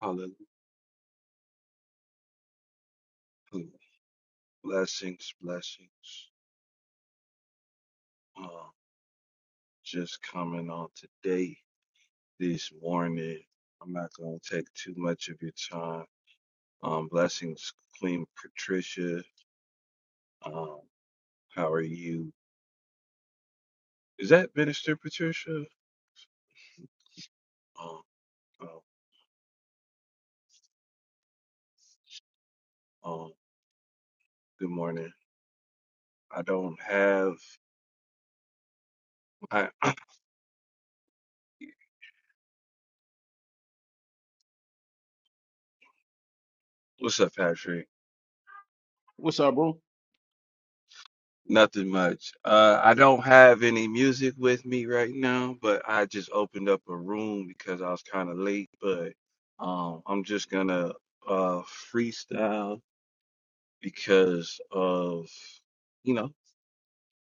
Hallelujah. Blessings, blessings. Um, just coming on today, this morning. I'm not going to take too much of your time. Um, blessings, Queen Patricia. Um, how are you? Is that Minister Patricia? Um, um, um, good morning. I don't have. I, what's up, Patrick? What's up, bro? Nothing much. Uh, I don't have any music with me right now, but I just opened up a room because I was kind of late. But um, I'm just gonna uh, freestyle because of you know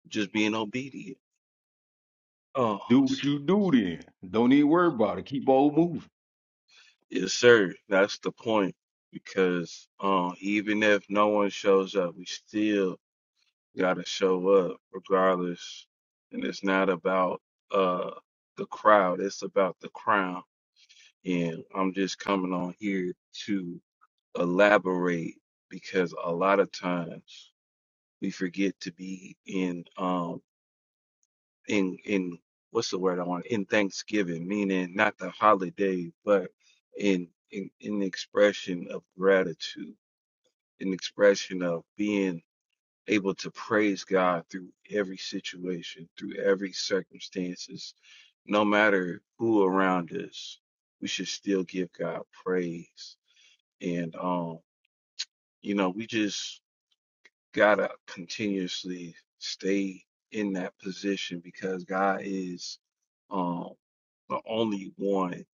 just being obedient. Oh, Do what s- you do then. Don't even worry about it. Keep on moving. yes, sir. That's the point. Because uh, even if no one shows up, we still gotta show up regardless. And it's not about uh, the crowd; it's about the crown. And I'm just coming on here to elaborate because a lot of times we forget to be in um in in what's the word I want in Thanksgiving, meaning not the holiday, but in in in the expression of gratitude, an expression of being able to praise God through every situation, through every circumstances, no matter who around us, we should still give God praise And um, you know, we just gotta continuously stay in that position because God is um the only one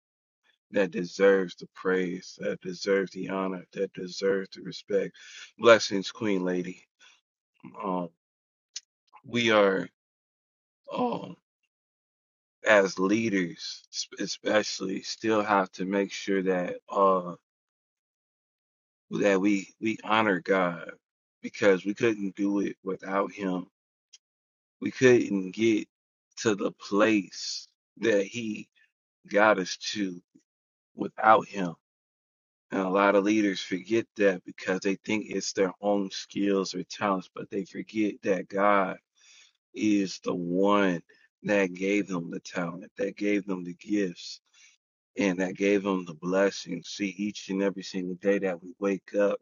that deserves the praise, that deserves the honor, that deserves the respect. Blessings, Queen Lady. Um, we are um as leaders s- especially still have to make sure that uh that we we honor God because we couldn't do it without him We couldn't get to the place that he got us to without him. And a lot of leaders forget that because they think it's their own skills or talents, but they forget that God is the one that gave them the talent, that gave them the gifts, and that gave them the blessings. See, each and every single day that we wake up,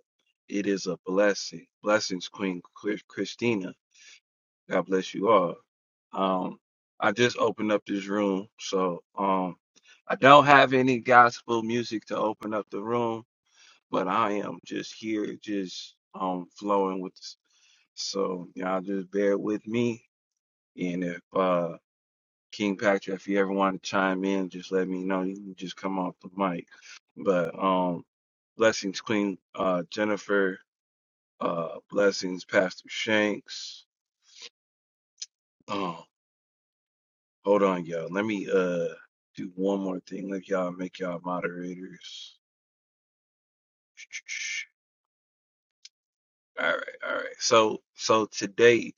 it is a blessing. Blessings, Queen Christina. God bless you all. Um, I just opened up this room, so um, I don't have any gospel music to open up the room, but I am just here, just um, flowing with. This. So y'all just bear with me, and if uh, King Patrick, if you ever want to chime in, just let me know. You can just come off the mic, but um, blessings, Queen uh, Jennifer, uh, blessings, Pastor Shanks. um, Hold on, y'all. Let me uh do one more thing. Let y'all make y'all moderators. All right, all right. So so today,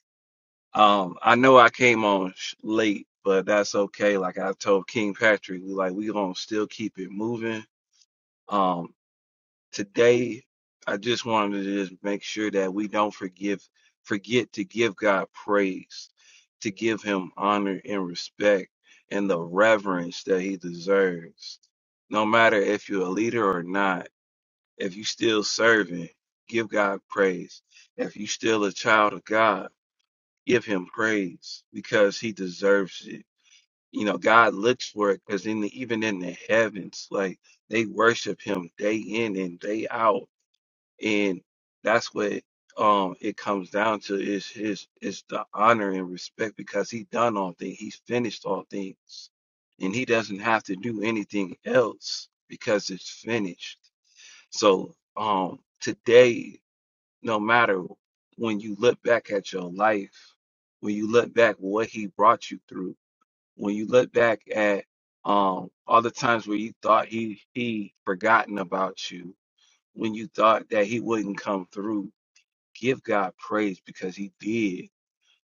um, I know I came on sh- late, but that's okay. Like I told King Patrick, we like we gonna still keep it moving. Um, today I just wanted to just make sure that we don't forgive forget to give God praise, to give him honor and respect and the reverence that he deserves. No matter if you're a leader or not, if you still serving, give God praise. If you still a child of God, give him praise because he deserves it. You know, God looks for it because in the, even in the heavens, like they worship him day in and day out and that's what um it comes down to is his is the honor and respect because he done all things he's finished all things and he doesn't have to do anything else because it's finished so um today no matter when you look back at your life when you look back what he brought you through when you look back at um all the times where you thought he he forgotten about you when you thought that he wouldn't come through give God praise because he did.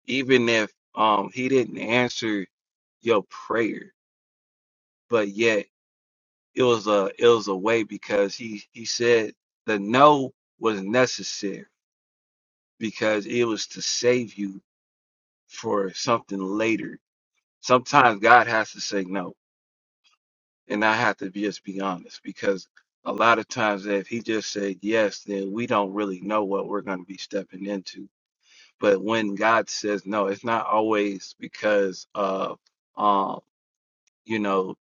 Even if um he didn't answer your prayer, but yet it was a it was a way because he he said the no was necessary because it was to save you for something later. Sometimes God has to say no, and I have to be- just be honest because a lot of times if he just said yes, then we don't really know what we're going to be stepping into But when God says no, it's not always because of, um, you know,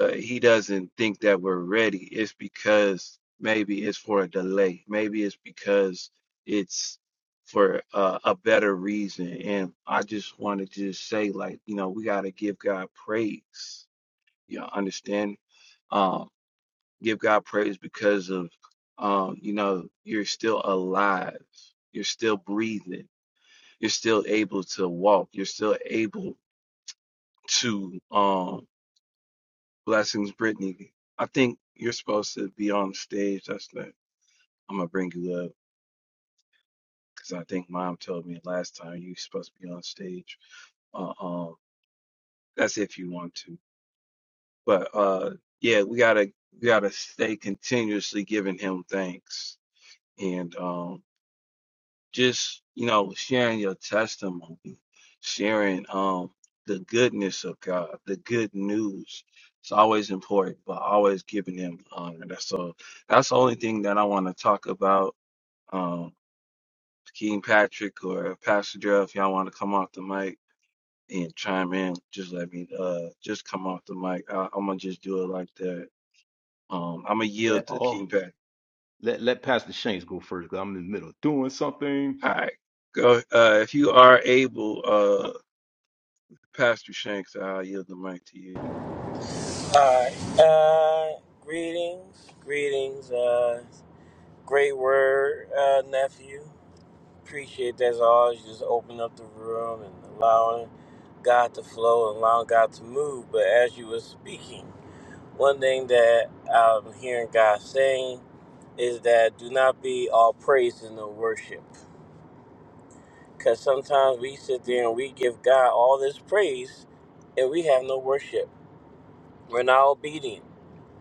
uh, He doesn't think that we're ready. It's because maybe it's for a delay. Maybe it's because it's for uh, a better reason. And I just want to just say, like, you know, we got to give God praise. You know, understand? Um, give God praise because of, um, you know, you're still alive. You're still breathing you're still able to walk. You're still able to um blessings, Brittany. I think you're supposed to be on stage. That's the I'm gonna bring you up because I think Mom told me last time you are supposed to be on stage. Uh, um, that's if you want to. But uh, yeah, we gotta we gotta stay continuously giving Him thanks and um just you know sharing your testimony sharing um the goodness of god the good news it's always important but always giving him honor that's all that's the only thing that i want to talk about um king patrick or pastor Darrell, if y'all want to come off the mic and chime in just let me uh just come off the mic I, i'm gonna just do it like that um i'm gonna Let yield to all king patrick let let Pastor Shanks go first, because I'm in the middle of doing something. all right go uh if you are able uh, Pastor Shanks, I'll yield the mic to you. Alright. Uh, greetings, greetings. Uh, great word, uh, nephew. Appreciate that as always. You just open up the room and allowing God to flow and allowing God to move. But as you were speaking, one thing that I'm hearing God saying is that do not be all praise in the worship. Because sometimes we sit there and we give God all this praise and we have no worship. We're not obedient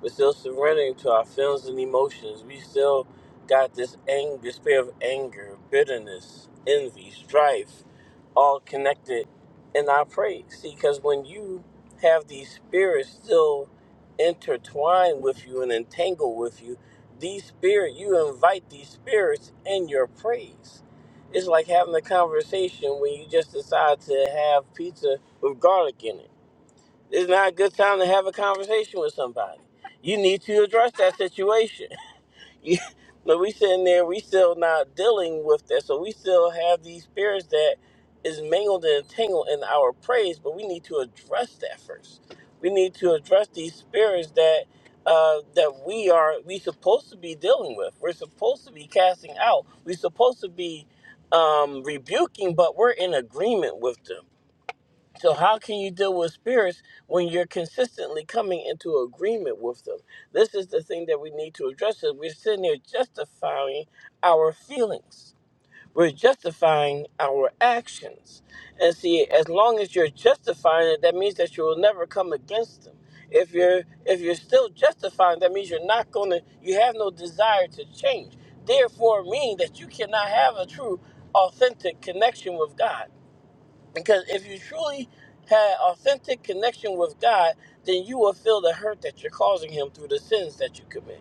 We're still surrendering to our feelings and emotions. We still got this anger, this spirit of anger, bitterness, envy, strife, all connected in our praise. See, because when you have these spirits still intertwined with you and entangled with you, these spirit you invite these spirits in your praise. It's like having a conversation when you just decide to have pizza with garlic in it it's not a good time to have a conversation with somebody. You need to address that situation. You- but we sitting there, we still not dealing with that. So we still have these spirits that is mangled and tangled in our praise, but we need to address that first. We need to address these spirits that uh, that we are we supposed to be dealing with. We're supposed to be casting out. We're supposed to be um, rebuking, but we're in agreement with them so how can you deal with spirits when you're consistently coming into agreement with them? This is the thing that we need to address. Is we're sitting there justifying our feelings. We're justifying our actions. And see, as long as you're justifying it, that means that you will never come against them. If you're if you're still justifying, that means you're not gonna you have no desire to change. Therefore meaning that you cannot have a true, authentic connection with God because if you truly had authentic connection with God, then you will feel the hurt that you're causing him through the sins that you commit.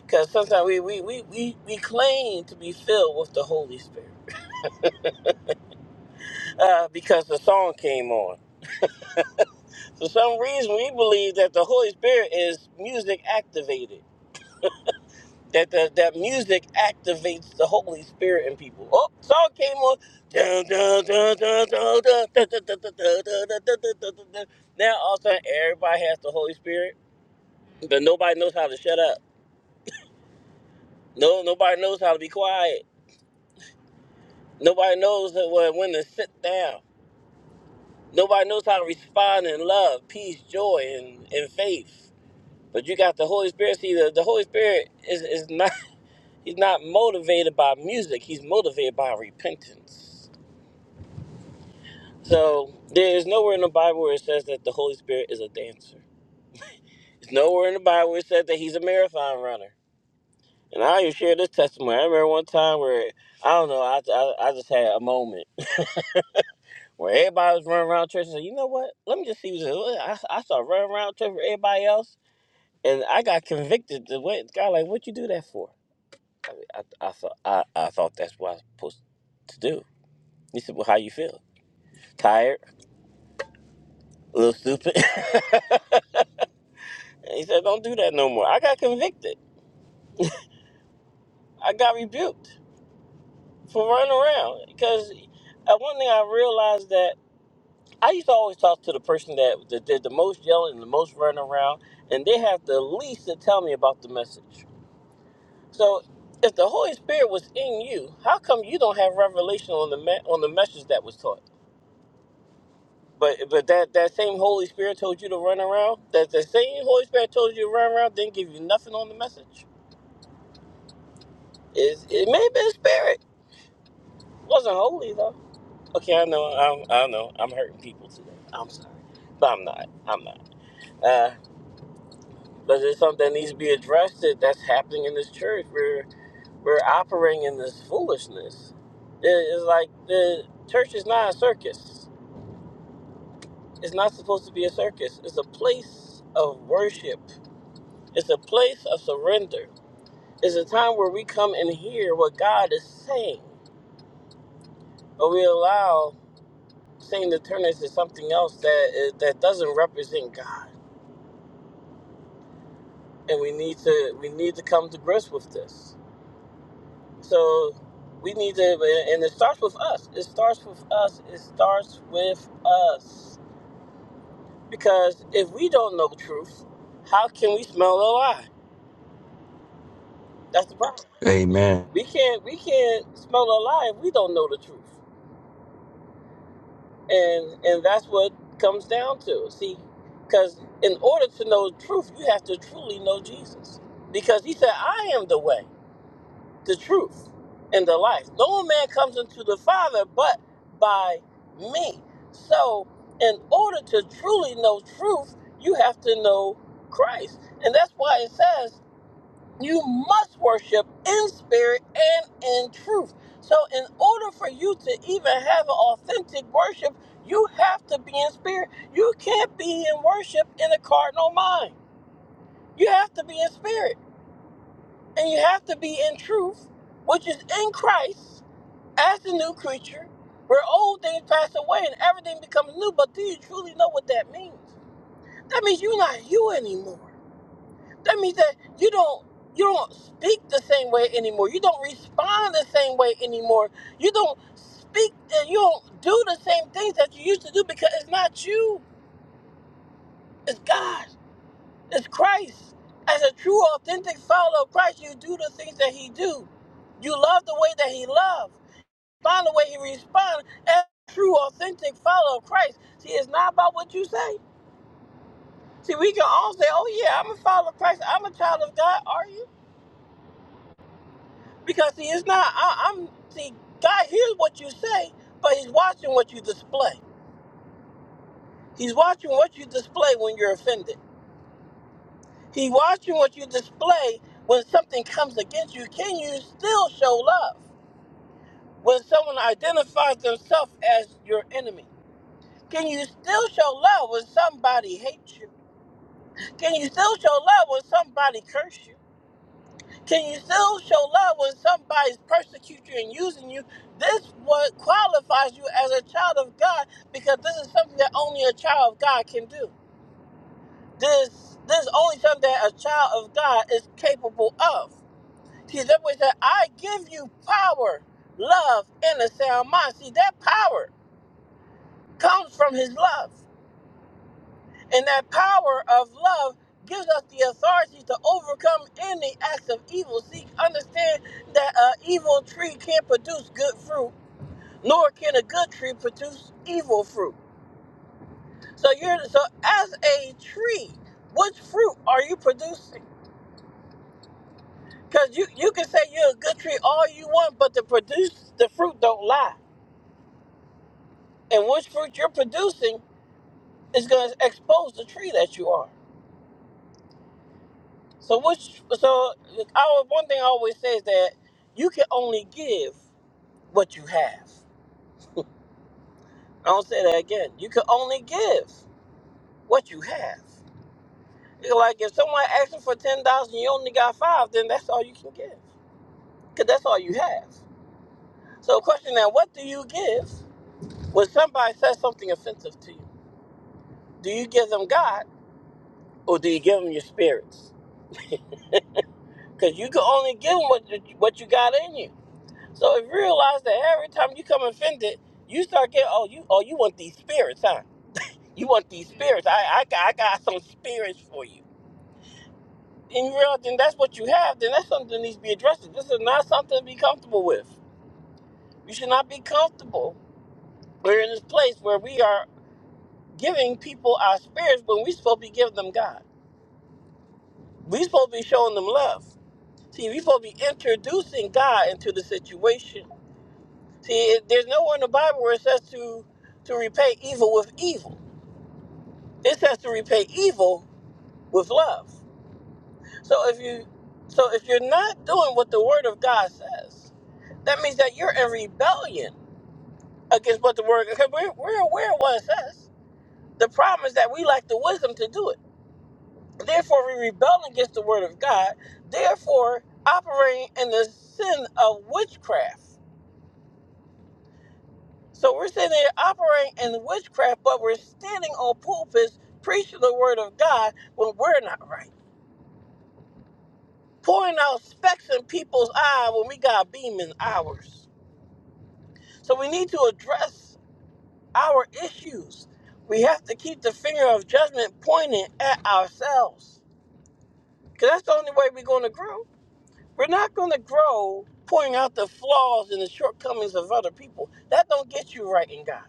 Because sometimes we, we, we, we, we claim to be filled with the Holy Spirit uh, because the song came on. For some reason, we believe that the Holy Spirit is music activated. That, the, that music activates the Holy Spirit in people. Oh, song came on. Dun, dun, dun, dun, dun, dun, dun, dun, dun, dun, dun, dun, dun, dun, dun, dun, Now all of a sudden, everybody has the Holy Spirit But nobody knows how to shut up. No, nobody knows how to be quiet. Nobody knows that when, when to sit down. Nobody knows how to respond in love, peace, joy, and, and faith. But you got the Holy Spirit. See, the, the Holy Spirit is, is not he's not motivated by music. He's motivated by repentance. So there is nowhere in the Bible where it says that the Holy Spirit is a dancer. There's nowhere in the Bible where it said that he's a marathon runner. And I even share this testimony. I remember one time where I don't know. I, I, I just had a moment where everybody was running around church and said, you know what? Let me just see who's I, I started running around church with everybody else, and I got convicted. The way God, like, what you do that for? I, mean, I, I thought I, I thought that's what I was supposed to do. He said, well, how you feel? Tired? A little stupid? and he said, don't do that no more. I got convicted. I got rebuked for running around because uh, one thing I realized that I used to always talk to the person that, that did the most yelling and the most running around, and they have the least to tell me about the message So, if the Holy Spirit was in you, how come you don't have revelation on the me- on the message that was taught? But but that that same Holy Spirit told you to run around. That the same Holy Spirit told you to run around didn't give you nothing on the message. Is it may have been spirit? wasn't holy though. Okay, I know. I'm, I know. I'm hurting people today. I'm sorry, but I'm not. I'm not. Uh, but there's something that needs to be addressed that that's happening in this church. We're we're operating in this foolishness. It- It's like the church is not a circus. It's not supposed to be a circus. It's a place of worship. It's a place of surrender. It's a time where we come and hear what God is saying, but we allow Satan to turn into something else that is, that doesn't represent God. And we need to we need to come to grips with this. So we need to, eh, and it starts with us. It starts with us. It starts with us Because if we don't know the truth, how can we smell a lie? That's the problem. Amen. We can't we can't smell a lie if we don't know the truth. And and that's what comes down to. See, because in order to know the truth, you have to truly know Jesus. Because he said, I am the way, the truth, and the life. No man comes into the Father but by me. So in order to truly know truth, you have to know Christ. And that's why it says you must worship in spirit and in truth. So, in order for you to even have an authentic worship, you have to be in spirit. You can't be in worship in a carnal mind. You have to be in spirit and you have to be in truth, which is in Christ as a new creature, where old things pass away and everything becomes new. But do you truly know what that means? That means you're not you anymore. that means that you don't you don't speak the same way anymore. You don't respond the same way anymore. You don't speak and you don't do the same things that you used to do because it's not you. It's God. It's Christ. As a true, authentic follower of Christ, you do the things that He do. You love the way that He loved. Respond the way He responds. As a true, authentic follower of Christ, see, it's not about what you say. See, we can all say, "Oh yeah, I'm a follower of Christ. I'm a child of God." Are you? Because see, it's not. I, I'm see. God hears what you say, but He's watching what you display. He's watching what you display when you're offended. He's watching what you display when something comes against you. Can you still show love when someone identifies themselves as your enemy? Can you still show love when somebody hates you? Can you still show love when somebody curses you? Can you still show love when somebody's persecuting you and using you? This what qualifies you as a child of God because this is something that only a child of God can do. This this is only something that a child of God is capable of. See, that way that I give you power, love, and a sound mind. See, that power comes from his love. And that power of love gives us the authority to overcome any acts of evil. See, understand that an evil tree can't produce good fruit, nor can a good tree produce evil fruit. So you're so as a tree, which fruit are you producing? Because you, you can say you're a good tree all you want, but the produce the fruit don't lie. And which fruit you're producing is gonna expose the tree that you are. So which so our one thing I always say is that you can only give what you have. I don't say that again. You can only give what you have. It's like if someone asks you for ten dollars and you only got five, then that's all you can give, cause that's all you have. So question now, what do you give when somebody says something offensive to you? Do you give them God or do you give them your spirits? Cause you can only give them what what you got in you. So if you realize that every time you come offended, you start getting oh you oh you want these spirits, huh? You want these spirits. I I got, I got some spirits for you. And you realize then that's what you have. Then that's something that needs to be addressed. This is not something to be comfortable with. You should not be comfortable. We're in this place where we are giving people our spirits when we supposed to be giving them God. We supposed to be showing them love. See, we supposed to be introducing God into the situation. See, it, there's nowhere in the Bible where it says to to repay evil with evil. This has to repay evil with love. So if you so if you're not doing what the word of God says, that means that you're in rebellion against what the word because we're, we're aware of what it says. The problem is that we lack the wisdom to do it. Therefore we rebel against the word of God, therefore operating in the sin of witchcraft. So we're sitting there operating in witchcraft, but we're standing on pulpits preaching the word of God when we're not right. pouring out specks in people's eye when we got beam in ours. So we need to address our issues. We have to keep the finger of judgment pointed at ourselves. Because that's the only way we're going to grow. We're not going to grow pointing out the flaws and the shortcomings of other people. That don't get you right in God.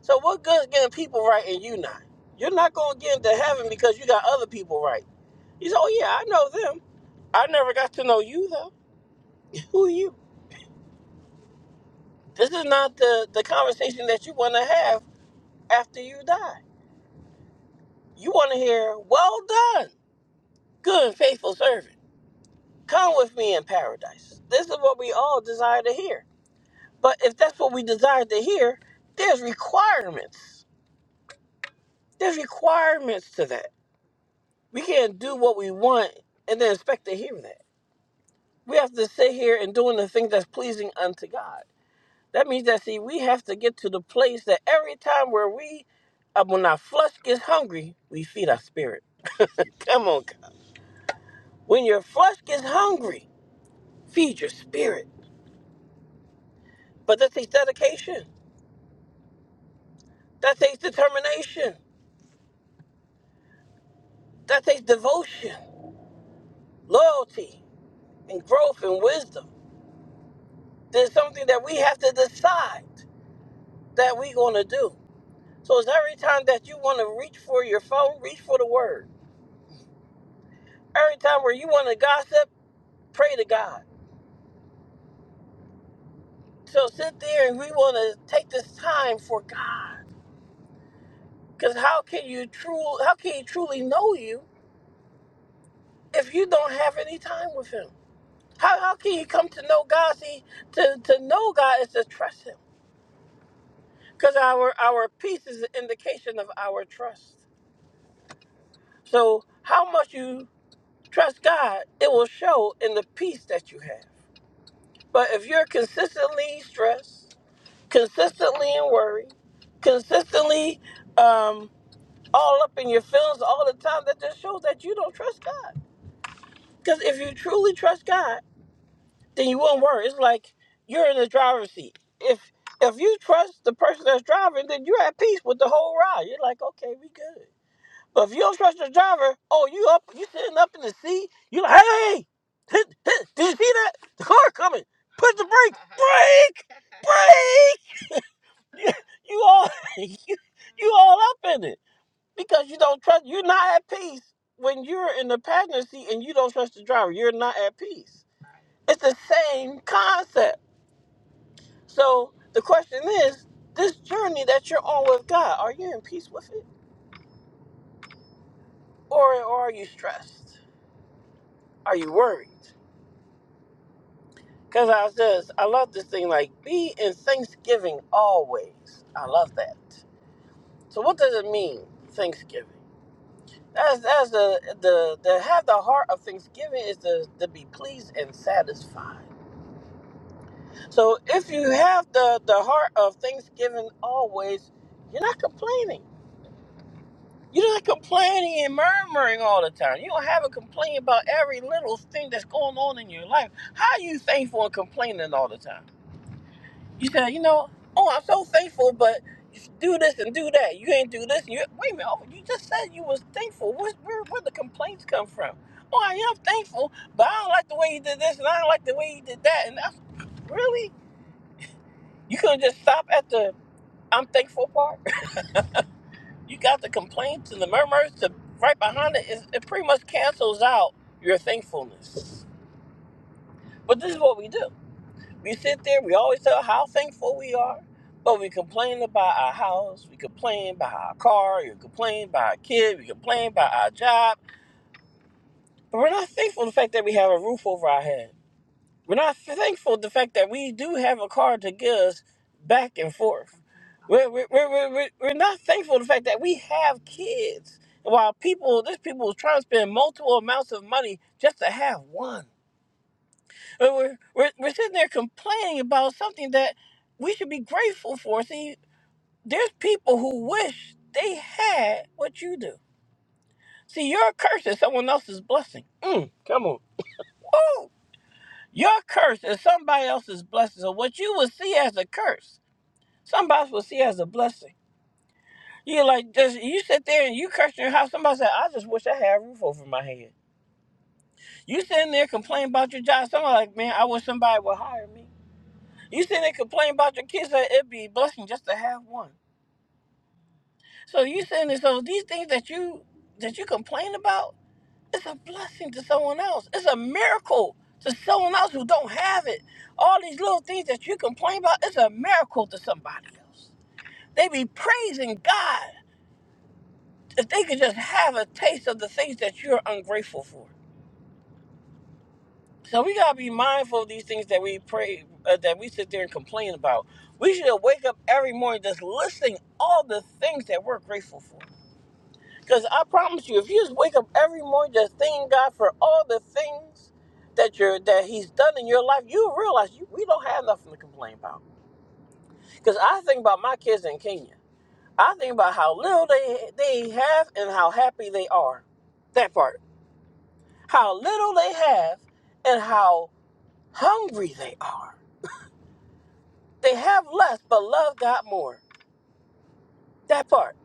So what good is getting people right and you not? You're not going to get into heaven because you got other people right. You say, oh yeah, I know them. I never got to know you though. Who are you? This is not the, the conversation that you want to have after you die. You want to hear, well done, good and faithful servant. Come with me in paradise. This is what we all desire to hear. But if that's what we desire to hear, there's requirements. There's requirements to that. We can't do what we want and then expect to hear that. We have to sit here and doing the thing that's pleasing unto God. That means that see, we have to get to the place that every time where we, uh, when our flesh gets hungry, we feed our spirit. Come on, God. when your flesh gets hungry, feed your spirit. But that takes dedication. That takes determination. That takes devotion, loyalty, and growth and wisdom. There's something that we have to decide that we're going to do. So it's every time that you want to reach for your phone, reach for the word. Every time where you want to gossip, pray to God. So sit there and we want to take this time for God. Because how can you true how can he truly know you if you don't have any time with him? How, how can you come to know God? See, to, to know God is to trust him. Because our our peace is an indication of our trust. So how much you trust God, it will show in the peace that you have. But if you're consistently stressed, consistently in worry, consistently um, all up in your feelings all the time, that just shows that you don't trust God. Because if you truly trust God, then you won't worry. It's like you're in the driver's seat. If if you trust the person that's driving, then you're at peace with the whole ride. You're like, okay, we good. But if you don't trust the driver, oh, you up, you sitting up in the seat. You like, hey, hey, hey, hey, did you see that? The car coming. Put the brake, brake, brake. You all, you, you all up in it. because you don't trust you're not at peace when you're in the passenger seat and you don't trust the driver you're not at peace it's the same concept so the question is this journey that you're on with god are you in peace with it or, or are you stressed are you worried because i says i love this thing like be in thanksgiving always i love that so what does it mean thanksgiving that's that's the the, the have the heart of thanksgiving is to, to be pleased and satisfied So if you have the, the heart of Thanksgiving always, you're not complaining. You're not complaining and murmuring all the time. You don't have a complaint about every little thing that's going on in your life. How are you thankful and complaining all the time? You say, you know, oh, I'm so thankful, but do this and do that. You ain't do this. You wait a minute. Oh, you just said you was thankful. Where's, where where the complaints come from? Oh, I am thankful, but I don't like the way you did this, and I don't like the way you did that. And that's really you could have just stopped at the I'm thankful part. You got the complaints and the murmurs to right behind it. It, it pretty much cancels out your thankfulness. But this is what we do. We sit there, we always tell how thankful we are, but we complain about our house, we complain about our car, we complain about our kid, we complain about our job, but we're not thankful for the fact that we have a roof over our head. We're not thankful the fact that we do have a car to get us back and forth. We're, we're, we're, we're, we're we're not thankful the fact that we have kids. While people, this people is trying to spend multiple amounts of money just to have one. We're, we're, we're we're sitting there complaining about something that we should be grateful for. See, there's people who wish they had what you do. See, your curse is someone else's blessing. Mm, come on. Your curse is somebody else's blessing. So what you would see as a curse, somebody else will see as a blessing. You like just you sit there and you curse your house. Somebody said, "I just wish I had a roof over my head." You sitting there complaining about your job. Somebody like, "Man, I wish somebody would hire me." You sitting there complaining about your kids. That it'd be a blessing just to have one. So you sitting there. So these things that you that you complain about It's a blessing to someone else. It's a miracle to someone else who don't have it. All these little things that you complain about, it's a miracle to somebody else. They be praising God if they could just have a taste of the things that you're ungrateful for. So we gotta be mindful of these things that we pray, uh, that we sit there and complain about. We should wake up every morning just listing all the things that we're grateful for. Because I promise you, if you just wake up every morning just thanking God for all the things that you're that He's done in your life, you'll realize you, we don't have nothing to complain about. Because I think about my kids in Kenya. I think about how little they they have and how happy they are. That part. How little they have and how hungry they are. They have less but love God more. That part.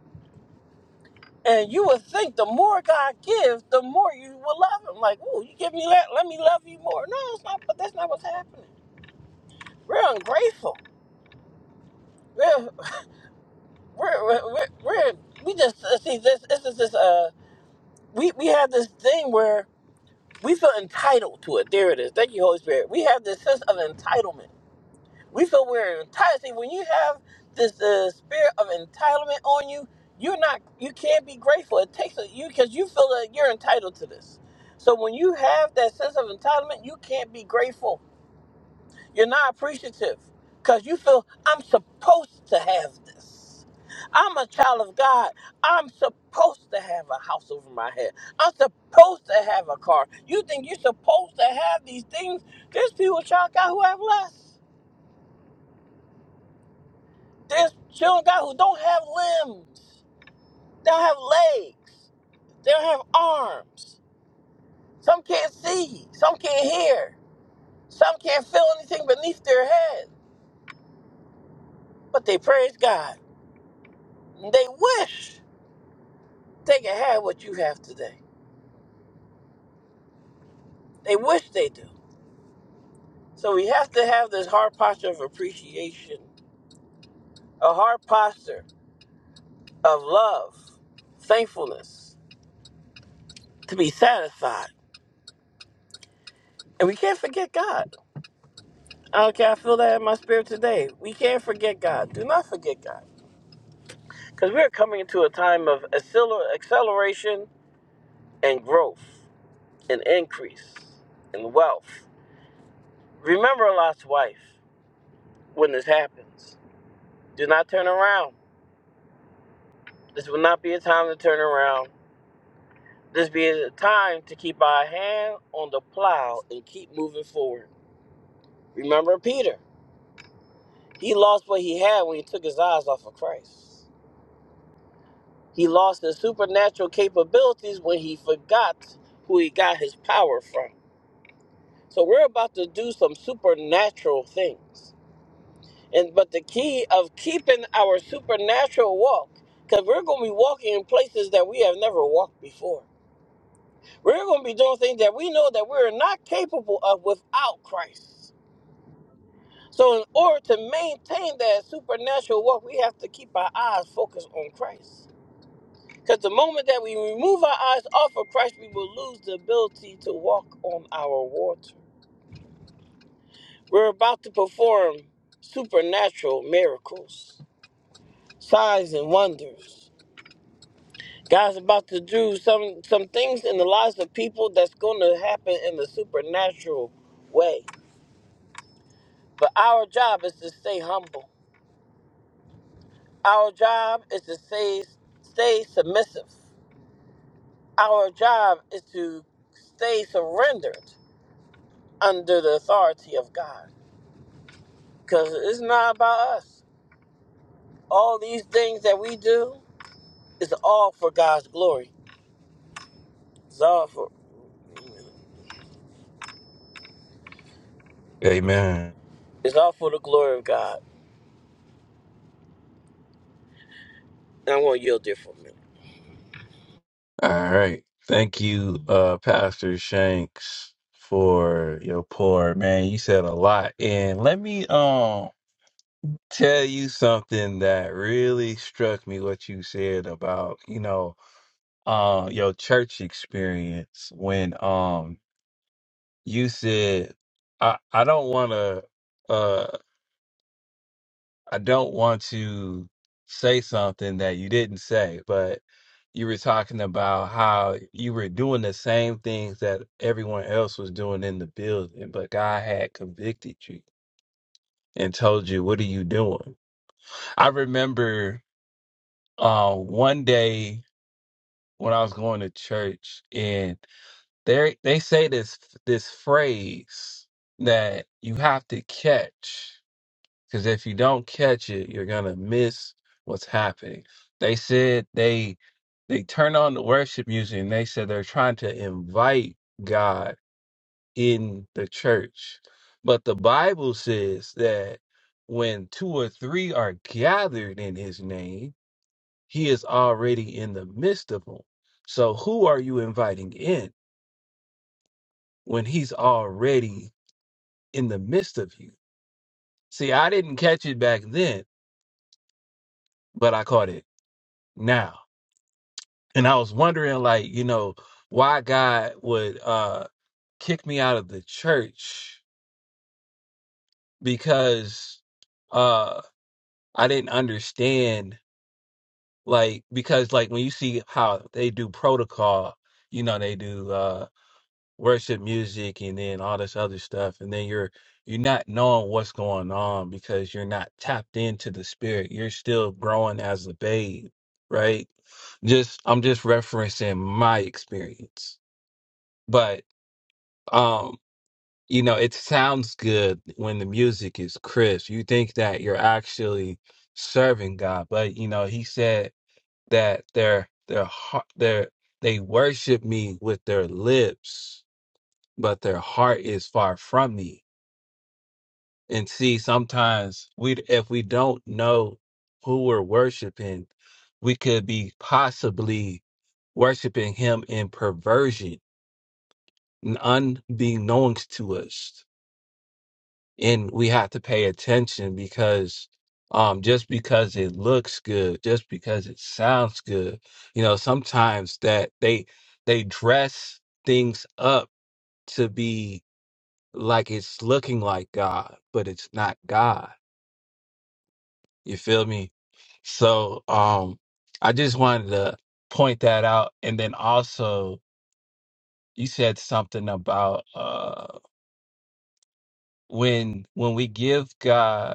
And you would think the more God gives, the more you will love Him. Like, ooh, you give me that, let me love you more. No, it's not. But that's not what's happening. We're ungrateful. We're we're we're, we're, we're we just uh, see this. This is this. Uh, we we have this thing where we feel entitled to it. There it is. Thank you, Holy Spirit. We have this sense of entitlement. We so we're entitled. See, when you have this uh, spirit of entitlement on you, you're not. You can't be grateful. It takes a, you because you feel that you're entitled to this. So when you have that sense of entitlement, you can't be grateful. You're not appreciative because you feel I'm supposed to have this. I'm a child of God. I'm supposed to have a house over my head. I'm supposed to have a car. You think you're supposed to have these things? There's people, child, of God, who have less. There's children of God who don't have limbs, they don't have legs, they don't have arms. Some can't see, some can't hear, some can't feel anything beneath their head. But they praise God. And They wish they could have what you have today. They wish they do. So we have to have this heart posture of appreciation, a heart posture of love, thankfulness, to be satisfied. And we can't forget God. Okay, I feel that in my spirit today. We can't forget God. Do not forget God. Because we're coming into a time of acceler- acceleration and growth and increase and wealth. Remember Lot's wife when this happens. Do not turn around. This will not be a time to turn around. This be a time to keep our hand on the plow and keep moving forward. Remember Peter. He lost what he had when he took his eyes off of Christ. He lost his supernatural capabilities when he forgot who he got his power from. So we're about to do some supernatural things. And but the key of keeping our supernatural walk, because we're gonna be walking in places that we have never walked before. We're gonna be doing things that we know that we're not capable of without Christ. So in order to maintain that supernatural walk, we have to keep our eyes focused on Christ. Because the moment that we remove our eyes off of Christ, we will lose the ability to walk on our water. We're about to perform supernatural miracles, signs, and wonders. God's about to do some, some things in the lives of people that's going to happen in the supernatural way. But our job is to stay humble. Our job is to stay, stay submissive. Our job is to stay surrendered under the authority of God. Because it's not about us. All these things that we do is all for God's glory. It's all for Amen. it's all for the glory of God. And I'm gonna yield there for a minute. All right. Thank you, uh, Pastor Shanks, for your pour. Man, you said a lot. And let me um tell you something that really struck me what you said about, you know, uh your church experience when um you said I I don't wanna uh. I don't want to say something that you didn't say, but you were talking about how you were doing the same things that everyone else was doing in the building, but God had convicted you and told you, What are you doing? I remember uh, one day when I was going to church and they they say this this phrase that you have to catch. Because if you don't catch it, you're gonna miss what's happening. They said they they turned on the worship music and they said they're trying to invite God in the church. But the Bible says that when two or three are gathered in his name, he is already in the midst of them. So who are you inviting in when he's already in the midst of you? See, I didn't catch it back then, but I caught it now. and I was wondering, like, you know, why God would uh kick me out of the church because uh I didn't understand, like, because like when you see how they do protocol, you know, they do uh worship music and then all this other stuff, and then you're you're not knowing what's going on because you're not tapped into the spirit. You're still growing as a babe, right? Just I'm just referencing my experience. But um you know it sounds good when the music is crisp you think that you're actually serving god but you know he said that their their heart their they worship me with their lips but their heart is far from me and see sometimes we if we don't know who we're worshiping we could be possibly worshiping him in perversion and unbeknownst to us and we have to pay attention because um just because it looks good just because it sounds good you know sometimes that they they dress things up to be like it's looking like god but it's not god you feel me so um i just wanted to point that out and then also you said something about uh when when we give god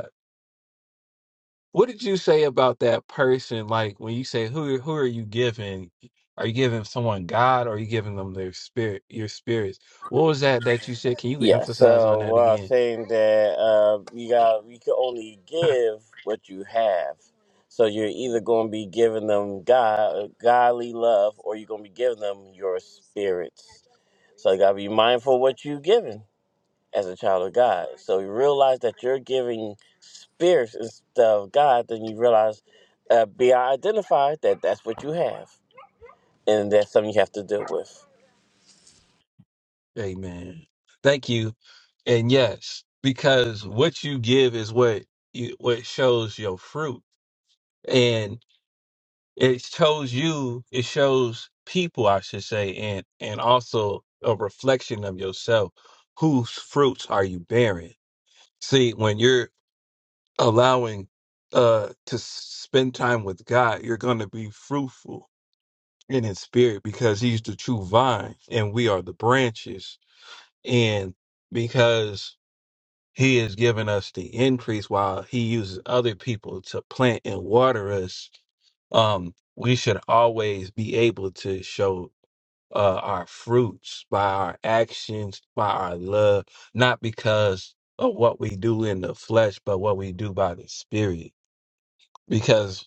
What did you say about that person? Like when you say who who are you giving? Are you giving someone God or are you giving them their spirit, your spirits? What was that that you said? Can you Yeah, emphasize on so that we're all again? saying that uh, you got you can only give what you have. So you're either gonna be giving them God godly love or you're gonna be giving them your spirits. So you gotta be mindful what you're giving. as a child of God. So you realize that you're giving spirits instead of God, then you realize, uh, be identified that that's what you have, and that's something you have to deal with. Amen. Thank you. And yes, because what you give is what you, what shows your fruit, and it shows you. It shows people, I should say, and and also a reflection of yourself. Whose fruits are you bearing? See, when you're allowing uh to s- spend time with God, you're going to be fruitful in his spirit because he's the true vine and we are the branches and because he has given us the increase while he uses other people to plant and water us um we should always be able to show uh our fruits by our actions by our love not because of what we do in the flesh but what we do by the spirit because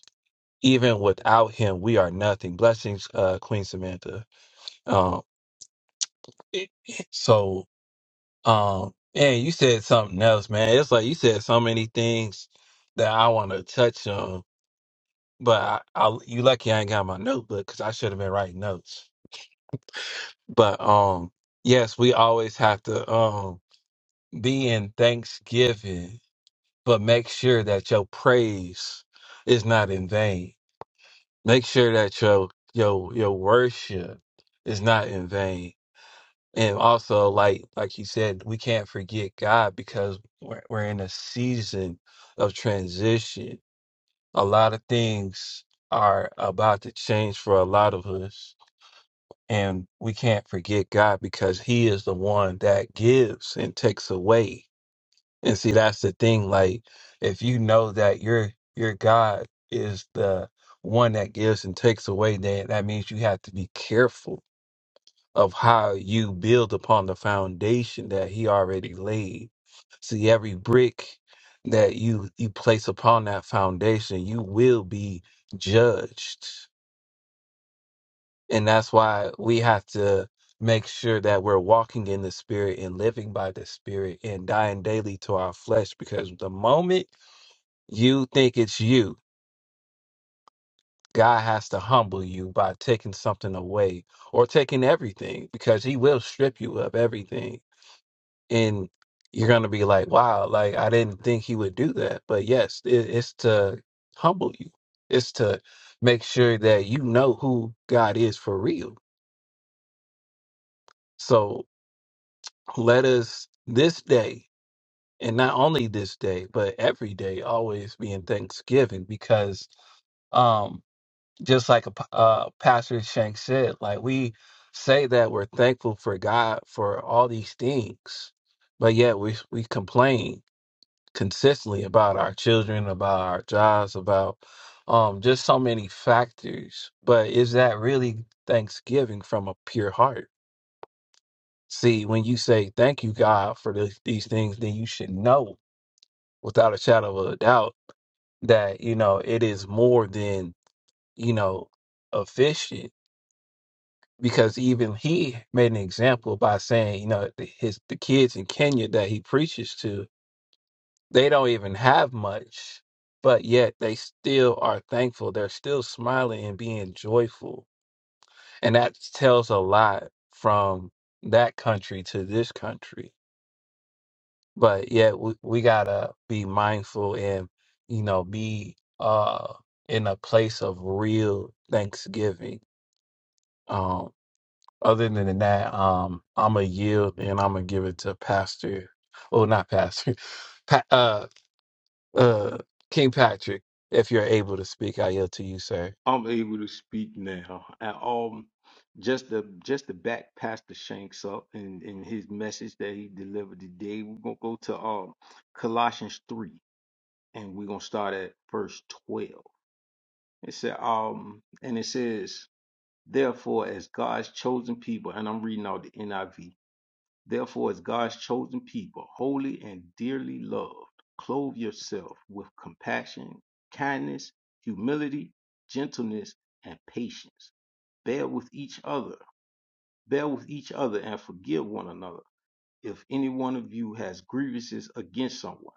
even without him, we are nothing. Blessings, uh, Queen Samantha. Um, so, um, and you said something else, man. It's like you said so many things that I want to touch on, but I, I, you lucky I ain't got my notebook because I should have been writing notes. But, um, yes, we always have to, um, be in thanksgiving, but make sure that your praise is not in vain make sure that your your your worship is not in vain and also like like you said we can't forget god because we're, we're in a season of transition a lot of things are about to change for a lot of us and we can't forget god because he is the one that gives and takes away and see, that's the thing. Like, if you know that your your God is the one that gives and takes away, then that means you have to be careful of how you build upon the foundation that He already laid. See, every brick that you you place upon that foundation, you will be judged. And that's why we have to make sure that we're walking in the spirit and living by the spirit and dying daily to our flesh because the moment you think it's you. God has to humble you by taking something away or taking everything because he will strip you of everything. And you're going to be like, wow, like I didn't think he would do that. But yes, it, it's to humble you, it's to make sure that you know who God is for real. So let us this day, and not only this day, but every day, always be in thanksgiving because. Um, just like a p- uh, Pastor Shank said, like we say that we're thankful for God for all these things, but yet we we complain consistently about our children, about our jobs, about um just so many factors. But is that really thanksgiving from a pure heart? See, when you say thank you God for this, these things, then you should know without a shadow of a doubt that you know it is more than you know efficient because even he made an example by saying, you know, th- his the kids in Kenya that he preaches to, they don't even have much, but yet they still are thankful. They're still smiling and being joyful, and that tells a lot from that country to this country. But yet we we gotta be mindful and you know be uh in a place of real thanksgiving um, Other than that, um, I'm gonna yield and I'm gonna give it to Pastor. Oh, not Pastor. Pa- uh, uh, King Patrick. If you're able to speak, I yield to you, sir. I'm able to speak now. And um just to just to back Pastor Shanks up and, and his message that he delivered today, we're gonna go to um Colossians three and we're gonna start at verse twelve. It said um and it says, Therefore, as God's chosen people, and I'm reading out the NIV Therefore, as God's chosen people, holy and dearly loved, clothe yourself with compassion, kindness, humility, gentleness, and patience. Bear with each other, bear with each other, and forgive one another. If any one of you has grievances against someone,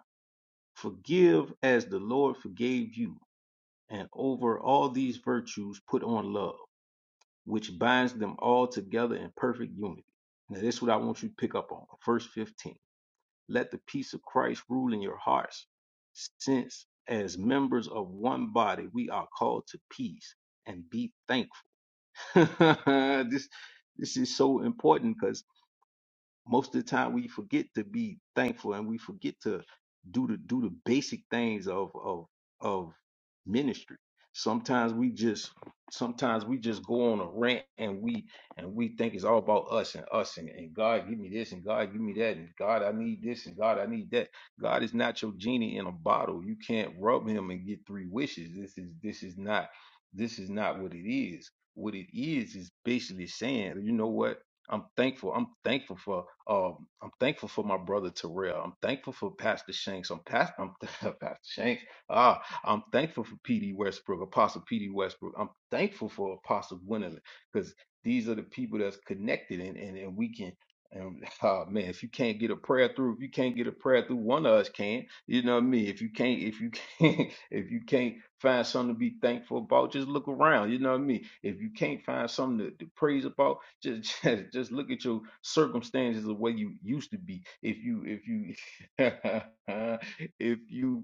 forgive as the Lord forgave you. And over all these virtues, put on love, which binds them all together in perfect unity. Now, this is what I want you to pick up on. Verse 15. Let the peace of Christ rule in your hearts, since as members of one body we are called to peace and be thankful. this this is so important because most of the time we forget to be thankful and we forget to do the do the basic things of of of ministry sometimes we just sometimes we just go on a rant and we and we think it's all about us and us and, and god give me this and god give me that and god i need this and god i need that god is not your genie in a bottle you can't rub him and get three wishes this is this is not this is not what it is what it is is basically saying you know what I'm thankful. I'm thankful for um I'm thankful for my brother Terrell. I'm thankful for Pastor Shanks. I'm past I'm Pastor Shanks. Ah, I'm thankful for PD Westbrook, Apostle PD Westbrook. I'm thankful for Apostle Gwendolyn because these are the people that's connected and, and, and we can and oh man, if you can't get a prayer through, if you can't get a prayer through, one of us can. You know what I mean? If you can't, if you can't, if you can't find something to be thankful about, just look around. You know what I mean? If you can't find something to, to praise about, just, just just look at your circumstances the way you used to be. If you if you if you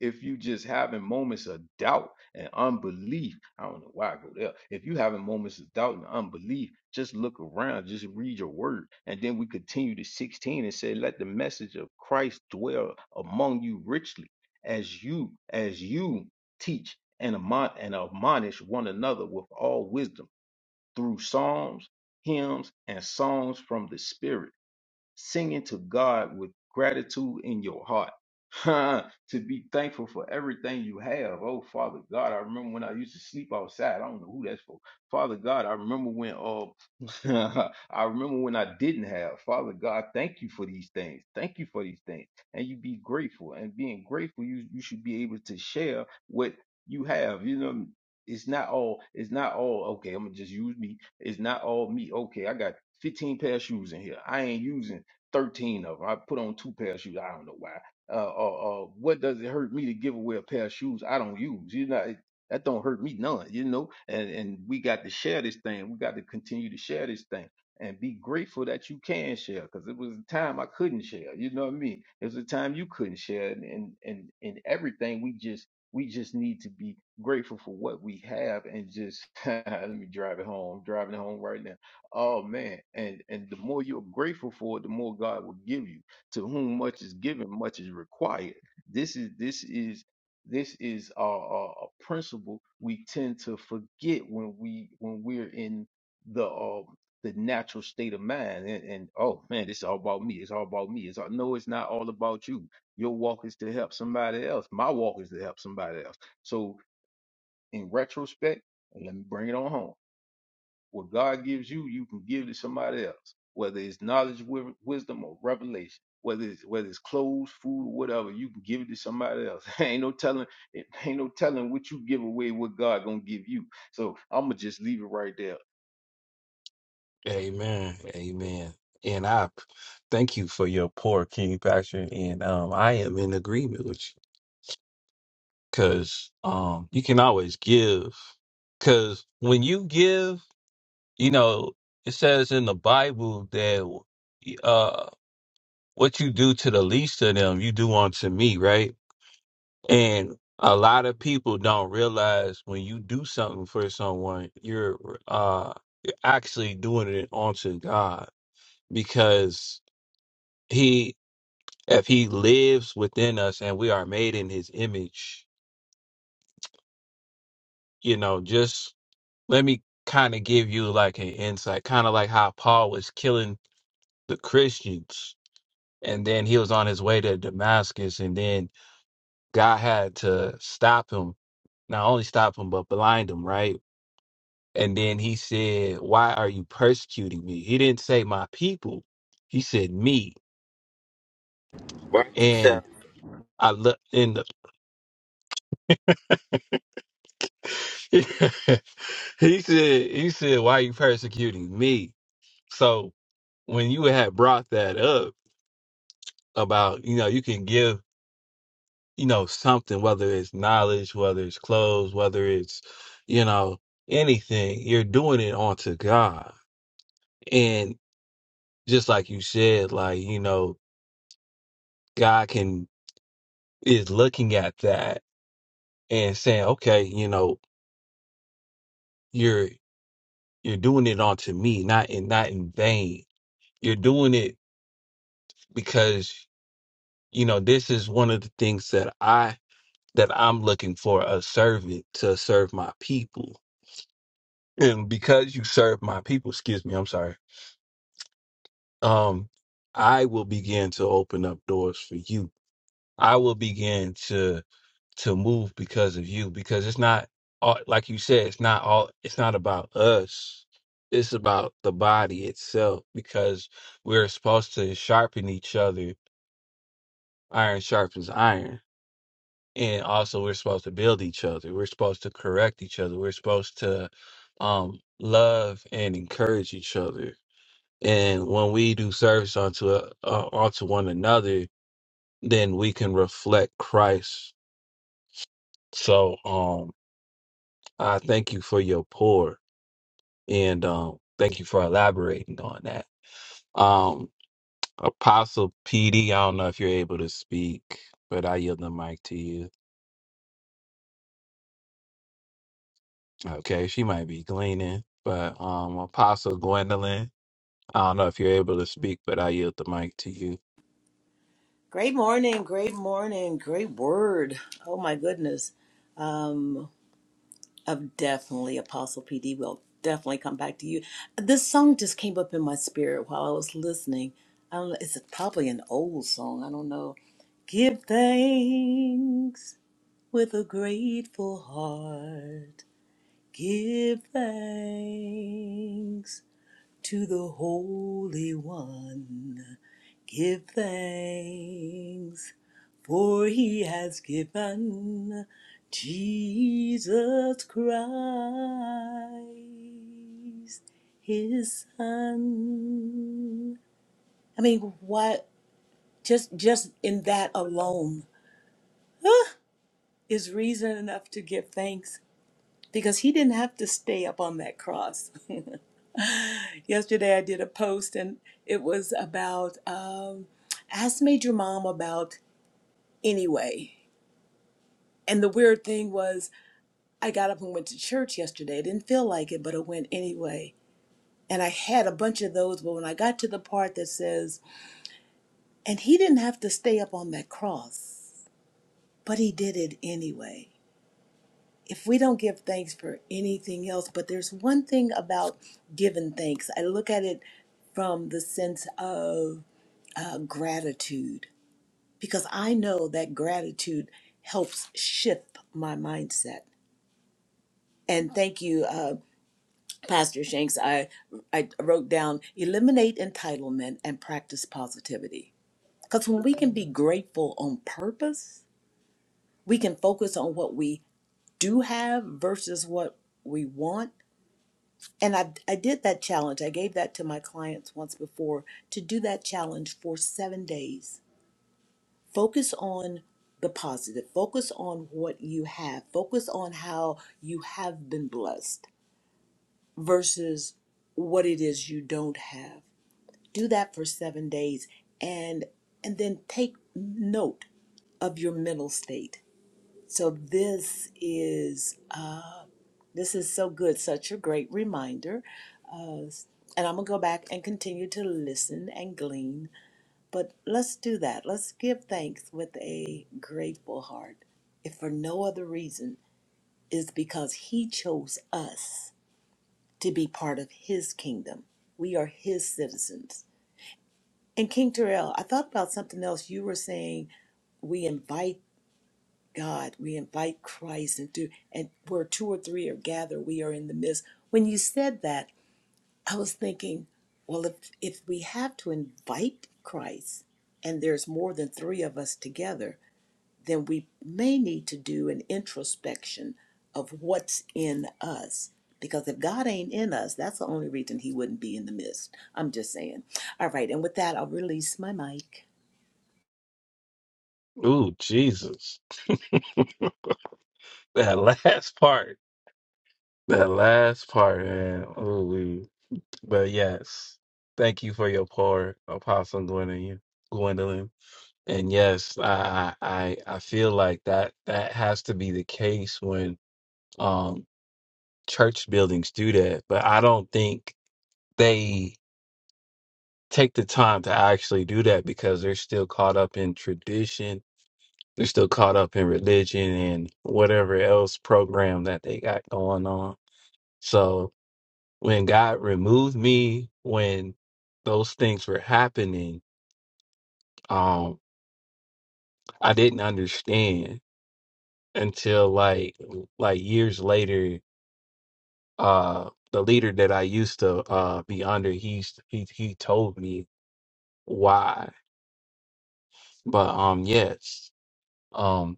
if you just having moments of doubt and unbelief, I don't know why I go there. If you having moments of doubt and unbelief, just look around, just read your word. And then we continue to 16 and say, Let the message of Christ dwell among you richly, as you, as you teach and admon- and admonish one another with all wisdom through psalms, hymns, and songs from the Spirit singing to God with gratitude in your heart. to be thankful for everything you have. Oh, Father God, I remember when I used to sleep outside. I don't know who that's for. Father God, I remember when uh, I remember when I didn't have. Father God, thank you for these things. Thank you for these things. And you be grateful. And being grateful, you you should be able to share what you have. You know, it's not all it's not all okay i'm gonna just use me it's not all me okay i got 15 pair of shoes in here i ain't using 13 of them. I put on two pair of shoes. I don't know why. Uh, uh, uh, what does it hurt me to give away a pair of shoes I don't use? You know, it- that don't hurt me none, you know? And, and we got to share this thing. We got to continue to share this thing and be grateful that you can share because it was a time I couldn't share. You know what I mean? It was a time you couldn't share and, and, and, and everything we just, we just need to be grateful for what we have and just, let me drive it home. I'm driving it home right now Oh man, and and the more you're grateful for it, the more God will give you. To whom much is given, much is required. This is this is this is a, a, a principle we tend to forget when we when we're in the um the natural state of mind. And, and oh man, it's all about me. It's all about me. It's all, no, it's not all about you. Your walk is to help somebody else. My walk is to help somebody else. So in retrospect, and let me bring it on home what God gives you, you can give to somebody else, whether it's knowledge, wi- wisdom, or revelation. Whether it's whether it's clothes, food, or whatever, you can give it to somebody else. ain't no telling, ain't no telling what you give away, what God gonna give you. So I'm gonna just leave it right there. Amen. Amen. And I p- thank you for your poor King Patrick. And um, I am in agreement with you because um, you can always give. Because when you give, you know, it says in the Bible that. uh, what you do to the least of them, you do unto me, right? And a lot of people don't realize when you do something for someone, you're uh you're actually doing it unto God because he if he lives within us and we are made in his image, you know, just let me kind of give you like an insight, kind of like how Paul was killing the Christians and then he was on his way to Damascus and then God had to stop him not only stopped him but blind him, right? And then he said, "Why are you persecuting me?" He didn't say my people. He said me. Work yourself. And I look in the He said he said, "Why are you persecuting me?" So when you had brought that up about, you know, you can give, you know, something whether it's knowledge, whether it's clothes, whether it's, you know, anything, you're doing it onto God. And just like you said, like, you know, God can is looking at that and saying, okay, you know, you're you're doing it onto me, not in not in vain. You're doing it because you know this is one of the things that I that I'm looking for a servant to serve my people, and because you serve my people, excuse me, I'm sorry. Um, I will begin to open up doors for you. I will begin to to move because of you because it's not all like you said it's not all it's not about us it's about the body itself because we're supposed to sharpen each other iron sharpens iron and also we're supposed to build each other we're supposed to correct each other we're supposed to um love and encourage each other and when we do service onto uh, onto one another then we can reflect Christ so um I thank you for your pour and um, thank you for elaborating on that. Um, Apostle PD, I don't know if you're able to speak, but I yield the mic to you. Okay, she might be gleaning, but um, Apostle Gwendolyn, I don't know if you're able to speak, but I yield the mic to you. Great morning, great morning, great word. Oh my goodness. Um I've definitely Apostle PD will definitely come back to you. This song just came up in my spirit while I was listening. I don't know, it's probably an old song. I don't know. Give thanks with a grateful heart. Give thanks to the Holy One. Give thanks for he has given Jesus Christ his son. I mean, what just just in that alone ah, is reason enough to give thanks because he didn't have to stay up on that cross. Yesterday I did a post and it was about um, ask made mom about anyway. And the weird thing was I got up and went to church yesterday. I didn't feel like it, but I went anyway. And I had a bunch of those, but when I got to the part that says, and he didn't have to stay up on that cross, but he did it anyway. If we don't give thanks for anything else, but there's one thing about giving thanks, I look at it from the sense of uh, gratitude because I know that gratitude helps shift my mindset. And thank you. uh, Pastor Shanks, I I wrote down eliminate entitlement and practice positivity. Because when we can be grateful on purpose, we can focus on what we do have versus what we want. And I, I did that challenge. I gave that to my clients once before to do that challenge for seven days. Focus on the positive, focus on what you have, focus on how you have been blessed versus what it is you don't have do that for seven days and and then take note of your mental state so this is this is so good such a great reminder uh, and i'm gonna go back and continue to listen and glean but let's do that let's give thanks with a grateful heart if for no other reason is because he chose us to be part of his kingdom we are his citizens And King Terrell, I thought about something else. You were saying we invite God, we invite Christ into, and where two or three are gathered, we are in the midst. When you said that, I was thinking, well, if if we have to invite Christ, and there's more than three of us together, then we may need to do an introspection of what's in us. Because if God ain't in us, that's the only reason He wouldn't be in the midst. I'm just saying. All right, and with that, I'll release my mic. Ooh, Jesus, that last part, that last part, man. Ooh, but yes, thank you for your pour, Apostle Gwendolyn. Gwendolyn. And yes, I I I I feel like that that has to be the case when um church buildings do that, but I don't think they take the time to actually do that because they're still caught up in tradition, they're still caught up in religion and whatever else program that they got going on. So when God removed me when those things were happening, um I didn't understand until like like years later uh the leader that I used to uh be under he's he he told me why but um yes um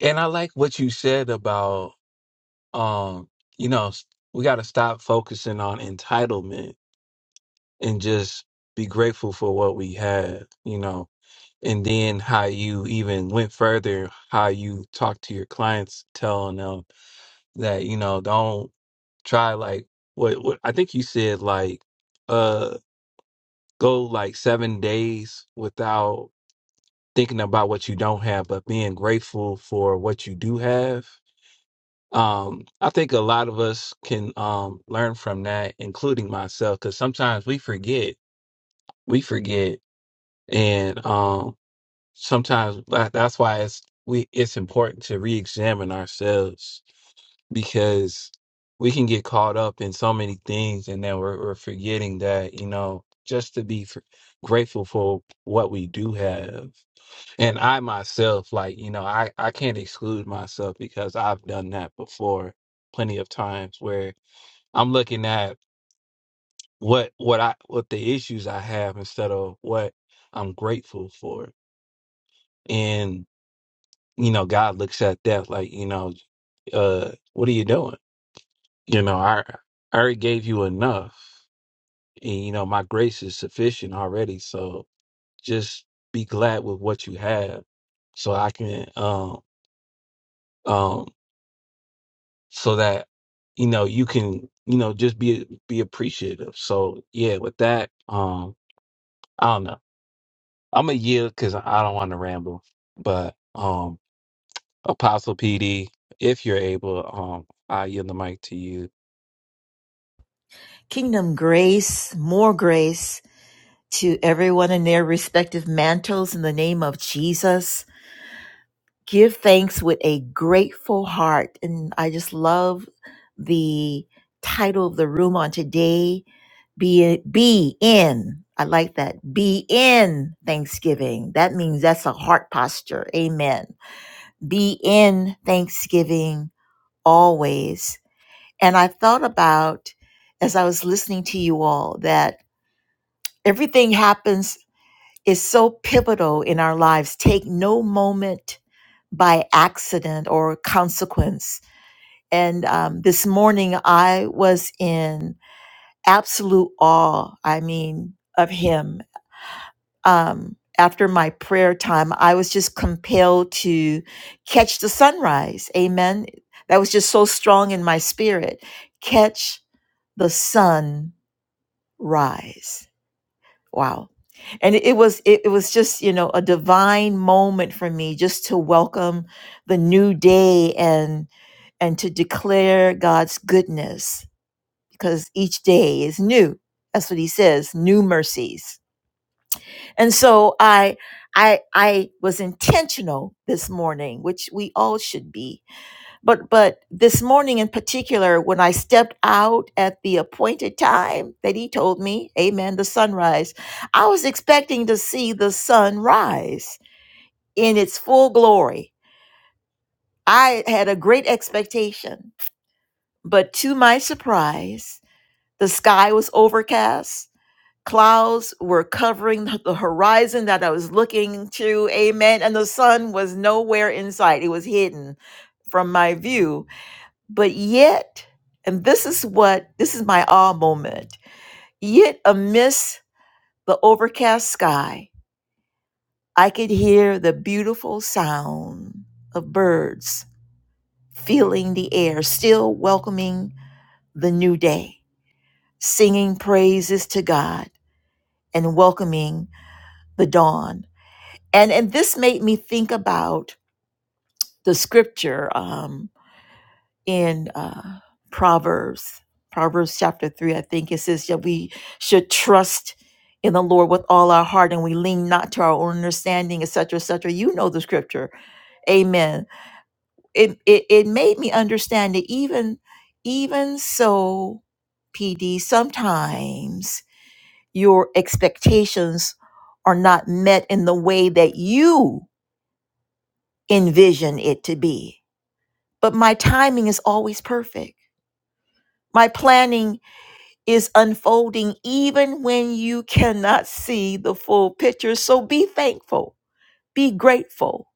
and I like what you said about um you know s- we got to stop focusing on entitlement and just be grateful for what we have you know and then how you even went further how you talk to your clients telling them that you know don't try like what what I think you said like uh, go like seven days without thinking about what you don't have, but being grateful for what you do have. Um, I think a lot of us can um, learn from that, including myself, because sometimes we forget. We forget, and um, sometimes that- that's why it's we it's important to re-examine ourselves because we can get caught up in so many things and then we're, we're forgetting that you know just to be fr- grateful for what we do have and i myself like you know i i can't exclude myself because i've done that before plenty of times where i'm looking at what what i what the issues i have instead of what i'm grateful for and you know god looks at that like you know uh what are you doing You know, I I already gave you enough. And you know, my grace is sufficient already. So just be glad with what you have so I can um um so that you know you can, you know, just be be appreciative. So yeah, with that, um, I don't know. I'm a yield because I don't want to ramble. But um Apostle PD, if you're able, um, I yield the mic to you. Kingdom grace, more grace to everyone in their respective mantles in the name of Jesus. Give thanks with a grateful heart. And I just love the title of the room on today. Be, be in. I like that. Be in Thanksgiving. That means that's a heart posture. Amen. Be in Thanksgiving always. And I thought about as I was listening to you all that Everything happens is so pivotal in our lives. Take no moment by accident or consequence. And um, this morning, I was in absolute awe. I mean, of him. Um, after my prayer time, I was just compelled to catch the sunrise. Amen. That was just so strong in my spirit. Catch the sunrise. Wow. And it was it, it was just, you know, a divine moment for me just to welcome the new day and and to declare God's goodness because each day is new. That's what he says, new mercies. And so I I I was intentional this morning, which we all should be but but this morning in particular when i stepped out at the appointed time that he told me amen the sunrise i was expecting to see the sun rise in its full glory i had a great expectation but to my surprise the sky was overcast clouds were covering the the horizon that i was looking to amen and the sun was nowhere in sight it was hidden from my view But yet, and this is what this is my awe moment. Yet amidst the overcast sky, I could hear the beautiful sound of birds feeling the air, still welcoming the new day, singing praises to God and welcoming the dawn. And and this made me think about the scripture. um, in uh, Proverbs, Proverbs chapter 3, I think it says that we should trust in the Lord with all our heart and we lean not to our own understanding, etc., etc. You know the scripture. Amen. It, it, it made me understand that even, even so, PD, sometimes your expectations are not met in the way that you envision it to be. But my timing is always perfect. My planning is unfolding even when you cannot see the full picture. So be thankful, be grateful,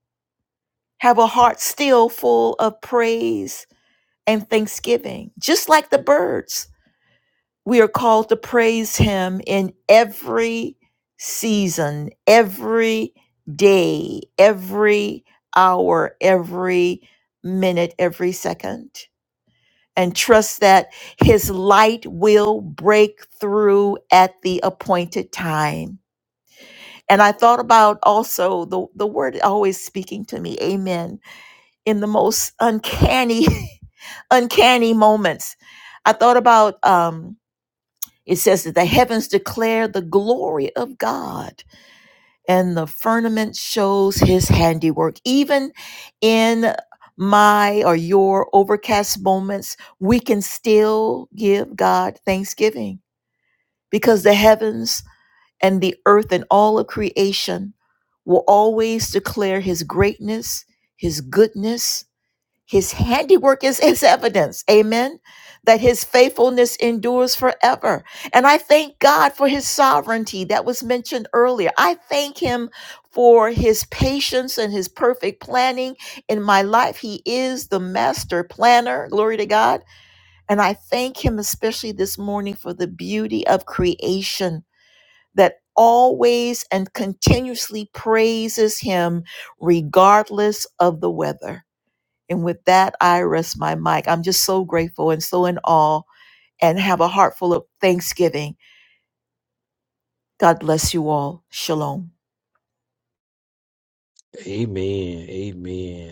have a heart still full of praise and thanksgiving. Just like the birds, we are called to praise Him in every season, every day, every hour, every minute, every second and trust that his light will break through at the appointed time. And I thought about also the, the word always speaking to me, amen, in the most uncanny, uncanny moments. I thought about um, it says that the heavens declare the glory of God and the firmament shows his handiwork. Even in my or your overcast moments, we can still give God thanksgiving because the heavens and the earth and all of creation will always declare his greatness, his goodness, his handiwork is his evidence. Amen. That his faithfulness endures forever. And I thank God for his sovereignty that was mentioned earlier. I thank him for his patience and his perfect planning in my life. He is the master planner. Glory to God. And I thank him especially this morning for the beauty of creation that always and continuously praises him regardless of the weather. And with that, I rest my mic. I'm just so grateful and so in awe and have a heart full of thanksgiving. God bless you all. Shalom. Amen. Amen.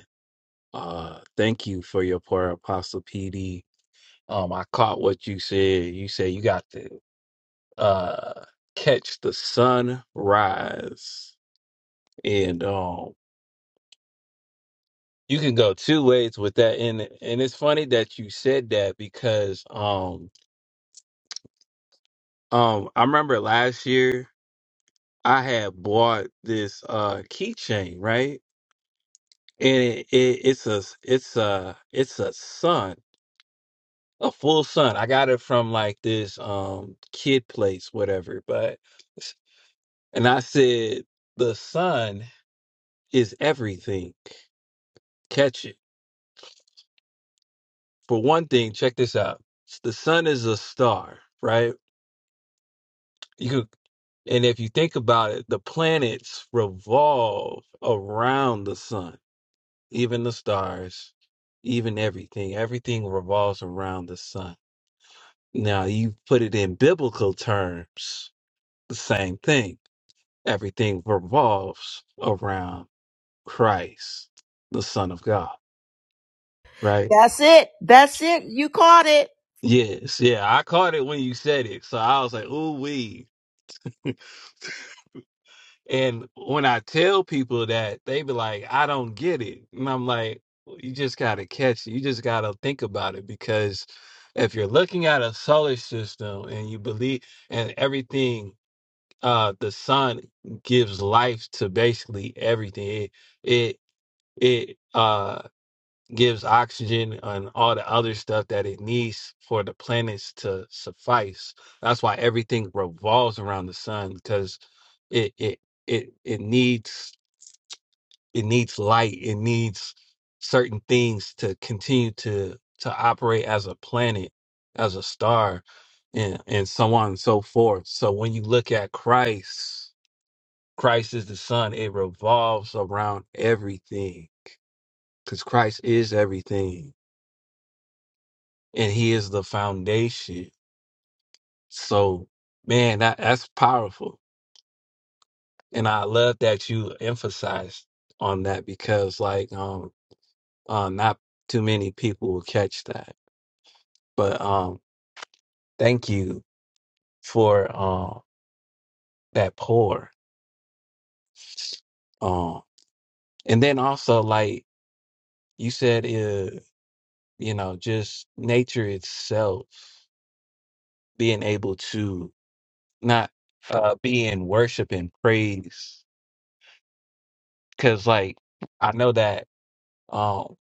Uh, thank you for your prayer, Apostle PD. Um, I caught what you said. You said you got to uh catch the sunrise, and um, you can go two ways with that. And and it's funny that you said that because um um I remember last year I had bought this uh keychain right, and it, it it's a it's a it's a sun a full sun. I got it from like this um kid place, whatever. But and I said the sun is everything. Catch it. For one thing, check this out. The sun is a star, right? You could, and if you think about it, the planets revolve around the sun. Even the stars, even everything, everything revolves around the sun. Now you put it in biblical terms, the same thing everything revolves around Christ, the Son of God, right? That's it. That's it. You caught it. Yes, yeah, I caught it when you said it. So I was like, ooh, wee. And when I tell people that, they be like, I don't get it. And I'm like, "Well, you just got to catch it. You just got to think about it because if you're looking at a solar system and you believe and everything, uh, the sun gives life to basically everything. It, it, it, uh, gives oxygen and all the other stuff that it needs for the planets to suffice. That's why everything revolves around the sun because it it it it needs it needs light. It needs certain things to continue to to operate as a planet, as a star, and and so on and so forth. So when you look at Christ, Christ is the sun. It revolves around everything because Christ is everything. and he is the foundation. So, man, that, that's powerful. And I love that you emphasized on that because like um uh, not too many people will catch that. But um thank you for uh, that pour. Um and then also like you said uh, you know just nature itself being able to not uh be in worship and praise cuz like I know that um,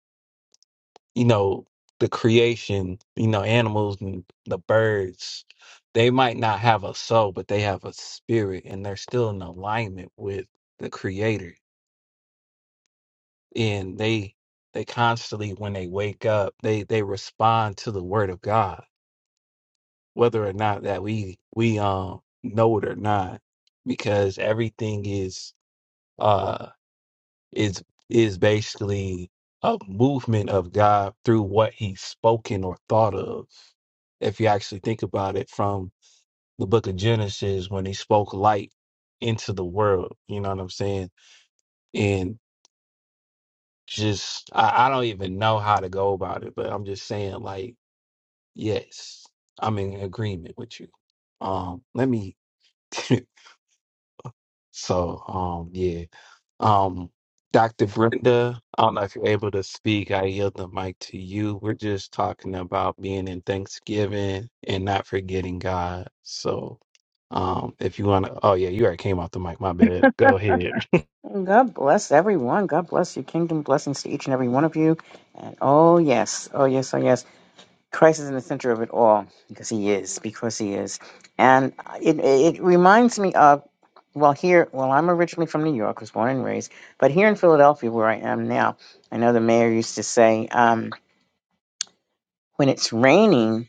you know, the creation, you know, animals and the birds, they might not have a soul, but they have a spirit and they're still in alignment with the creator. And they they constantly when they wake up, they they respond to the word of God, whether or not that we we um know it or not, because everything is uh, is is basically a movement of God through what he's spoken or thought of. If you actually think about it from the book of Genesis when he spoke light into the world, you know what I'm saying? And just I, I don't even know how to go about it, but I'm just saying like, yes, I'm in agreement with you. Um, let me so um yeah. Um, Dr. Brenda, I don't know if you're able to speak. I yield the mic to you. We're just talking about being in Thanksgiving and not forgetting God. So, um, if you want to, oh yeah, you already came off the mic. My bad. Go ahead. God bless everyone. God bless you. Kingdom blessings to each and every one of you. And oh, yes. Oh, yes. Oh, yes. Christ is in the center of it all because he is, because he is. And it, it reminds me of, well, here, well, I'm originally from New York, was born and raised, but here in Philadelphia, where I am now, I know the mayor used to say, um, when it's raining,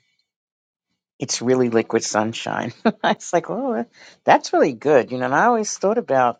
it's really liquid sunshine. it's like, oh, that's really good. You know, and I always thought about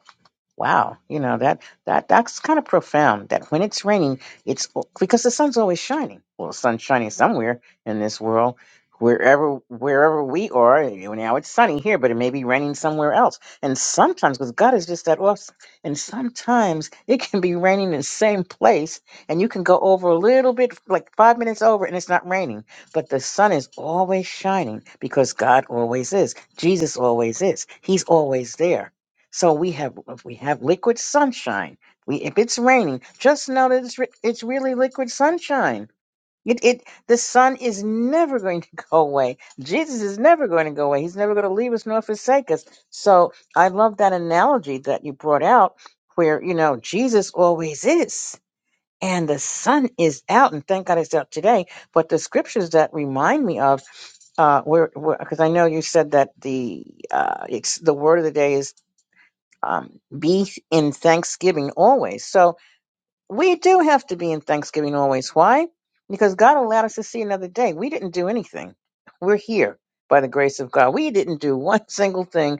Wow, you know that that that's kind of profound. That when it's raining, it's because the sun's always shining. Well, the sun's shining somewhere in this world, wherever wherever we are. you know, Now it's sunny here, but it may be raining somewhere else. And sometimes, because God is just that awesome, and sometimes it can be raining in the same place, and you can go over a little bit, like five minutes over, and it's not raining. But the sun is always shining because God always is. Jesus always is. He's always there so we have if we have liquid sunshine. We if it's raining, just know that it's re- it's really liquid sunshine. It it the sun is never going to go away. Jesus is never going to go away. He's never going to leave us nor forsake us. So I love that analogy that you brought out, where you know Jesus always is, and the sun is out, and thank God it's out today. But the scriptures that remind me of uh, where because I know you said that the uh, it's the word of the day is um, be in thanksgiving always. So we do have to be in thanksgiving always. Why? Because God allowed us to see another day. We didn't do anything. We're here by the grace of God. We didn't do one single thing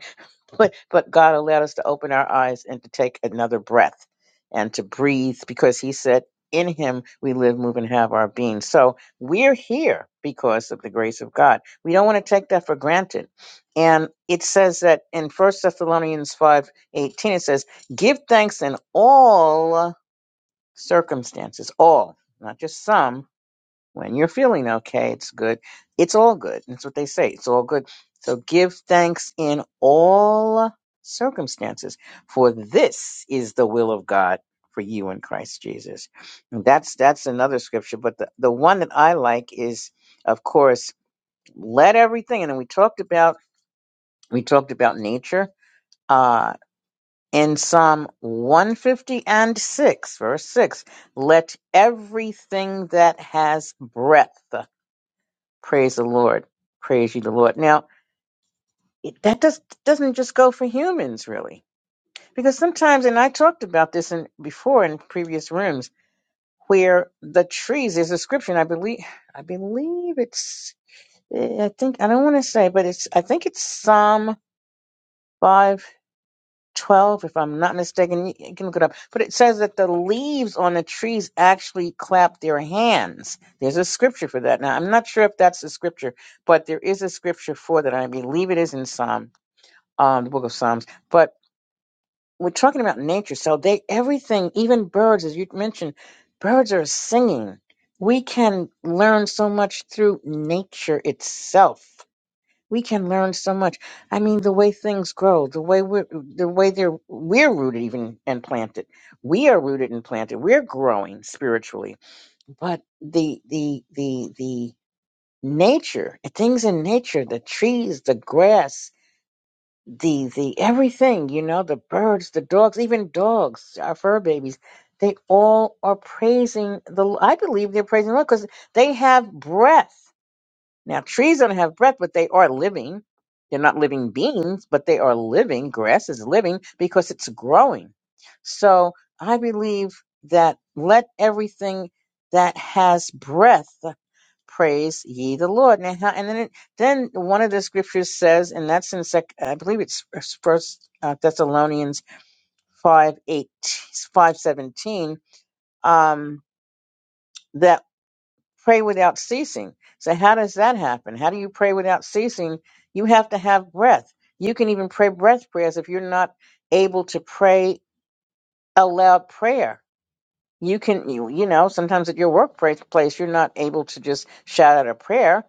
but but God allowed us to open our eyes and to take another breath and to breathe because He said, "In Him we live, move, and have our being." So we're here because of the grace of God. We don't want to take that for granted. And it says that in First Thessalonians five eighteen, it says, "Give thanks in all circumstances, all, not just some." When you're feeling okay, it's good. It's all good. That's what they say. It's all good. So give thanks in all circumstances, for this is the will of God for you in Christ Jesus. And that's that's another scripture, but the, the one that I like is, of course, let everything. And then we talked about we talked about nature. Uh in Psalm 150 and 6, verse 6, let everything that has breath Praise the Lord. Praise you, the Lord. Now, it, that does, doesn't just go for humans, really, because sometimes, and I talked about this in, before in previous rooms, where the trees, there's a scripture, and I believe, I believe it's, eh, I think, I don't want to say, but it's, I think it's Psalm 5 12, if I'm not mistaken. You you can look it up. But it says that the leaves on the trees actually clap their hands. There's a scripture for that. Now, I'm not sure if that's the scripture, but there is a scripture for that. I believe it is in Psalm, um, the book of Psalms. But we're talking about nature. So they, everything, even birds, as you mentioned, birds are singing. We can learn so much through nature itself we can learn so much. I mean, the way things grow, the way we're, the way they're, we're rooted even and planted. We are rooted and planted. We're growing spiritually, but the, the, the, the nature, things in nature, the trees, the grass, the, the everything, you know, the birds, the dogs, even dogs, our fur babies, they all are praising the, I believe they're praising the Lord because they have breath. Now, trees don't have breath, but they are living. They're not living beings, but they are living. Grass is living because it's growing. So I believe that let everything that has breath praise ye the Lord. Now, how- and then, it, then one of the scriptures says, and that's in sec, I believe it's First uh, Thessalonians five eight five seventeen. Um, pray without ceasing. So how does that happen? How do you pray without ceasing? You have to have breath. You can even pray breath prayers if you're not able to pray a loud prayer. You can you you know sometimes at your workplace place you're not able to just shout out a prayer,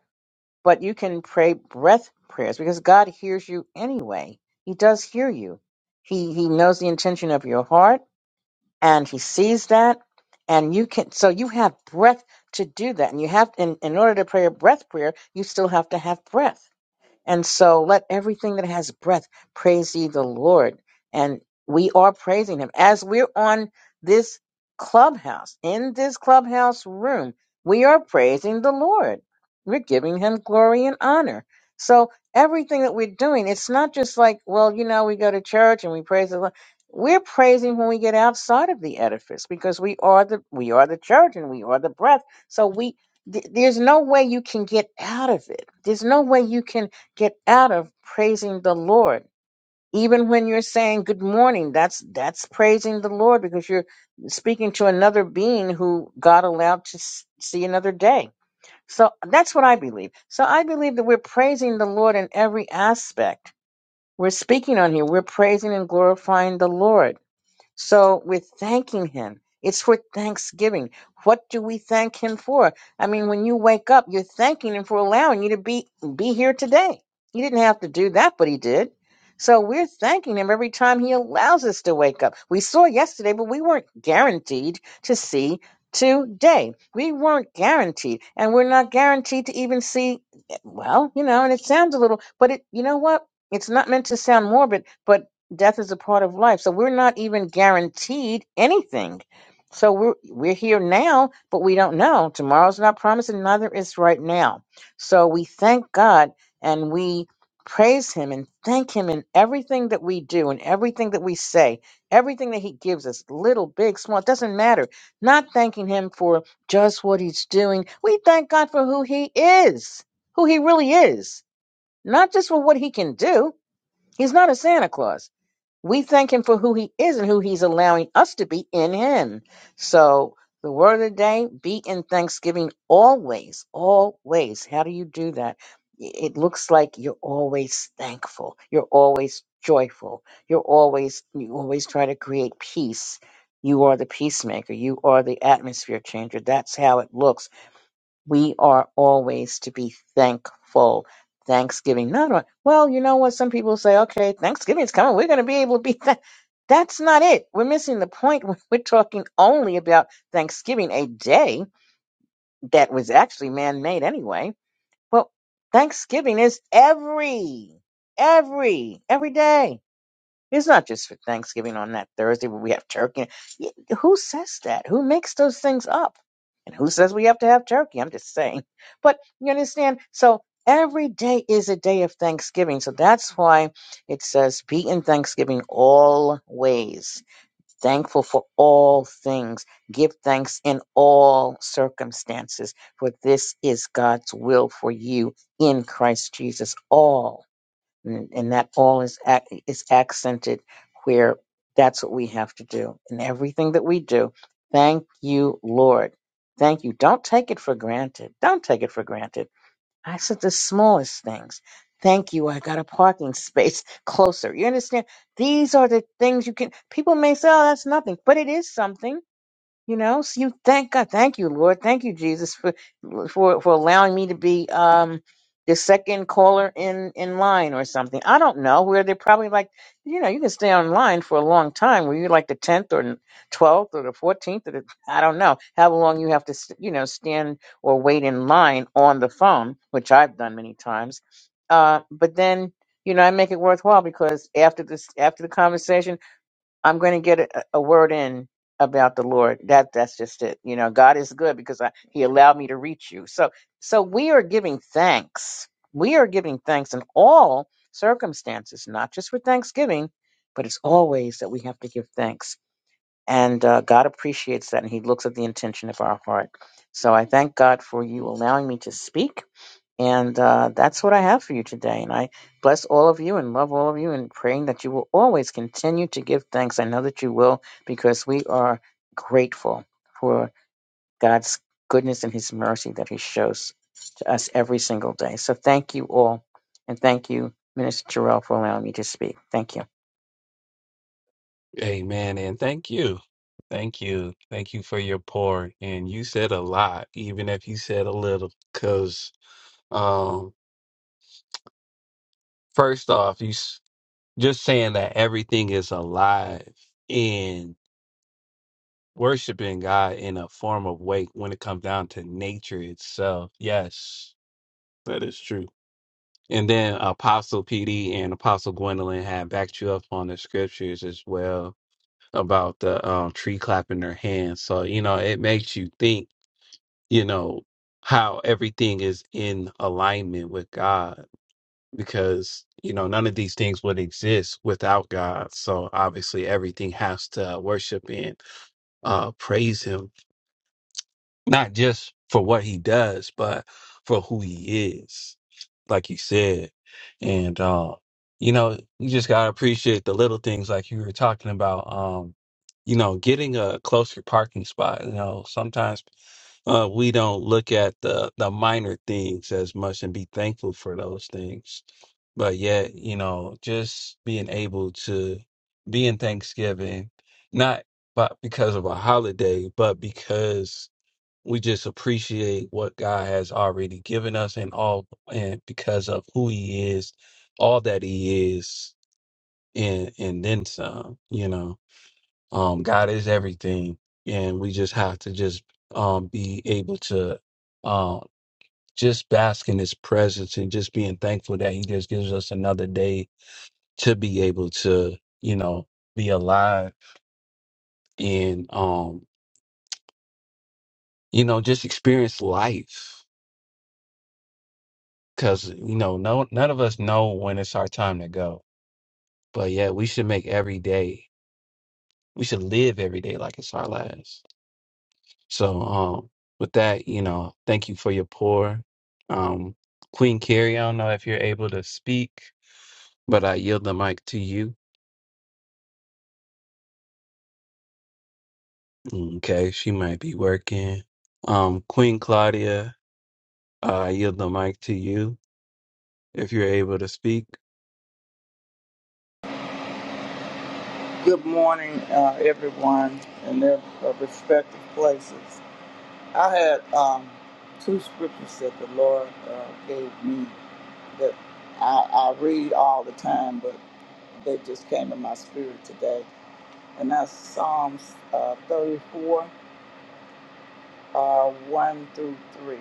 but you can pray breath prayers because God hears you anyway. He does hear you. He he knows the intention of your heart and he sees that and you can so you have breath to do that and you have in, in order to pray a breath prayer you still have to have breath and so let everything that has breath praise ye the Lord. And we are praising him. As we're on this clubhouse, in this clubhouse room, we are praising the Lord. We're giving him glory and honor. So everything that we're doing, it's not just like, well, you know, we go to church and we praise the Lord. We're praising when we get outside of the edifice because we are the we are the church and we are the breath. So we th- there's no way you can get out of it. There's no way you can get out of praising the Lord. Even when you're saying good morning, that's that's praising the Lord because you're speaking to another being who God allowed to s- see another day. So that's what I believe. So I believe that we're praising the Lord in every aspect. We're speaking on here. We're praising and glorifying the Lord so we're thanking him. It's for Thanksgiving. What do we thank him for? I mean, when you wake up, you're thanking him for allowing you to be be here today. He didn't have to do that, but he did. So we're thanking him every time he allows us to wake up. We saw yesterday, but we weren't guaranteed to see today. We weren't guaranteed, and we're not guaranteed to even see eh, well, you know, and it sounds a little, but it you know what? It's not meant to sound morbid, but death is a part of life. So we're not even guaranteed anything. So we're we're here now, but we don't know. Tomorrow's not promised, and neither is right now. So we thank God and we praise him and thank him in everything that we do and everything that we say, everything that he gives us, little, big, small, it doesn't matter. Not thanking him for just what he's doing. We thank God for who he is, who he really is, not just for what he can do. He's not a Santa Claus we thank him for who he is and who he's allowing us to be in him. So the word of the day, be in thanksgiving always, always. How do you do that? It looks like you're always thankful. You're always joyful. You're always you always try to create peace. You are the peacemaker. You are the atmosphere changer. That's how it looks we are always to be thankful. Thanksgiving, not on, well, you know what? Some people say, okay, Thanksgiving's coming. We're going to be able to be thank. That's not it. We're missing the point. when We're talking only about Thanksgiving, a day that was actually man made anyway. Well, Thanksgiving is every, every, every day. It's not just for Thanksgiving on that Thursday where we have turkey. Y- Who says that? Who makes those things up? And who says we have to have turkey? I'm just saying. But you understand? So every day is a day of Thanksgiving. So that's why it says be in Thanksgiving always, thankful for all things. Give thanks in all circumstances, for this is God's will for you in Christ Jesus. all." and, and that all is ac- is accented where that's what we have to do in everything that we do thank you lord thank you don't take it for granted don't take it for granted i said the smallest things thank you i got a parking space closer you understand these are the things you can people may say oh that's nothing but it is something you know, so you thank God, thank you, Lord, thank you, Jesus, for for for allowing me to be um the second caller in in line or something. I don't know where they're probably like, you know, you can stay online for a long time. where you like the tenth or twelfth or the fourteenth or the I don't know how long you have to st- you know stand or wait in line on the phone, which I've done many times. Uh, but then you know I make it worthwhile because after this after the conversation I'm going to get a, a word in about the Lord. That that's just it. You know, God is good because I, He allowed me to reach you. So so we are giving thanks. We are giving thanks in all circumstances, not just for Thanksgiving, but it's always that we have to give thanks. And uh, God appreciates that, and He looks at the intention of our heart. So I thank God for you allowing me to speak. And uh, that's what I have for you today. And I bless all of you and love all of you and praying that you will always continue to give thanks. I know that you will because we are grateful for God's goodness and his mercy that he shows to us every single day. So thank you all. And thank you, Minister Terrell, for allowing me to speak. Thank you. Amen. And thank you. Thank you. Thank you for your pour. And you said a lot, even if you said a little, because, um, first off, you s- just saying that everything is alive. worshiping God in a form of way when it comes down to nature itself. Yes, that is true. And then Apostle PD and Apostle Gwendolyn had backed you up on the scriptures as well about the um, tree clapping their hands. So, you know, it makes you think, you know, how everything is in alignment with God because, you know, none of these things would exist without God. So obviously everything has to worship and uh, praise Him not just for what he does, but for who he is, like you said. And, uh, you know, you just got to appreciate the little things like you were talking about, um, you know, getting a closer parking spot. You know, sometimes uh, we don't look at the, the minor things as much and be thankful for those things. But yet, you know, just being able to be in Thanksgiving, not but because of a holiday, but because we just appreciate what God has already given us and all and because of who he is, all that he is and and then some, you know. Um God is everything and we just have to just um be able to um just bask in his presence and just being thankful that he just gives us another day to be able to, you know, be alive and um, you know, just experience life because you know no none of us know when it's our time to go but yeah we should make every day we should live every day like it's our last so um with that you know thank you for your pour um queen carrie i don't know if you're able to speak but i yield the mic to you okay she might be working um queen claudia uh, i yield the mic to you if you're able to speak Good morning, uh, everyone, in their uh, respective places. I had um, two scriptures that the Lord uh, gave me that I, I read all the time, but they just came in my spirit today. And that's Psalms uh, 34, uh, 1 through 3.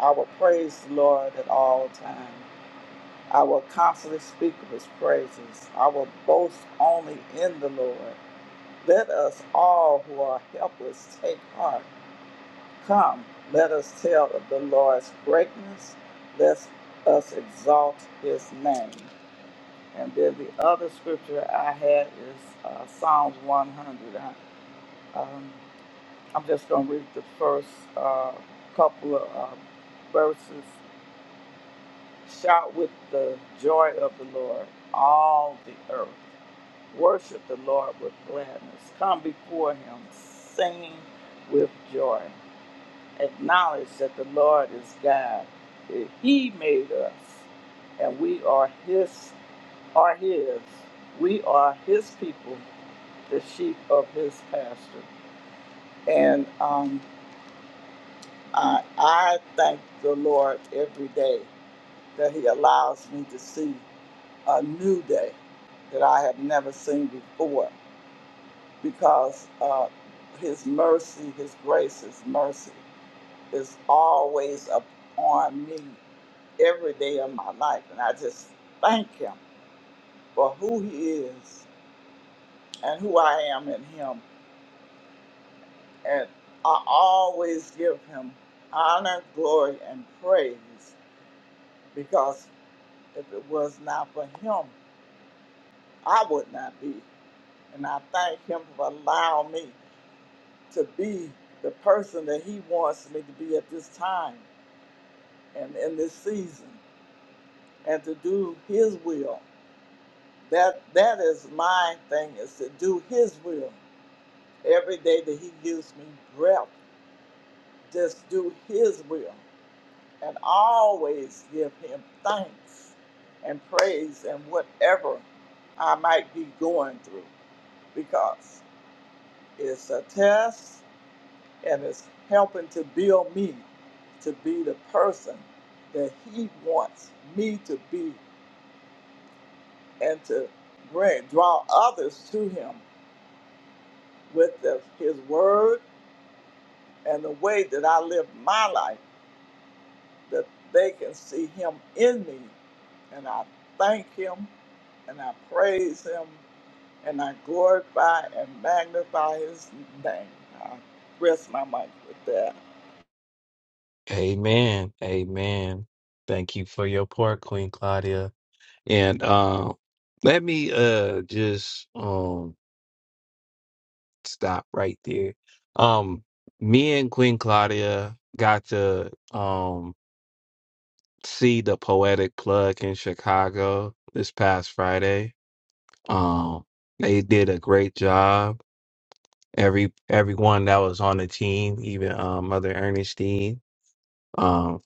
I will praise the Lord at all times. I will constantly speak of his praises. I will boast only in the Lord. Let us all who are helpless take heart. Come, let us tell of the Lord's greatness. Let us exalt his name. And then the other scripture I had is uh, Psalms 100. I, um, I'm just going to read the first uh, couple of uh, verses. Shout with the joy of the Lord, all the earth. Worship the Lord with gladness. Come before him singing with joy. Acknowledge that the Lord is God. that He made us and we are his are his. We are his people, the sheep of his pasture. And um, I, I thank the Lord every day that he allows me to see a new day that I have never seen before because uh, his mercy, his grace, his mercy is always upon me every day of my life. And I just thank him for who he is and who I am in him. And I always give him honor, glory, and praise because if it was not for him, I would not be. And I thank him for allowing me to be the person that he wants me to be at this time. and in this season and to do his will. That that is my thing is to do his will. Every day that he gives me breath, just do his will and always give him thanks and praise and whatever I might be going through because it's a test and it's helping to build me to be the person that he wants me to be and to bring draw others to him with the, his word and the way that I live my life that they can see him in me and I thank him and I praise him and I glorify and magnify his name. I rest my mind with that. amen amen thank you for your pour queen claudia And um, let me uh just um stop right there. Um, me and Queen Claudia got to um see the Poetic Plug in Chicago this past Friday. Um, they did a great job. Every everyone that was on the team, even um, Mother Ernestine, um,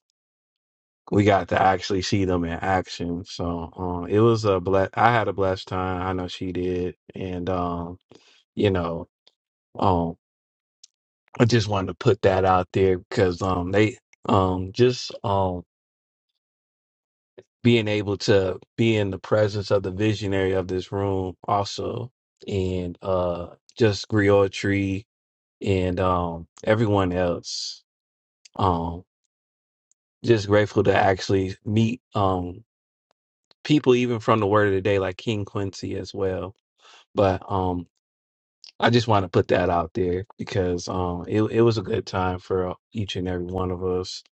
we got to actually see them in action. So um, it was a ble- I had a blessed time. I know she did, and um you know Um, I just wanted to put that out there because um, they um, just um, being able to be in the presence of the visionary of this room also, and uh, just Griotry and um, everyone else. Um, just grateful to actually meet um, people even from the Word of the Day, like King Quincy as well. But um. I just want to put that out there because um it, it was a good time for each and every one of us.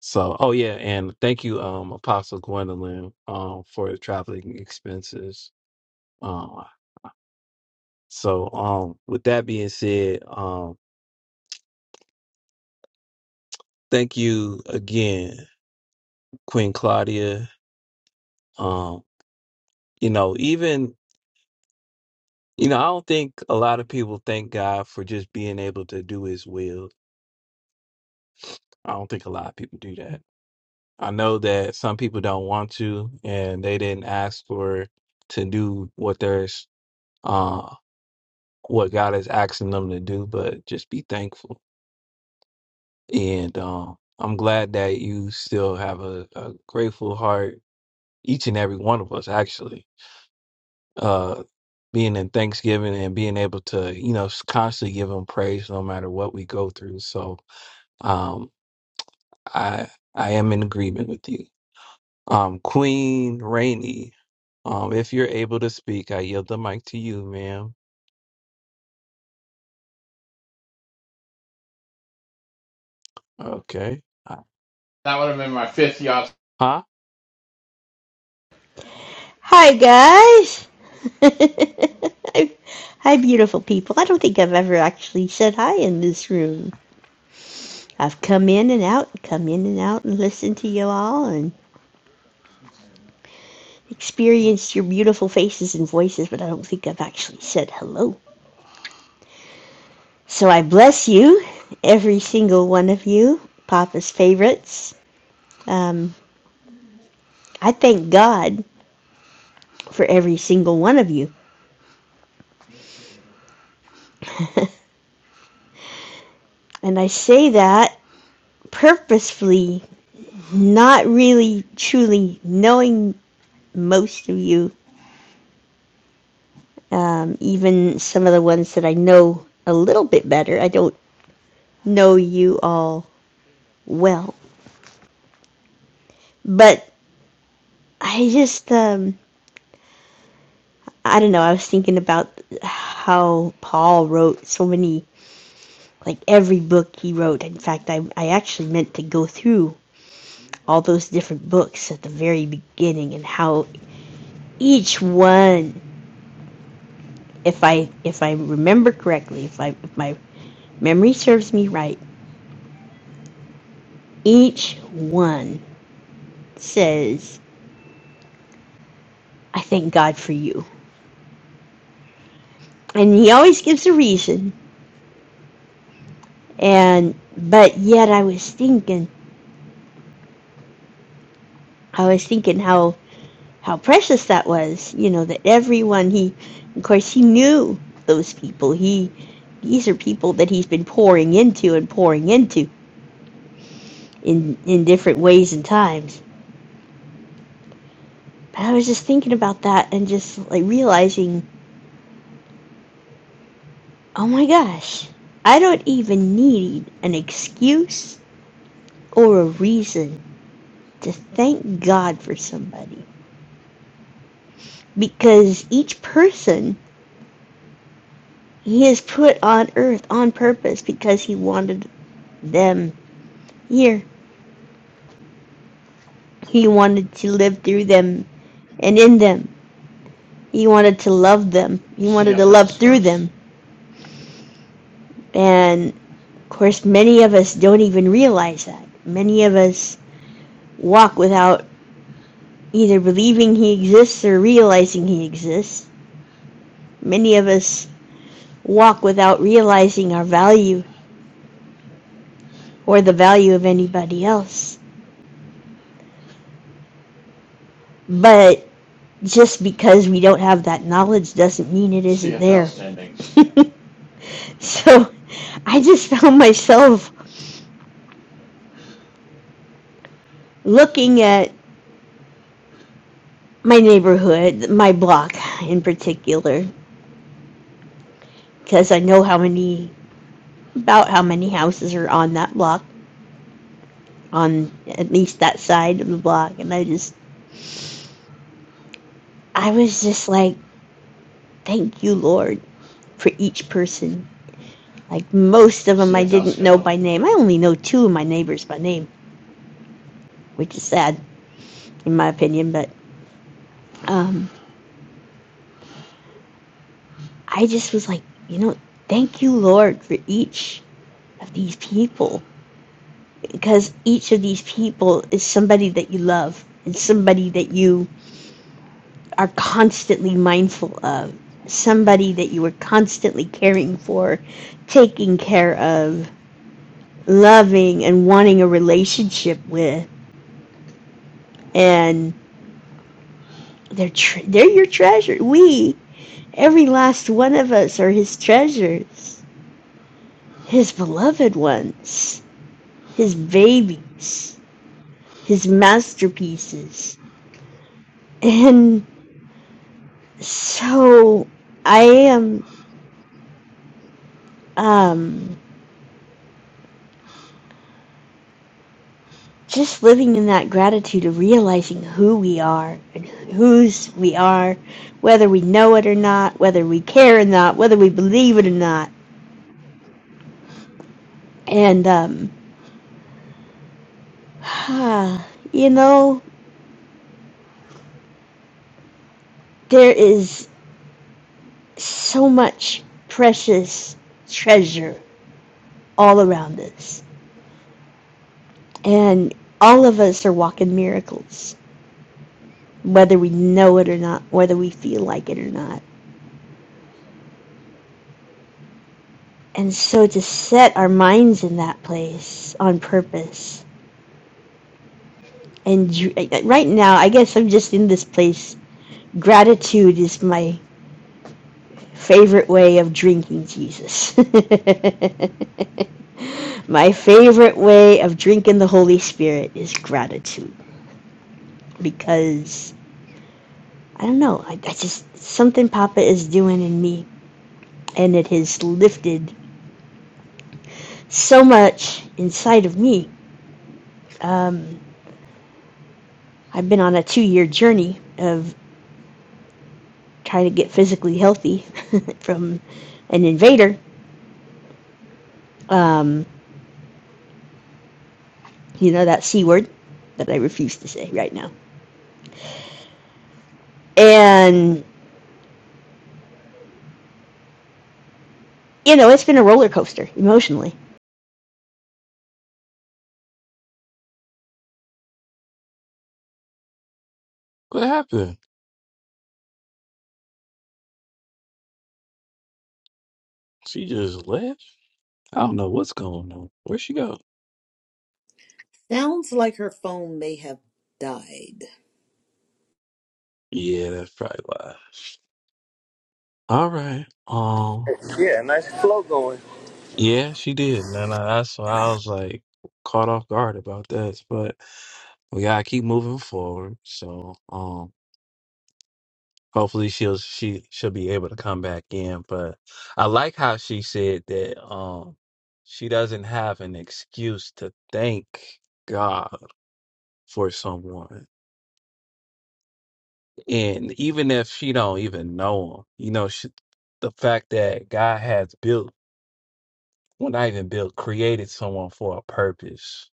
So oh yeah, and thank you, um Apostle Gwendolyn um for the traveling expenses. Um so um with that being said, um thank you again, Queen Claudia. Um, you know, even you know, I don't think a lot of people thank God for just being able to do his will. I don't think a lot of people do that. I know that some people don't want to, and they didn't ask for to do what there's uh what God is asking them to do, but just be thankful. And um, I'm glad that you still have a, a grateful heart, each and every one of us, actually. Uh, being in Thanksgiving and being able to, you know, constantly give Him praise no matter what we go through. So um, I I am in agreement with you. Um, Queen Rainey, um, if you're able to speak, I yield the mic to you, ma'am. Okay. Uh, That would have been my fifth yard. Huh? Hi, guys. hi, beautiful people. I don't think I've ever actually said hi in this room. I've come in and out, come in and out, and listened to you all and experienced your beautiful faces and voices, but I don't think I've actually said hello. So I bless you, every single one of you, Papa's favorites. Um, I thank God for every single one of you. And I say that purposefully not really truly knowing most of you, um, even some of the ones that I know a little bit better. I don't know you all well, but I just, um, I don't know. I was thinking about how Paul wrote so many, like every book he wrote. In fact, I, I actually meant to go through all those different books at the very beginning and how each one if I if I remember correctly, if I if my memory serves me right, each one says, I thank God for you. And he always gives a reason. And but yet I was thinking I was thinking how how precious that was, you know, that everyone he of course he knew those people. He these are people that he's been pouring into and pouring into in in different ways and times. But I was just thinking about that and just like realizing Oh my gosh. I don't even need an excuse or a reason to thank God for somebody because each person he has put on earth on purpose because he wanted them here. He wanted to live through them and in them. He wanted to love them. He wanted yeah, to love through nice. them. And of course, many of us don't even realize that. Many of us walk without either believing he exists or realizing he exists Many of us walk without realizing our value or the value of anybody else. But just because we don't have that knowledge doesn't mean it isn't there. So I just found myself looking at my neighborhood, my block in particular, because I know how many, about how many houses are on that block, on at least that side of the block. And I just, I was just like, thank you, Lord, for each person Like most of them, I Yes, didn't know by name. I only know two of my neighbors by name, which is sad in my opinion. But um, I just was like, you know, thank you, Lord, for each of these people because each of these people is somebody that you love and somebody that you are constantly mindful of, somebody that you are constantly caring for, taking care of, loving, and wanting a relationship with, and they're tre- they're your treasure. We Every last one of us are His treasures, His beloved ones, His babies, His masterpieces. And so I am um, just living in that gratitude of realizing who we are and whose we are, whether we know it or not, whether we care or not, whether we believe it or not. And, um, you know, there is. so much precious treasure all around us. And all of us are walking miracles, whether we know it or not, whether we feel like it or not. And so to set our minds in that place on purpose. And right now, I guess I'm just in this place. Gratitude is my favorite way of drinking Jesus. my favorite way of drinking the Holy Spirit is gratitude because I don't know. I, I just something Papa is doing in me, and it has lifted so much inside of me. Um, I've been on a two-year journey of trying to get physically healthy from an invader. Um, you know that c word that I refuse to say right now, and you know it's been a roller coaster emotionally What happened? She just left? I don't know what's going on. Where'd she go? Sounds like her phone may have died. Yeah, that's probably why. All right. Um, Yeah, nice flow going. yeah, she did. And then I, that's why I was like caught off guard about this, but we gotta keep moving forward. So, um, Hopefully she'll she she'll be able to come back in. But I like how she said that um she doesn't have an excuse to thank God for someone. And even if she don't even know him, you know, she, the fact that God has built, well, not even built, created someone for a purpose,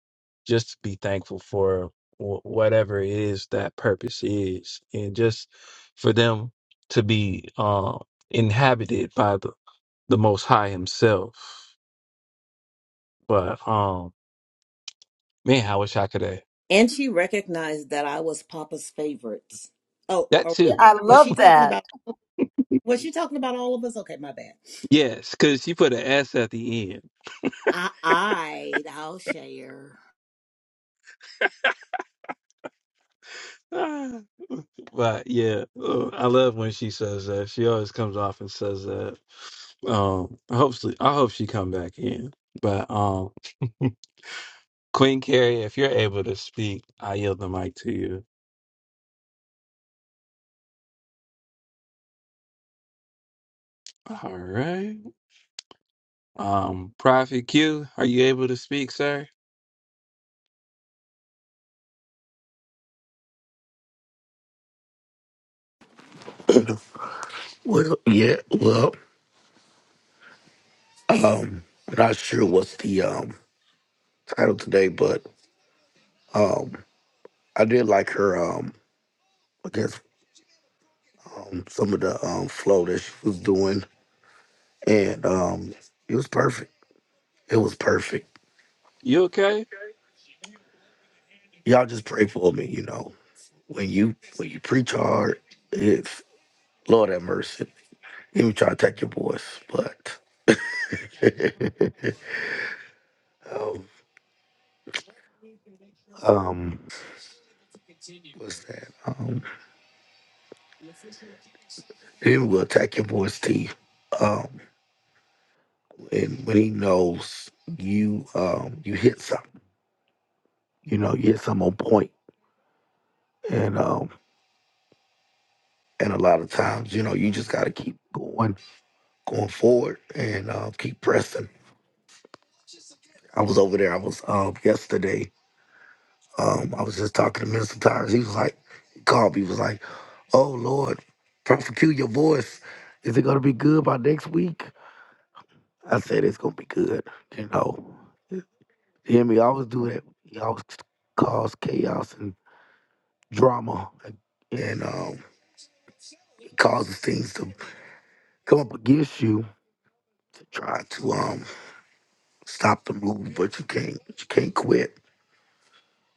just to be thankful for wh- whatever it is that purpose is. And just for them to be um, inhabited by the the Most High Himself. But um, man, I wish I could have And she recognized that I was Papa's favorites. Oh, that or too. I was she love talking that. about was she talking about all of us? Okay, my bad. Yes, because she put an S at the end. I I I'll share. Ah, but yeah, uh, I love when she says that. She always comes off and says that. Um, hopefully, I hope she come back in. But um, Queen Carrie, if you're able to speak, I yield the mic to you. All right. Um, Prophet Q, are you able to speak, sir? Well, yeah, well, um, I'm not sure what's the um title today, but um, I did like her um, I guess um, some of the um flow that she was doing, and um, it was perfect. It was perfect. You okay? Y'all just pray for me, you know. When you when you preach hard, it's Lord have mercy. Even try to take your voice, but um, um, what's that? Um, it will attack your voice, T. Um, and when he knows you um you hit something you know you hit something on point point. and um and a lot of times you know you just got to keep going going forward and uh, keep pressing i was over there i was um yesterday um i was just talking to minister tires he was like he called me he was like oh lord prosecute your voice is it going to be good by next week i said it's going to be good you know hear me I always do that he always cause chaos drama and um, it causes things to come up against you to try to um, stop the move, but you can't. You can't quit.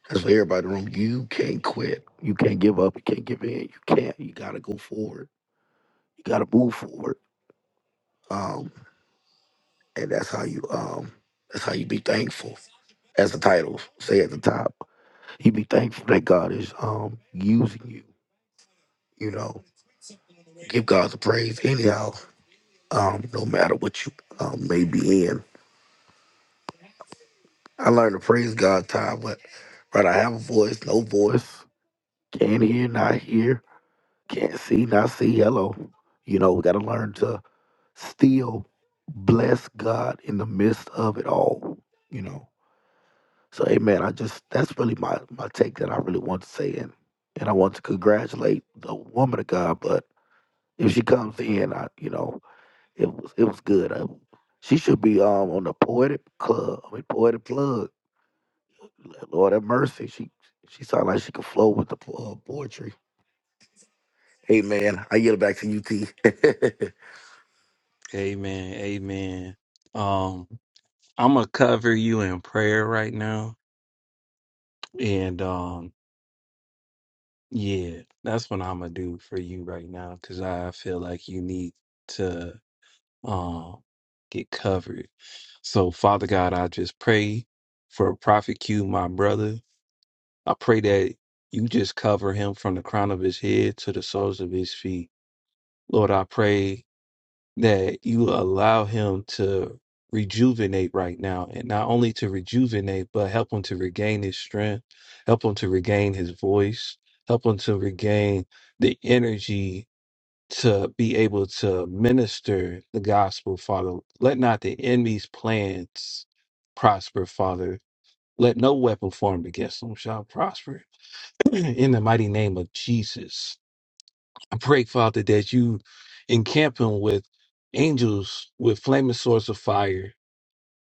That's for everybody in the room. You can't quit. You can't give up. You can't give in. You can't. You gotta go forward. You gotta move forward. Um, and that's how you. Um, that's how you be thankful. As the title say at the top, you be thankful that God is um, using you. You know, give God the praise anyhow. Um, no matter what you um, may be in. I learned to praise God time, but right, I have a voice, no voice, can't hear, not hear, can't see, not see. Hello, you know, we got to learn to still bless God in the midst of it all. You know, so Amen. I just that's really my my take that I really want to say, and and I want to congratulate the woman of God. But if she comes in, I you know, it was it was good. I, she should be um on the poetic club. I mean, poetic plug. Lord have mercy. She she sounded like she could flow with the po- uh, poetry. Hey man, I get it back to you, T. Amen. Amen. Um, I'm gonna cover you in prayer right now, and um, yeah, that's what I'm gonna do for you right now because I feel like you need to um get covered. So, Father God, I just pray for Prophet Q, my brother. I pray that you just cover him from the crown of his head to the soles of his feet. Lord, I pray that you allow him to rejuvenate right now and not only to rejuvenate but help him to regain his strength help him to regain his voice help him to regain the energy to be able to minister the gospel father let not the enemy's plans prosper father let no weapon formed against them shall prosper in the mighty name of jesus I pray, Father, that you encamp him with angels with flaming swords of fire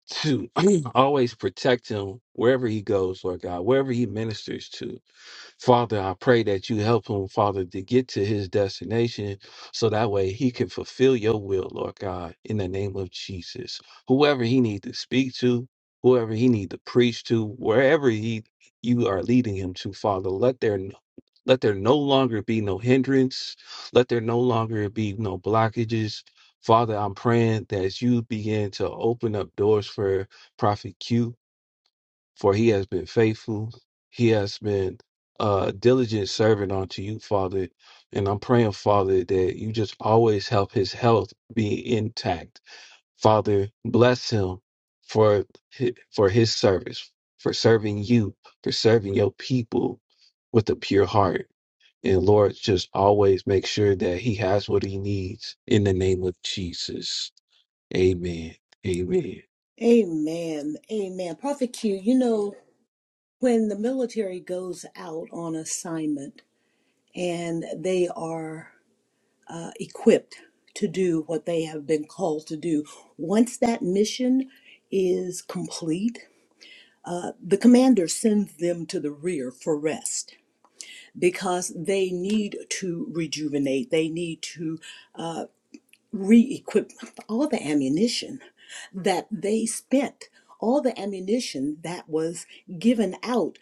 to always protect him wherever he goes, Lord God, wherever he ministers to. Father, I pray that you help him, Father, to get to his destination so that way he can fulfill your will, Lord God, in the name of Jesus. Whoever he needs to speak to, whoever he needs to preach to, wherever he you are leading him to, Father, let there let there no longer be no hindrance. Let there no longer be no blockages. Father, I'm praying that as you begin to open up doors for Prophet Q, for he has been faithful. He has been a diligent servant unto you, Father. And I'm praying, Father, that you just always help his health be intact. Father, bless him for hi- for his service, for serving you, for serving your people with a pure heart. And Lord, just always make sure that he has what he needs in the name of Jesus. Amen. Amen. Amen. Amen. Prophet Q, you know, when the military goes out on assignment and they are uh, equipped to do what they have been called to do, once that mission is complete, Uh, the commander sends them to the rear for rest because they need to rejuvenate, they need to uh, re equip all the ammunition that they spent, all the ammunition that was given out.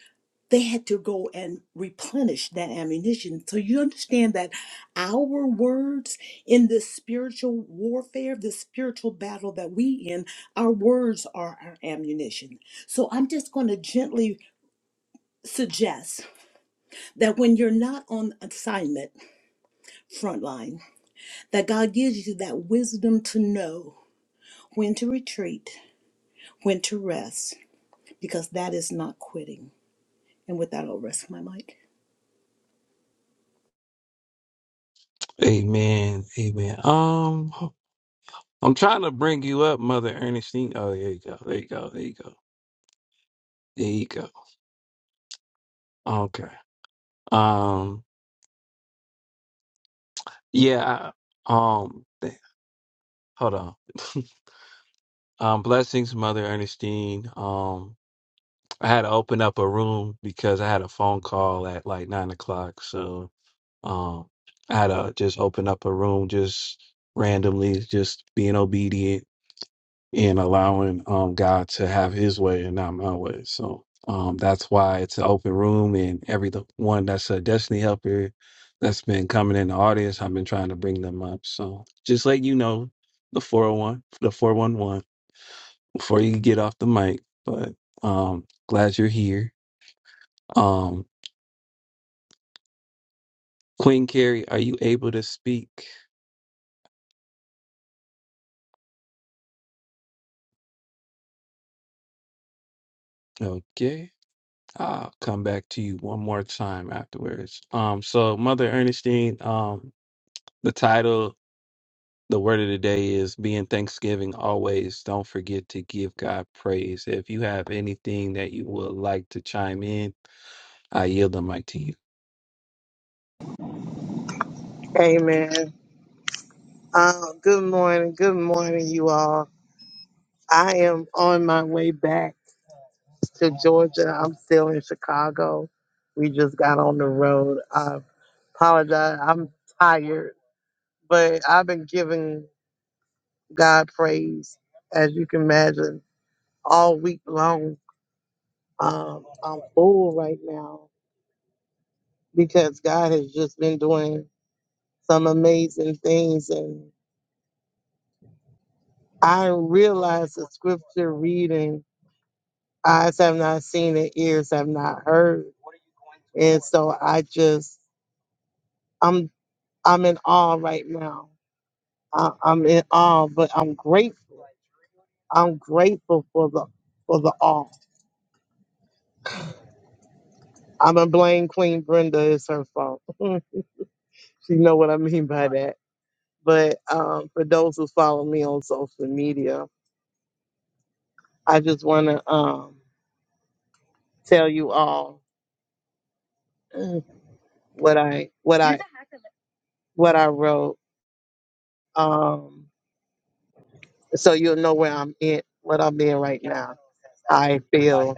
They had to go and replenish that ammunition. So you understand that our words in this spiritual warfare, this spiritual battle that we in, our words are our ammunition. So I'm just going to gently suggest that when you're not on assignment frontline, that God gives you that wisdom to know when to retreat, when to rest, because that is not quitting. And with that, I'll rest my mic. Amen. Amen. Um, I'm trying to bring you up, Mother Ernestine. Oh, there you go. There you go. There you go. There you go. Okay. Um, yeah. I, um, th- hold on. um, blessings, Mother Ernestine. Um, I had to open up a room because I had a phone call at like nine o'clock. So, Um, I had to just open up a room just randomly, just being obedient and allowing um, God to have his way and not my way. So um, that's why it's an open room and every the one that's a destiny helper that's been coming in the audience, I've been trying to bring them up. So just let you know the 401, the 411 before you get off the mic. But um glad you're here. Um Queen Carrie, are you able to speak? Okay. I'll come back to you one more time afterwards. Um, so Mother Ernestine, um, the title, the word of the day is being Thanksgiving always. Don't forget to give God praise. If you have anything that you would like to chime in, I yield the mic to you. Amen. Uh, good morning. Good morning, you all. I am on my way back to Georgia. I'm still in Chicago. We just got on the road. I apologize. I'm tired, but I've been giving God praise, as you can imagine, all week long. Um, I'm full right now because God has just been doing some amazing things. And I realized the scripture reading Eyes have not seen and ears have not heard. And so I just I'm I'm in awe right now. I, I'm in awe, but I'm grateful. I'm grateful for the for the awe. I'm gonna blame Queen Brenda, it's her fault. she know what I mean by that. But um, for those who follow me on social media, I just wanna um, tell you all what I what I what I wrote. Um, so you'll know where I'm in, what I'm in right now. I feel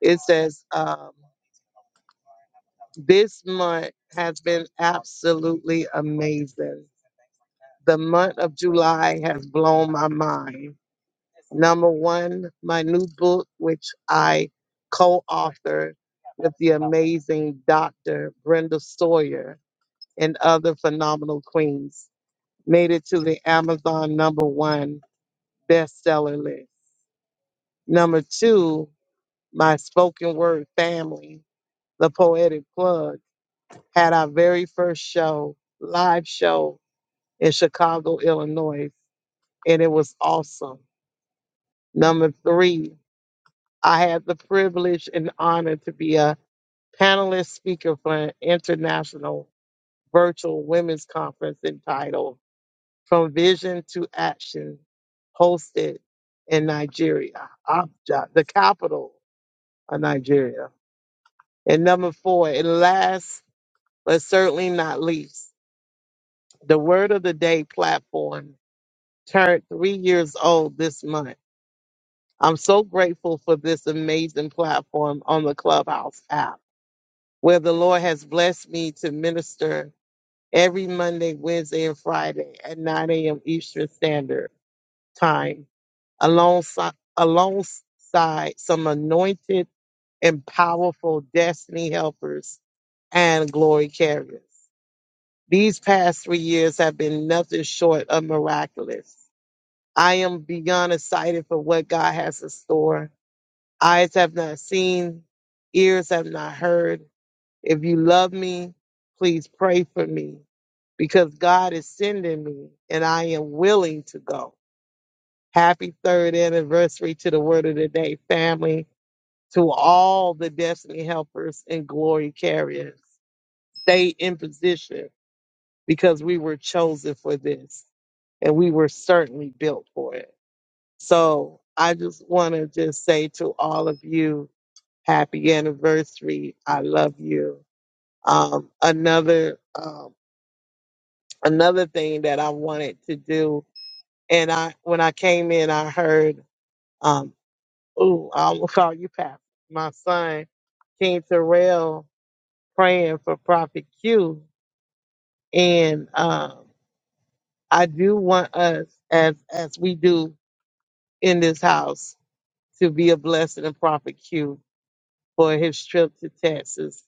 it says um, this month has been absolutely amazing. The month of July has blown my mind. Number one, my new book, which I co-authored with the amazing Dr. Brenda Sawyer and other phenomenal queens, made it to the Amazon number one bestseller list. Number two, my spoken word family, the Poetic Plug, had our very first show, live show in Chicago, Illinois, and it was awesome. Number three, I had the privilege and honor to be a panelist speaker for an international virtual women's conference entitled From Vision to Action, hosted in Nigeria, Abuja, the capital of Nigeria. And number four, and last but certainly not least, the Word of the Day platform turned three years old this month. I'm so grateful for this amazing platform on the Clubhouse app, where the Lord has blessed me to minister every Monday, Wednesday, and Friday at 9 a.m. Eastern Standard Time, alongside, alongside some anointed and powerful destiny helpers and glory carriers. These past three years have been nothing short of miraculous. I am beyond excited for what God has in store. Eyes have not seen, ears have not heard. If you love me, please pray for me because God is sending me and I am willing to go. Happy third anniversary to the Word of the Day family, to all the Destiny helpers and glory carriers. Stay in position because we were chosen for this and we were certainly built for it. So I just want to just say to all of you, happy anniversary. I love you. Um, another um, another thing that I wanted to do, and I when I came in, I heard, um, "Ooh, I will call you Pastor." My son, King Terrell, praying for Prophet Q, and um, I do want us, as as we do in this house, to be a blessing and Prophet Q for his trip to Texas.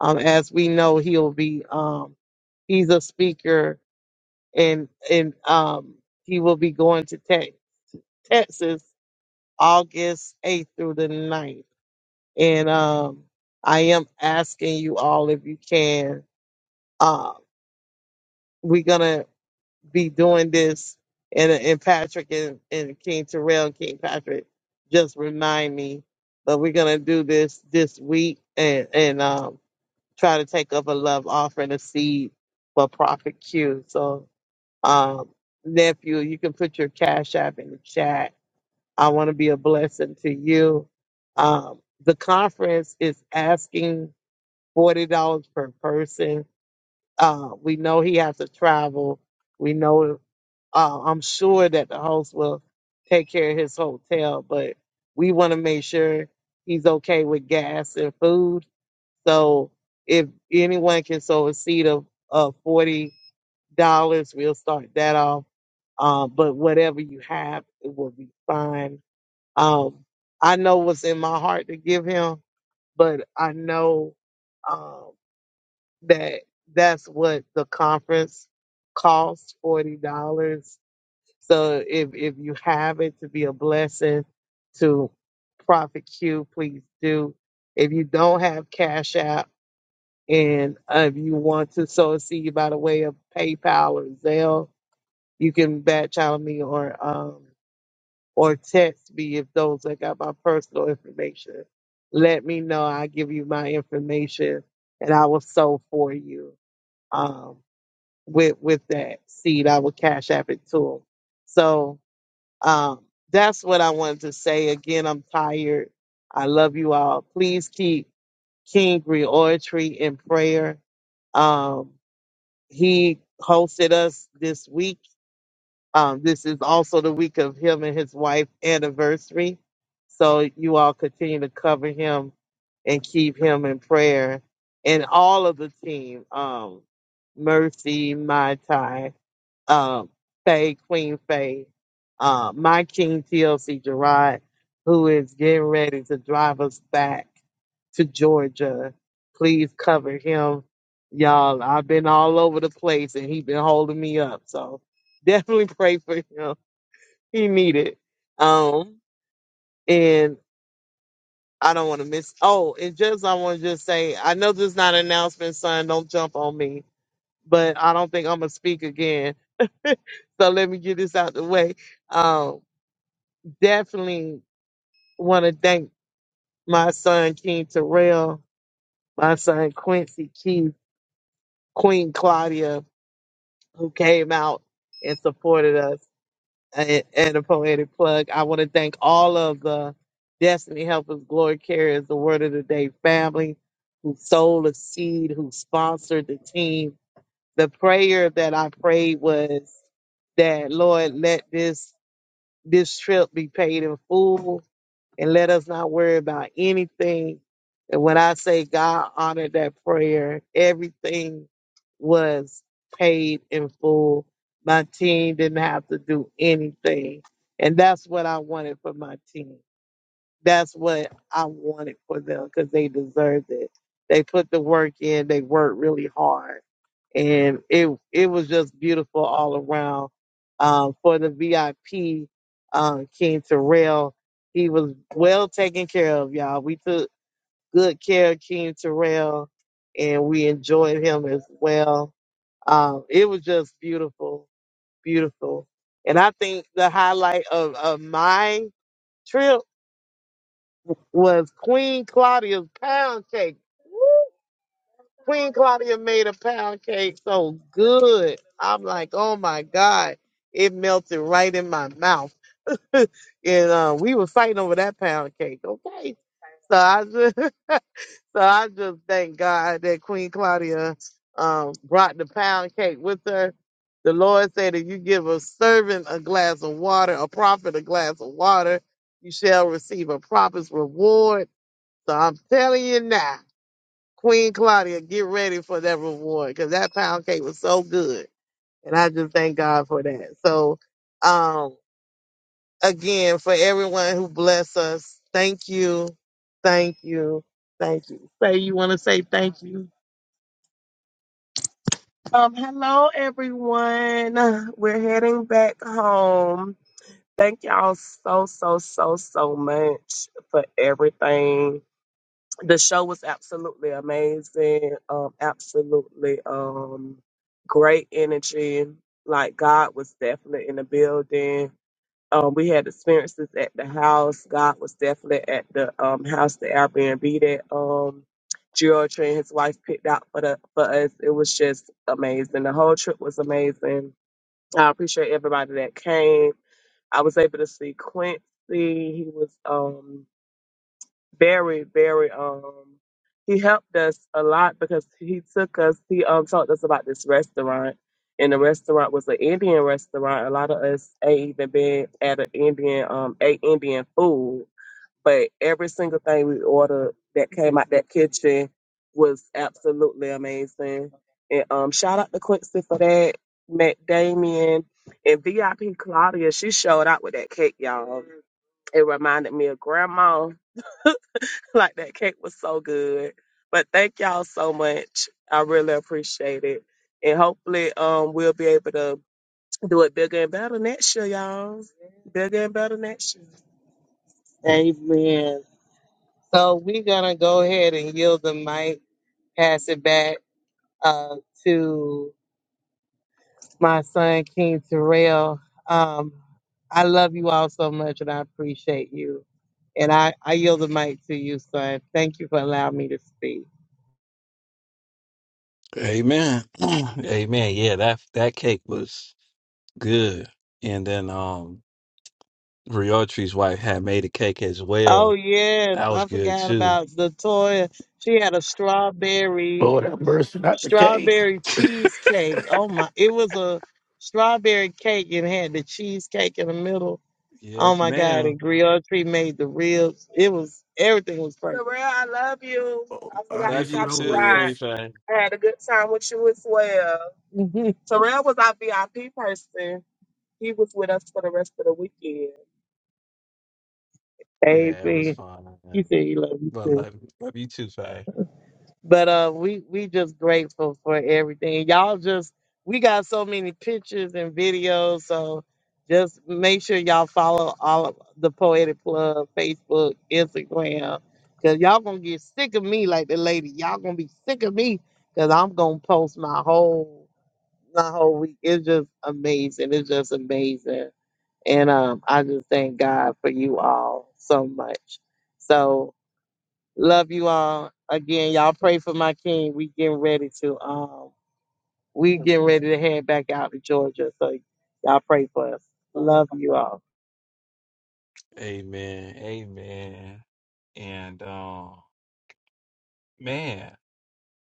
Um, as we know, he'll be um, he's a speaker, and and um, he will be going to Tex Texas August eighth through the ninth, And um, I am asking you all if you can. Uh, we're gonna. be doing this and and Patrick and, and King Terrell and King Patrick just remind me. But we're gonna do this this week and and um try to take up a love offering a seed for Prophet Q. So um nephew, you can put your cash app in the chat. I want to be a blessing to you. Um the conference is asking forty dollars per person uh, we know he has to travel. We know, uh, I'm sure that the host will take care of his hotel, but we want to make sure he's okay with gas and food. So if anyone can sow a seed of, of $40, we'll start that off. Uh, but whatever you have, it will be fine. Um, I know what's in my heart to give him, but I know. um, that that's what the conference costs forty dollars. So if if you have it to be a blessing to Prophet Q, please do. If you don't have Cash App and uh, if you want to sow a seed by the way of PayPal or Zelle, you can batch out me or um or text me if those that got my personal information. Let me know. I give you my information and I will sow for you. Um, with with that seed. I will cash app it to him. So um, that's what I wanted to say. Again, I'm tired. I love you all. Please keep King Reoratory in prayer. Um, he hosted us this week. Um, this is also the week of him and his wife anniversary. So you all continue to cover him and keep him in prayer and all of the team. Um, Mercy, Mai Tai um, Faye, Queen Faye, uh, my King TLC Gerard, who is getting ready to drive us back to Georgia. Please cover him, y'all. I've been all over the place and he been holding me up, so definitely pray for him. He needed. Um, and I don't want to miss. Oh, and just I want to just say, I know this is not an announcement, son. Don't jump on me, but I don't think I'm gonna speak again. So let me get this out the way. Um, definitely want to thank my son King Terrell, my son Quincy Keith, Queen Claudia, who came out and supported us at, at a poetic plug. I want to thank all of the Destiny Helpers, Glory Carriers, the Word of the Day family, who sold a seed, who sponsored the team. The prayer that I prayed was that Lord let this this trip be paid in full and let us not worry about anything. And when I say God honored that prayer, everything was paid in full. My team didn't have to do anything. And that's what I wanted for my team. That's what I wanted for them because they deserved it. They put the work in, they worked really hard and it it was just beautiful all around. Um, for the VIP, um, King Terrell, he was well taken care of, y'all. We took good care of King Terrell, and we enjoyed him as well. Um, it was just beautiful, beautiful. And I think the highlight of, of my trip was Queen Claudia's pound cake. Queen Claudia made a pound cake so good. I'm like, oh my God. It melted right in my mouth. and uh, we were fighting over that pound cake. Okay. So I just so I just thank God that Queen Claudia um brought the pound cake with her. The Lord said if you give a servant a glass of water, a prophet a glass of water, you shall receive a prophet's reward. So I'm telling you now. Queen Claudia, get ready for that reward because that pound cake was so good. And I just thank God for that. So, um, again, for everyone who bless us, thank you. Thank you. Thank you. Say you want to say thank you. Um, hello everyone. We're heading back home. Thank y'all so so so so much for everything. the show was absolutely amazing. Um, absolutely um, great energy. Like God was definitely in the building. Um, we had experiences at the house. God was definitely at the um, house, the Airbnb that um, George and his wife picked out for the for us. It was just amazing. The whole trip was amazing. I appreciate everybody that came. I was able to see Quincy. He was. um very, very um he helped us a lot because he took us he um taught us about this restaurant and the restaurant was an Indian restaurant. A lot of us ain't even been at an Indian um ate Indian food. But every single thing we ordered that came out that kitchen was absolutely amazing. And um shout out to Quincy for that. Met Damien and VIP Claudia, she showed out with that cake, y'all. It reminded me of grandma like that cake was so good. But thank y'all so much. I really appreciate it. And hopefully um we'll be able to do it bigger and better next year, y'all. Bigger and better next year. Amen. So we're gonna go ahead and yield the mic, pass it back uh, to my son King Terrell. Um, I love you all so much, and I appreciate you. And I, I yield the mic to you, son. Thank you for allowing me to speak. Amen. Amen. Yeah, that that cake was good. And then um Riotri's wife had made a cake as Oh well. yes, That was I good forgot too. about Latoya. She had a strawberry Lord have mercy, not the cake. strawberry cheesecake. Oh my, it was a strawberry cake and had the cheesecake in the middle. Oh Yes, my God! ma'am. And Griotry made the ribs. It was everything was perfect. Terrell, I love you. Oh, I I forgot to need Love some you drop no you too, off. Queen ribs. Fan. I had a good time with you as well. Terrell was our VIP person. He was with us for the rest of the weekend. Yeah, it was Amen. fun. He said he loved you But too. love, love you too, Faye. But uh, we we just grateful for everything. Y'all just we got so many pictures and videos. So just make sure y'all follow all of the Poetic Club Facebook, Instagram, cause y'all gonna get sick of me like the lady. Y'all gonna be sick of me cause I'm gonna post my whole my whole week. It's just amazing. It's just amazing. And um, I just thank God for you all so much. So love you all. Again, y'all pray for my king. We getting ready to um we getting ready to head back out to Georgia. So y'all pray for us. Love you all. Amen. Amen. And um, man,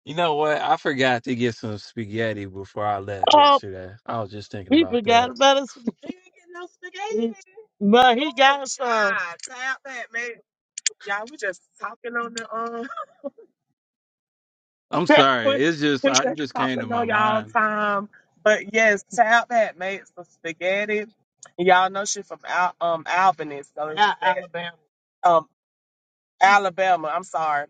you know what? I forgot to get some spaghetti before I left Oh, yesterday. I was just thinking he about forgot that. about us. He didn't get no spaghetti. But he got some. Child, tap that, man. Y'all, we just talking on the um I'm sorry. we It's just we I just it just came to talking my on y'all mind. time. But yes, Tab had made some spaghetti. Y'all know she from Al- um Albany, so it was Al- that Alabama. um Alabama. I'm sorry.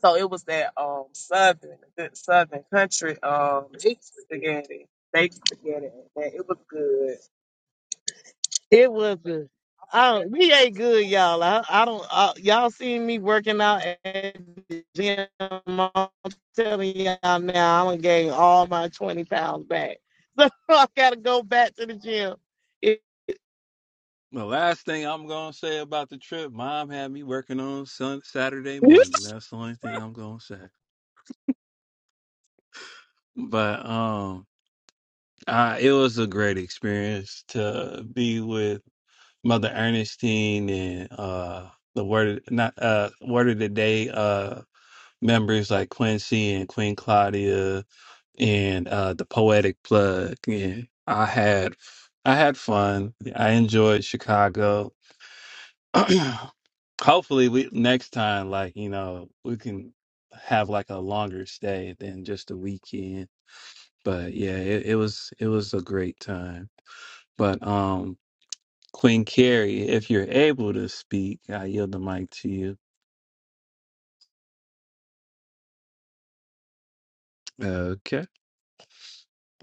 So it was that um southern, good southern country um Baked spaghetti. spaghetti, baked spaghetti. and That it was good. It was good. I don't, we ain't good, y'all. I, I don't. I, y'all seen me working out at the gym. I'm telling y'all now, I done gained all my twenty pounds back. So I gotta go back to the gym. It- The last thing I'm gonna say about the trip, mom had me working on sun Saturday morning. That's the only thing I'm gonna say. But um, uh, it was a great experience to be with Mother Ernestine and uh the word not uh word of the day uh members like Quincy and Queen Claudia and uh the poetic plug and I had I had fun. I enjoyed Chicago. Hopefully we next time like you know we can have like a longer stay than just a weekend. But yeah, it, it was it was a great time. But um Queen Carrie, if you're able to speak, I yield the mic to you. Okay.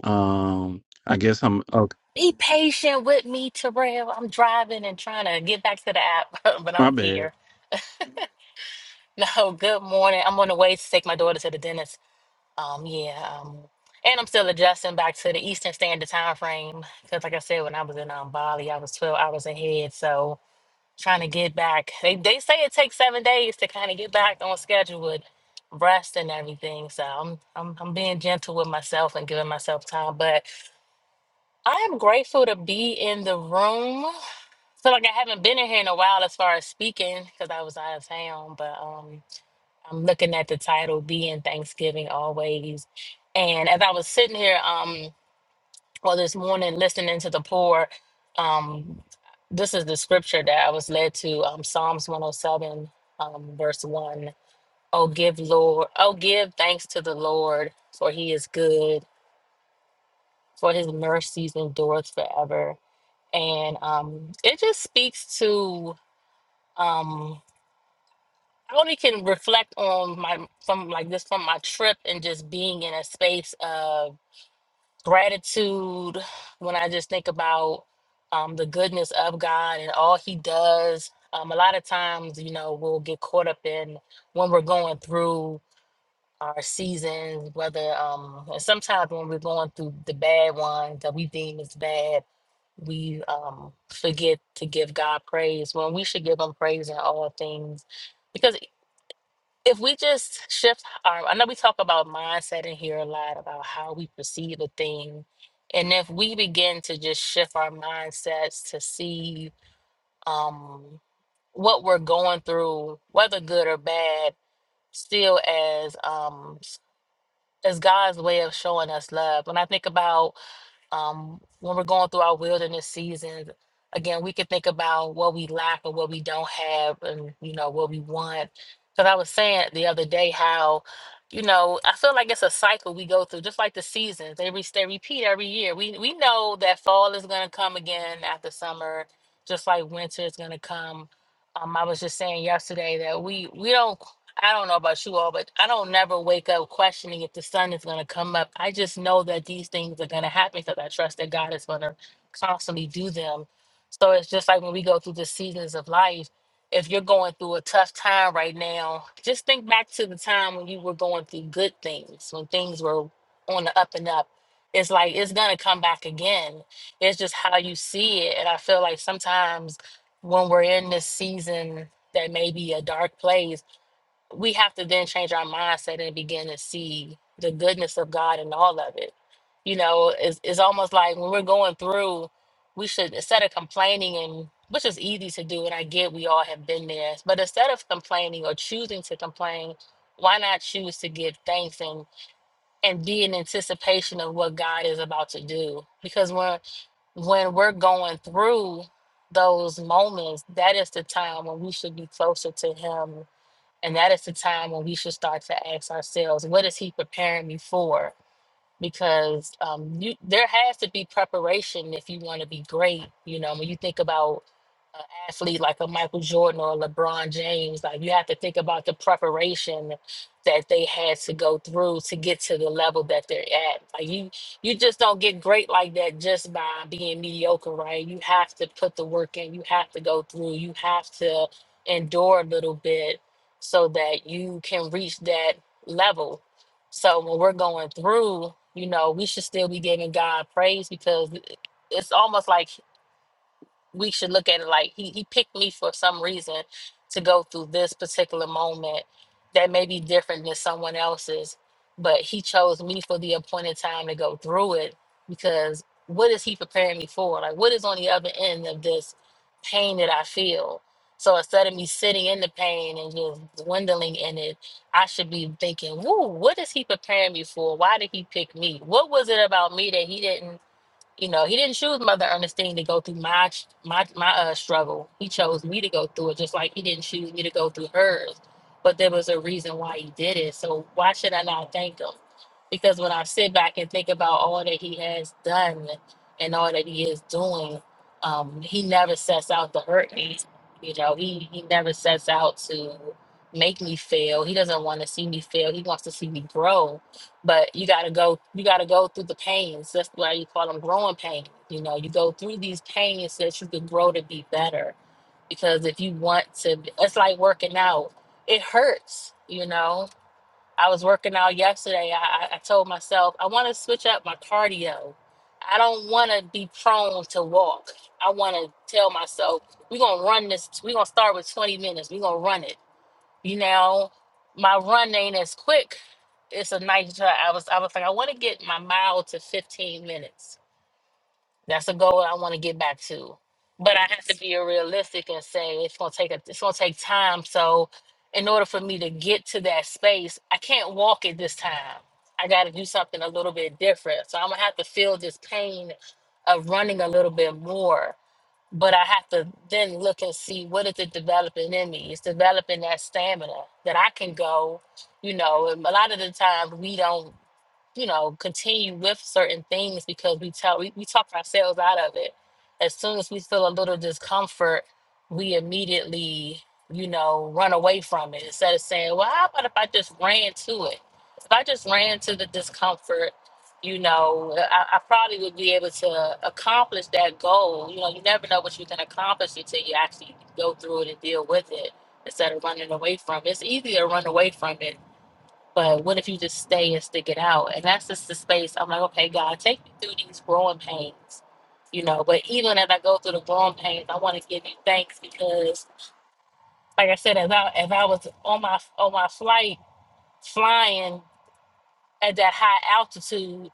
Um, I guess I'm okay. Be patient with me, Terrell. I'm driving and trying to get back to the app, but My I'm here. bad. No, good morning. I'm on the way to take my daughter to the dentist. Um, yeah, um, and I'm still adjusting back to the Eastern Standard Time frame because, like I said, when I was in um, Bali, I was 12 hours ahead. So trying to get back. They they say it takes seven days to kind of get back on schedule with rest and everything. So I'm I'm I'm being gentle with myself and giving myself time, but I am grateful to be in the room. So like I haven't been in here in a while as far as speaking because I was out of town, but um I'm looking at the title being Thanksgiving always. And as I was sitting here um well this morning listening to the poor, um this is the scripture that I was led to, um Psalms 107, um, verse one. Oh give Lord, oh give thanks to the Lord, for he is good, for his mercies endureth forever. And um it just speaks to um I only can reflect on my from like this from my trip and just being in a space of gratitude when I just think about um, the goodness of God and all He does. Um, a lot of times, you know, we'll get caught up in when we're going through our seasons, whether um, and sometimes when we're going through the bad ones that we deem as bad, we um, forget to give God praise when we should give Him praise in all things because if we just shift our i know we talk about mindset in here a lot about how we perceive a thing and if we begin to just shift our mindsets to see um what we're going through whether good or bad still as um as god's way of showing us love when i think about um, when we're going through our wilderness seasons, again, we can think about what we lack or what we don't have and, you know, what we want. Because I was saying the other day how, you know, I feel like it's a cycle we go through, just like the seasons. They, re- they repeat every year. We, we know that fall is going to come again after summer, just like winter is going to come. Um, I was just saying yesterday that we we don't I don't know about you all, but I don't never wake up questioning if the sun is going to come up. I just know that these things are going to happen because I trust that God is going to constantly do them. So it's just like when we go through the seasons of life, if you're going through a tough time right now, just think back to the time when you were going through good things, when things were on the up and up. It's like it's going to come back again. It's just how you see it. And I feel like sometimes when we're in this season that may be a dark place, we have to then change our mindset and begin to see the goodness of God in all of it. You know, it's, it's almost like when we're going through, we should, instead of complaining, and which is easy to do, and I get we all have been there, but instead of complaining or choosing to complain, why not choose to give thanks and, and be in anticipation of what God is about to do? Because when when we're going through those moments, that is the time when we should be closer to Him and that is the time when we should start to ask ourselves, what is he preparing me for? because um, you there has to be preparation if you want to be great. You know, when you think about an athlete like a Michael Jordan or a LeBron James, like you have to think about the preparation that they had to go through to get to the level that they're at. Like you, you just don't get great like that just by being mediocre, right? You have to put the work in. You have to go through. You have to endure a little bit so that you can reach that level so when we're going through, you know, we should still be giving God praise because it's almost like we should look at it like he, he picked me for some reason to go through this particular moment that may be different than someone else's but he chose me for the appointed time to go through it because what is he preparing me for like what is on the other end of this pain that i feel so instead of me sitting in the pain and just dwindling in it i should be thinking whoa what is he preparing me for why did he pick me what was it about me that he didn't you know, he didn't choose Mother Ernestine to go through my ch- my my uh, struggle. He chose me to go through it, just like he didn't choose me to go through hers. But there was a reason why he did it. So why should I not thank him? Because when I sit back and think about all that he has done and all that he is doing, um, he never sets out to hurt me. You know, he he never sets out to make me fail. He doesn't want to see me fail. He wants to see me grow but you gotta go you gotta go through the pains that's why you call them growing pains you know you go through these pains so that you can grow to be better because if you want to it's like working out it hurts you know i was working out yesterday i, I I told myself i want to switch up my cardio i don't want to be prone to walk i want to tell myself we're gonna run this we're gonna start with 20 minutes we're gonna run it you know, my run ain't as quick. It's a nice drive. I was I was like, I want to get my mile to 15 minutes. That's a goal I want to get back to. But I have to be realistic and say it's gonna take a, it's gonna take time. So in order for me to get to that space, I can't walk it this time. I gotta do something a little bit different. So I'm gonna have to feel this pain of running a little bit more but I have to then look and see what is it developing in me. It's developing that stamina that I can go. You know, and a lot of the times we don't you know, continue with certain things because we tell we, we talk ourselves out of it. As soon as we feel a little discomfort, we immediately, you know, run away from it instead of saying, Well, how about if I just ran to it? If I just ran to the discomfort, you know, I, I probably would be able to accomplish that goal. You know, you never know what you can accomplish until you actually go through it and deal with it instead of running away from it. It's easy to run away from it but what if you just stay and stick it out? And that's just the space I'm like, okay, God, take me through these growing pains, you know. But even as I go through the growing pains, I want to give you thanks because, like I said, as I as I was on my on my flight flying at that high altitude,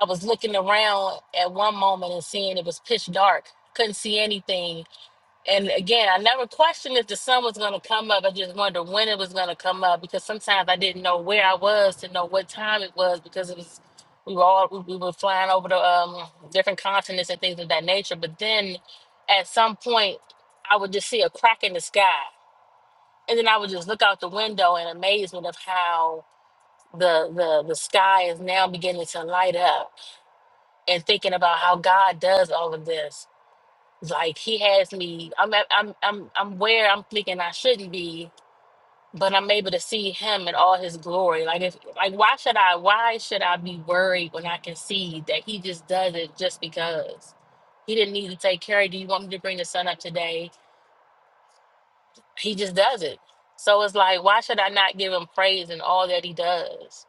I was looking around at one moment and seeing it was pitch dark, couldn't see anything, and again, I never questioned if the sun was going to come up. I just wondered when it was going to come up because sometimes I didn't know where I was to know what time it was because it was we were all we we were flying over the um, different continents and things of that nature. But then, at some point, I would just see a crack in the sky, and then I would just look out the window in amazement of how the the the sky is now beginning to light up, and thinking about how God does all of this like he has me. I'm at, I'm I'm I'm where I'm thinking I shouldn't be, but I'm able to see him in all his glory. Like if like why should I why should I be worried when I can see that he just does it just because he didn't need to take care of. Do you want me to bring the sun up today? He just does it. So it's like why should I not give him praise in all that he does?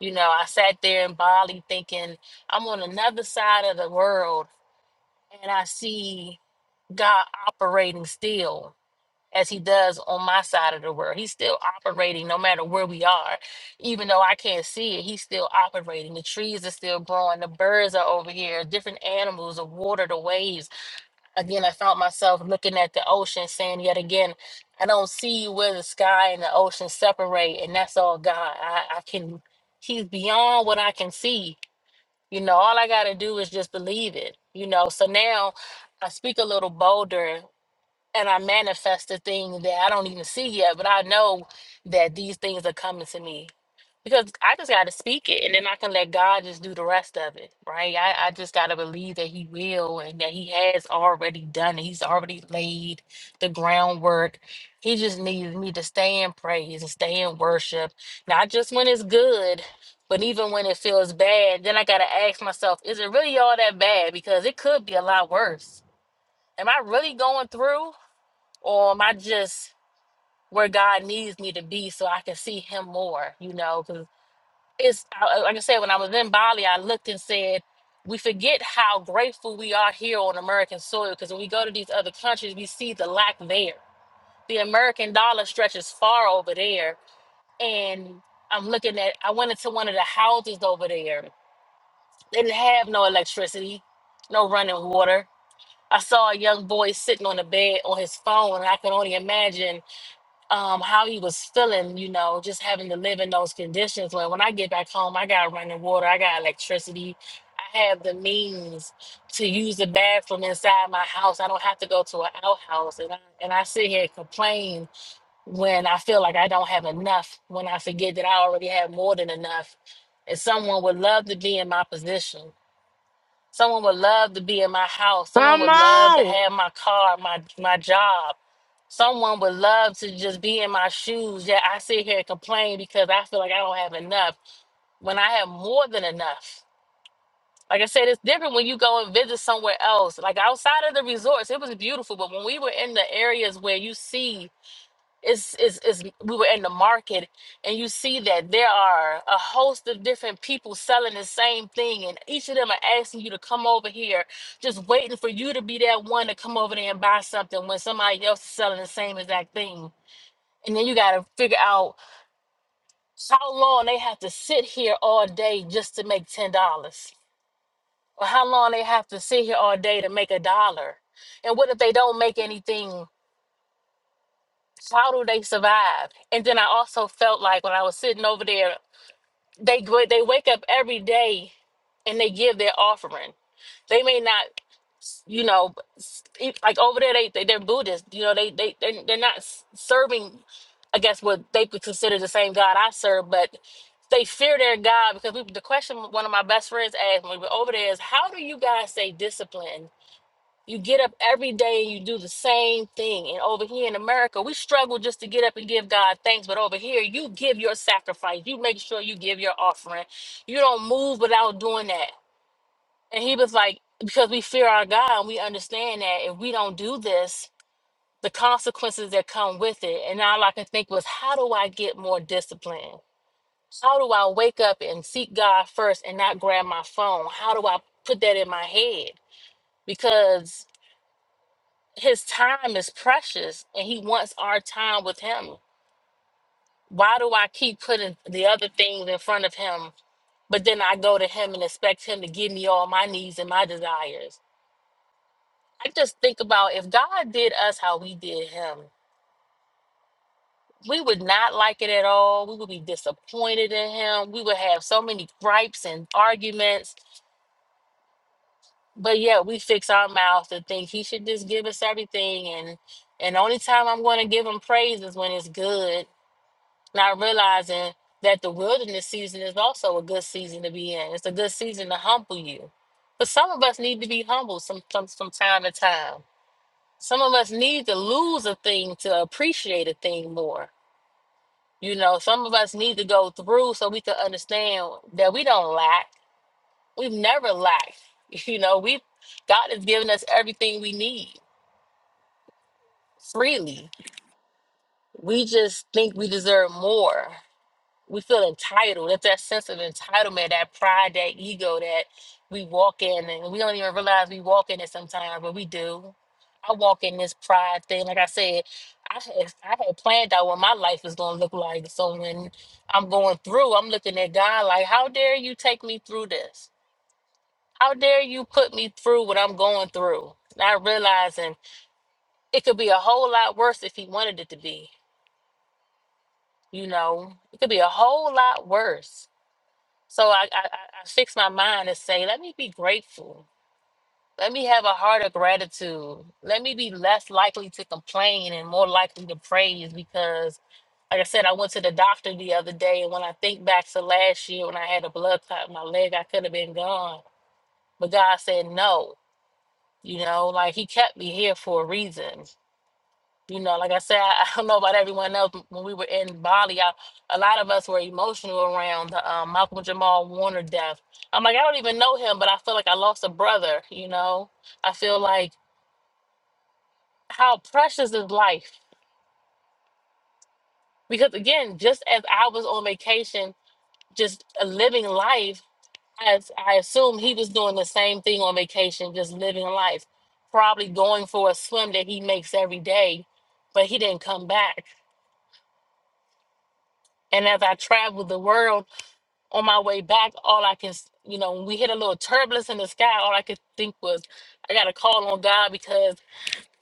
You know, I sat there in Bali thinking I'm on another side of the world and I see God operating still as he does on my side of the world. He's still operating no matter where we are. Even though I can't see it, he's still operating. The trees are still growing. The birds are over here. Different animals, the water, the waves. Again, I found myself looking at the ocean saying yet again, I don't see you where the sky and the ocean separate. And that's all God. I, I can, he's beyond what I can see. You know, all I got to do is just believe it. You know, so now I speak a little bolder and I manifest the thing that I don't even see yet, but I know that these things are coming to me because I just got to speak it and then I can let God just do the rest of it, right? I, I just got to believe that He will and that He has already done it. He's already laid the groundwork. He just needs me to stay in praise and stay in worship, not just when it's good. But even when it feels bad, then I gotta ask myself, is it really all that bad? Because it could be a lot worse. Am I really going through? or am I just where God needs me to be so I can see Him more? You know, because it's I- I- like I said, when I was in Bali, I looked and said, we forget how grateful we are here on American soil because when we go to these other countries, we see the lack there. The American dollar stretches far over there. And I'm looking at, I went into one of the houses over there. They didn't have no electricity, no running water. I saw a young boy sitting on the bed on his phone, and I can only imagine um, how he was feeling, you know, just having to live in those conditions. Where when I get back home, I got running water, I got electricity, I have the means to use the bathroom inside my house. I don't have to go to an outhouse, and I, and I sit here and complain when I feel like I don't have enough. When I forget that I already have more than enough, and someone would love to be in my position. Someone would love to be in my house. Someone Come would love to on. have my car, my my job. Someone would love to just be in my shoes. Yet I sit here and complain because I feel like I don't have enough when I have more than enough. Like I said, it's different when you go and visit somewhere else. Like outside of the resorts, it was beautiful. But when we were in the areas where you see it's, it's, it's, we were in the market and you see that there are a host of different people selling the same thing and each of them are asking you to come over here just waiting for you to be that one to come over there and buy something when somebody else is selling the same exact thing and then you got to figure out how long they have to sit here all day just to make ten dollars or how long they have to sit here all day to make a dollar and what if they don't make anything how do they survive? And then I also felt like when I was sitting over there, they go- they wake up every day and they give their offering. They may not, you know, s- eat- like over there they, they they're Buddhist. You know, they they they're, they're not s- serving. I guess what they could consider the same God I serve, but they fear their God because we, the question one of my best friends asked when we were over there is, "How do you guys stay disciplined?" You get up every day and you do the same thing. And over here in America, we struggle just to get up and give God thanks. But over here, you give your sacrifice. You make sure you give your offering. You don't move without doing that. And he was like, because we fear our God and we understand that if we don't do this, the consequences that come with it. And all I could think was, how do I get more discipline? How do I wake up and seek God first and not grab my phone? How do I put that in my head? Because his time is precious and he wants our time with him. Why do I keep putting the other things in front of him, but then I go to him and expect him to give me all my needs and my desires? I just think about if God did us how we did him, we would not like it at all. We would be disappointed in him. We would have so many gripes and arguments. But yet we fix our mouth to think he should just give us everything and and the only time I'm going to give him praise is when it's good not realizing that the wilderness season is also a good season to be in. It's a good season to humble you. But some of us need to be humble some, some from time to time. Some of us need to lose a thing to appreciate a thing more. You know, some of us need to go through so we can understand that we don't lack. We've never lacked. You know, we God has given us everything we need freely. We just think we deserve more. we feel entitled. That's that sense of entitlement, that pride, that ego that we walk in, and we don't even realize we walk in it sometimes, but we do. I walk in this pride thing. Like I said, I had I had planned out what my life was gonna look like. So when I'm going through, I'm looking at God like, how dare you take me through this? How dare you put me through what I'm going through? Not realizing it could be a whole lot worse if he wanted it to be. You know, it could be a whole lot worse So I, I, I I fix my mind and say, let me be grateful. Let me have a heart of gratitude. Let me be less likely to complain and more likely to praise because, like I said, I went to the doctor the other day. And when I think back to last year when I had a blood clot in my leg, I could have been gone. But God said, no, you know, like He kept me here for a reason. You know, like I said, I, I don't know about everyone else. When we were in Bali, I, a lot of us were emotional around the um, Malcolm Jamal Warner death. I'm like, I don't even know him, but I feel like I lost a brother. You know, I feel like how precious is life? Because again, just as I was on vacation, just uh, living life, as I assume he was doing the same thing on vacation, just living life, probably going for a swim that he makes every day, but he didn't come back. And as I traveled the world. on my way back, all I can, s- you know, when we hit a little turbulence in the sky, all I could think was, I got to call on God because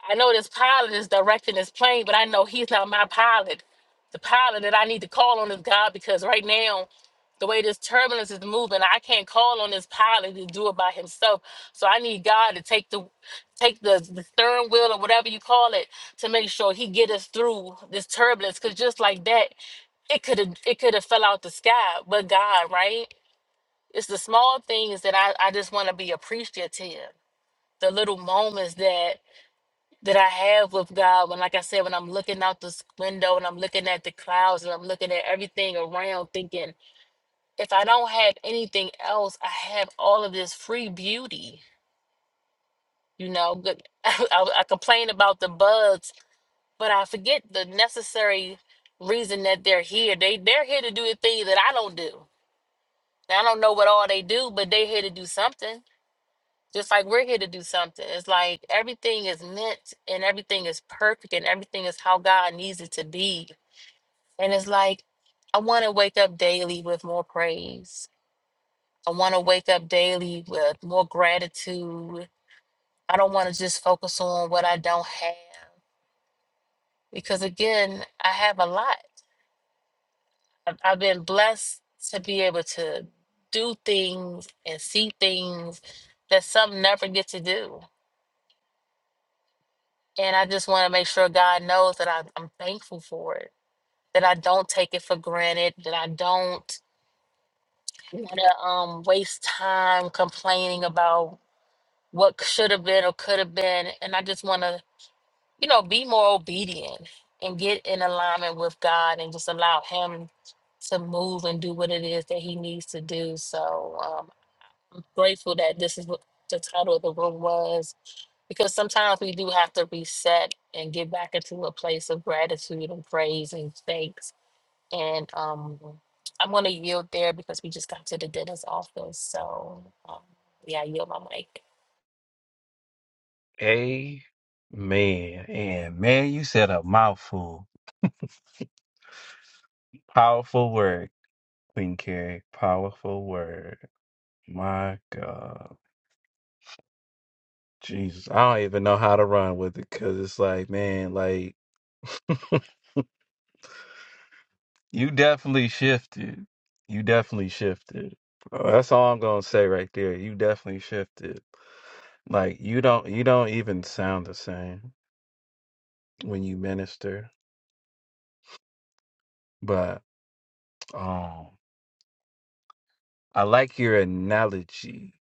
I know this pilot is directing this plane, but I know he's not my pilot. The pilot that I need to call on is God because right now, the way this turbulence is moving, I can't call on this pilot to do it by himself. So I need God to take the take the, the steering wheel or whatever you call it to make sure he get us through this turbulence. Cause just like that, it could have it could have fell out the sky, but God, right? It's the small things that I, I just want to be appreciative. The little moments that that I have with God when like I said, when I'm looking out this window and I'm looking at the clouds and I'm looking at everything around thinking, if I don't have anything else, I have all of this free beauty. You know, good I, I complain about the bugs, but I forget the necessary reason that they're here. They they're here to do the thing that I don't do. Now, I don't know what all they do, but they're here to do something Just like we're here to do something. It's like everything is meant and everything is perfect and everything is how God needs it to be. And it's like, I want to wake up daily with more praise. I want to wake up daily with more gratitude. I don't want to just focus on what I don't have because, again, I have a lot. I've, I've been blessed to be able to do things and see things that some never get to do. And I just want to make sure God knows that I, I'm thankful for it, that I don't take it for granted, that I don't want to um, waste time complaining about what should have been or could have been. And I just want to, you know, be more obedient and get in alignment with God and just allow Him to move and do what it is that He needs to do. So um, grateful that this is what the title of the room was because sometimes we do have to reset and get back into a place of gratitude and praise and thanks. And um, I'm going to yield there because we just got to the dentist's office. So um, yeah, I yield my mic. Amen. And man, you said a mouthful. Powerful word, Queen Carrie. Powerful word. My God. Jesus. I don't even know how to run with it because it's like, man, like, you definitely shifted. You definitely shifted. Uh, That's all I'm going to say right there. You definitely shifted. Like you don't you don't even sound the same when you minister. But um I like your analogy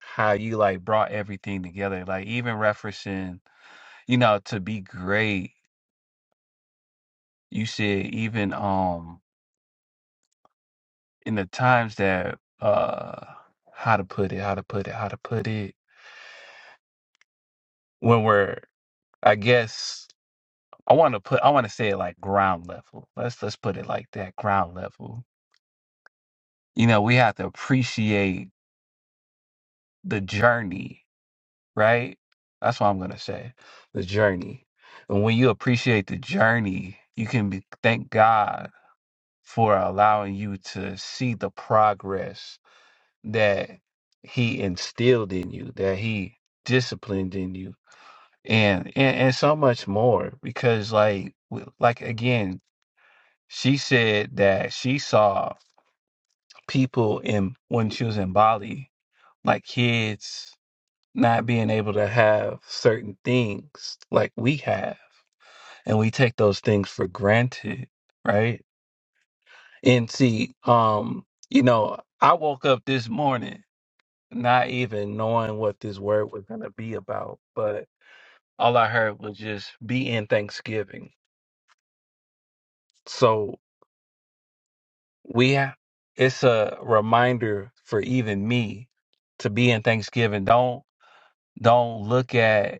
how you like brought everything together. Like even referencing, you know, to be great, you said even um in the times that uh how to put it, how to put it, how to put it when we're I guess I wanna put I wanna say it like ground level. Let's let's put it like that, ground level. You know, we have to appreciate the journey, right? That's what I'm gonna say. The journey. And when you appreciate the journey, you can be, thank God for allowing you to see the progress that He instilled in you, that He disciplined in you, and and, and so much more. Because like w- like again, she said that she saw people in when she was in Bali, like kids not being able to have certain things like we have and we take those things for granted right and see um you know i woke up this morning not even knowing what this word was going to be about but all i heard was just be in thanksgiving so we have it's a reminder for even me to be in thanksgiving don't don't look at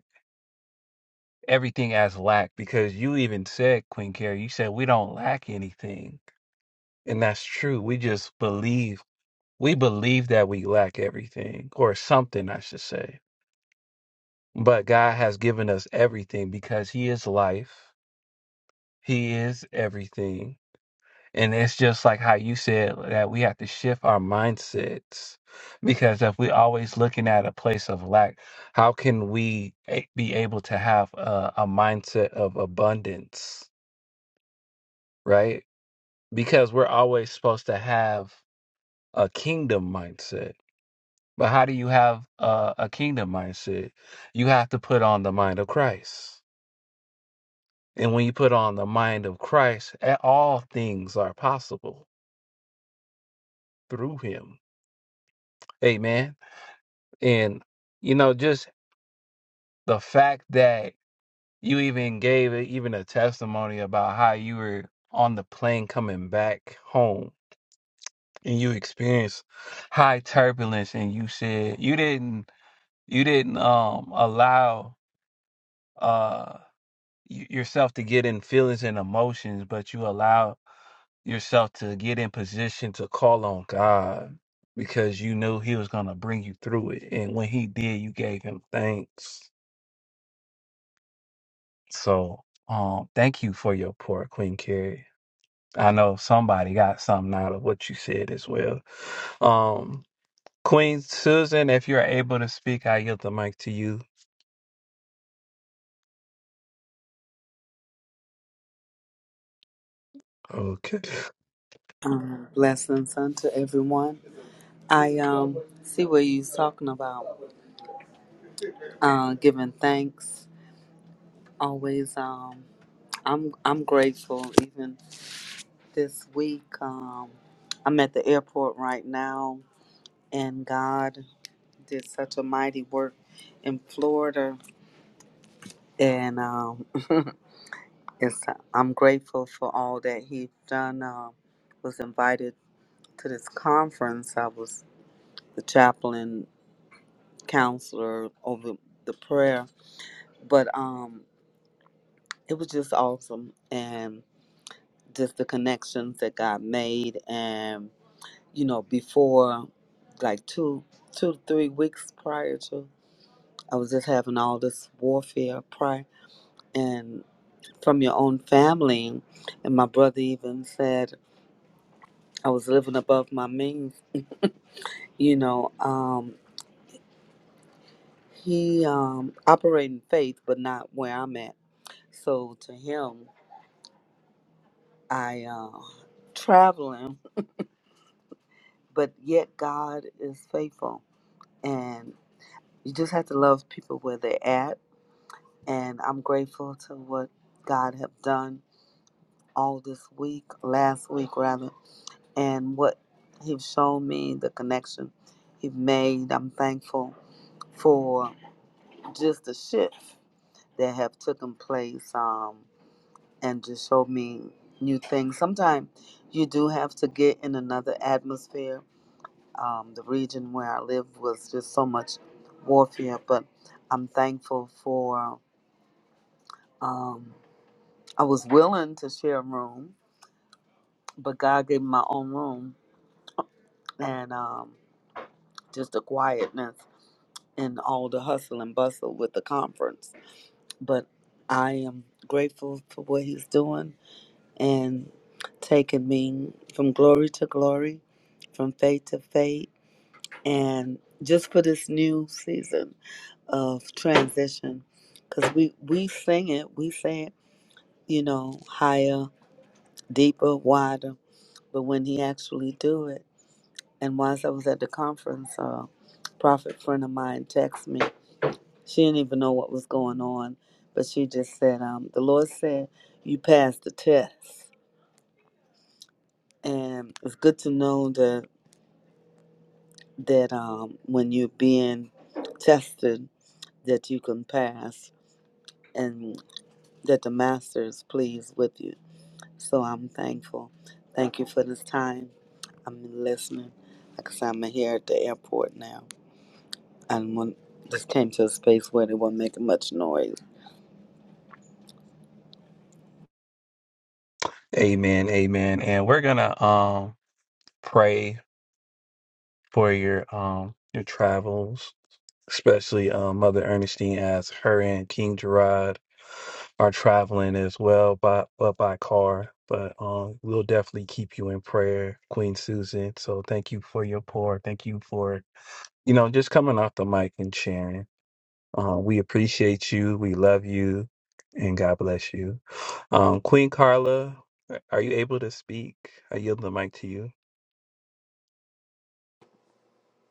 everything as lack because you even said queen carrie you said we don't lack anything and that's true we just believe we believe that we lack everything or something i should say but god has given us everything because he is life he is everything and it's just like how you said that we have to shift our mindsets because if we're always looking at a place of lack how can we a- be able to have a, a mindset of abundance right because we're always supposed to have a kingdom mindset. But how do you have a, a kingdom mindset? You have to put on the mind of Christ. And when you put on the mind of Christ, a- all things are possible through him. Amen. And, you know, just the fact that you even gave it even a testimony about how you were on the plane coming back home and you experienced high turbulence and you said you didn't You didn't um allow uh y- yourself to get in feelings and emotions, but you allowed yourself to get in position to call on God because you knew he was going to bring you through it. And when he did, you gave him thanks. So, um thank you for your poor Queen Carrie. I know somebody got something out of what you said as well. Um Queen Susan, if you're able to speak, I yield the mic to you. Okay. Um, blessings unto everyone. I um see what you're talking about. Uh, giving thanks always. Um, I'm I'm grateful. Even this week, um, I'm at the airport right now, and God did such a mighty work in Florida, and um, it's I'm grateful for all that He's done. Uh, was invited to this conference. I was the chaplain counselor over the prayer, but um, it was just awesome and just the connections that God made. And you know, before like two, two to three weeks prior to, I was just having all this warfare prior and from your own family. And my brother even said I was living above my means. You know, um, he um, operating faith, but not where I'm at. So to him. I uh, traveling, but yet God is faithful, and you just have to love people where they're at. And I'm grateful to what God have done all this week, last week rather, and what He've shown me, the connection He've made. I'm thankful for just the shift that have taken place, um, and just showed me new things. Sometimes you do have to get in another atmosphere Um, the region where I live was just so much warfare, but I'm thankful for. Um, I was willing to share a room, but God gave me my own room and um, just the quietness and all the hustle and bustle with the conference. But I am grateful for what He's doing and taking me from glory to glory, from faith to faith and just for this new season of transition because we we sing it we say it you know higher deeper wider but when he actually do it and once i was at the conference a prophet friend of mine texted me she didn't even know what was going on but she just said um, the lord said you passed the test and it's good to know that that um, when you're being tested that you can pass and. that the master is pleased with you. So I'm thankful. Thank you for this time. I'm listening. Like I said, I'm here at the airport now. And when just came to a space where they weren't making much noise. Amen, amen. And we're gonna um pray for your um your travels, especially um Mother Ernestine as her and King Gerard are traveling as well by but by car. But um we'll definitely keep you in prayer, Queen Susan. So thank you for your pour. Thank you for you know just coming off the mic and sharing. Uh, we appreciate you. We love you. And God bless you. Um, Queen Carla, are you able to speak? I yield the mic to you.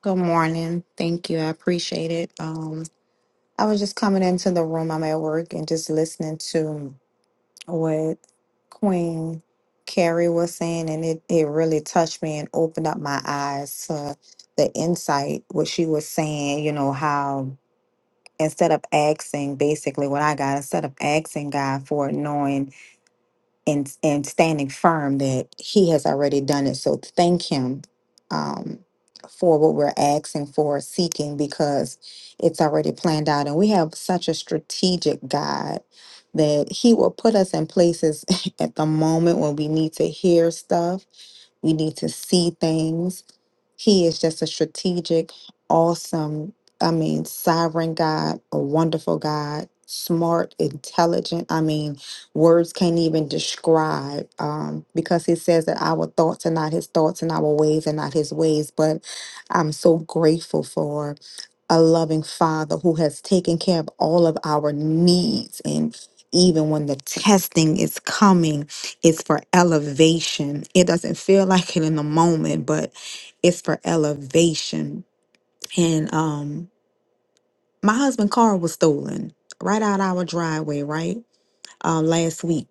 Good morning. Thank you. I appreciate it. Um, I was just coming into the room. I'm at work and just listening to what Queen Carrie was saying, and it, it really touched me and opened up my eyes to the insight, what she was saying, you know, how instead of asking, basically what I got, instead of asking God for it, knowing and and standing firm that he has already done it. So thank him um, for what we're asking for, seeking because it's already planned out, and we have such a strategic God that He will put us in places at the moment when we need to hear stuff we need to see things. He is just a strategic, awesome, I mean, sovereign God, a wonderful God, smart, intelligent. I mean, words can't even describe um, because he says that our thoughts are not his thoughts and our ways are not his ways. But I'm so grateful for a loving father who has taken care of all of our needs and even when the testing is coming it's for elevation it doesn't feel like it in the moment but it's for elevation and um my husband car was stolen right out our driveway right uh, last week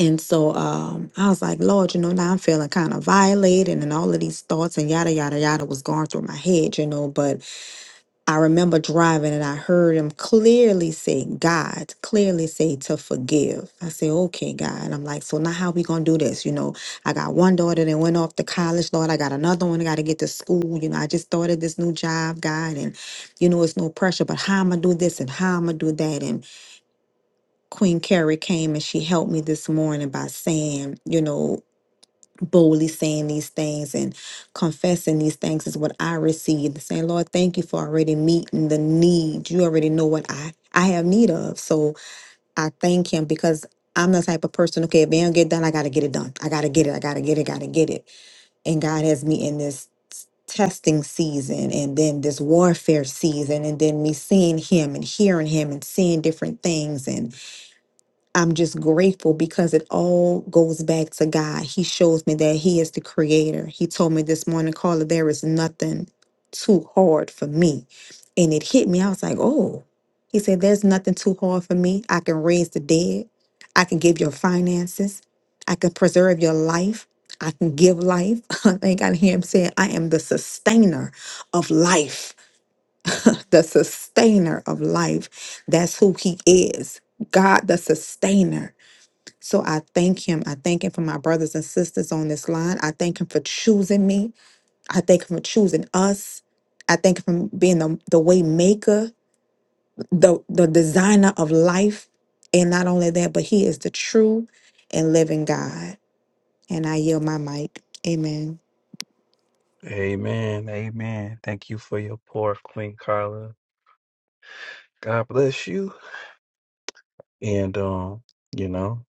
and so um, I was like, Lord, you know, now I'm feeling kind of violated, and all of these thoughts and yada, yada, yada was going through my head, you know. But I remember driving and I heard him clearly say, God, clearly say to forgive. I say, okay, God. I'm like, so now how we gonna do this? You know, I got one daughter that went off to college, Lord. I got another one that gotta get to school. You know, I just started this new job, God, and you know, it's no pressure, but how I'm gonna do this and how I'm gonna do that. And Queen Carrie came and she helped me this morning by saying, you know, boldly saying these things and confessing these things is what I received. Saying, Lord, thank you for already meeting the need. You already know what I, I have need of. So I thank him because I'm the type of person, okay, if it don't get done, I gotta get it done. I gotta get it. I gotta get it. Gotta get it. And God has me in this testing season and then this warfare season and then me seeing him and hearing him and seeing different things and I'm just grateful because it all goes back to God. He shows me that He is the creator. He told me this morning, Carla, there is nothing too hard for me. And it hit me. I was like, oh, He said, there's nothing too hard for me. I can raise the dead. I can give your finances. I can preserve your life. I can give life. I think I hear him saying, I am the sustainer of life. the sustainer of life. That's who he is. God, the sustainer. So I thank him. I thank him for my brothers and sisters on this line. I thank him for choosing me. I thank him for choosing us. I thank him for being the, the way maker, the, the designer of life. And not only that, but he is the true and living God. And I yield my mic. Amen. Amen. Amen. Thank you for your pour, Queen Carla. God bless you. And, um, you know,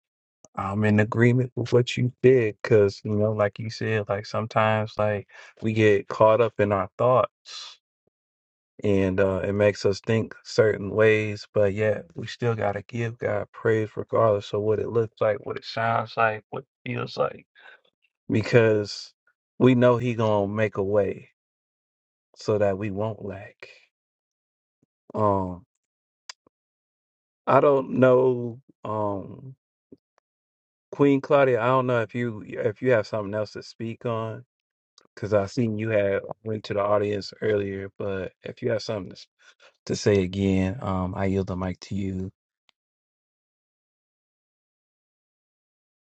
I'm in agreement with what you did because, you know, like you said, like sometimes, like we get caught up in our thoughts and uh, it makes us think certain ways. But yet, we still gotta give God praise regardless of what it looks like, what it sounds like, what it feels like, because we know He gonna make a way so that we won't lack. Um, I don't know, um, Queen Claudia. I don't know if you if you have something else to speak on. Cause I seen you had went to the audience earlier, but if you have something to, s- to say again, um, I yield the mic to you,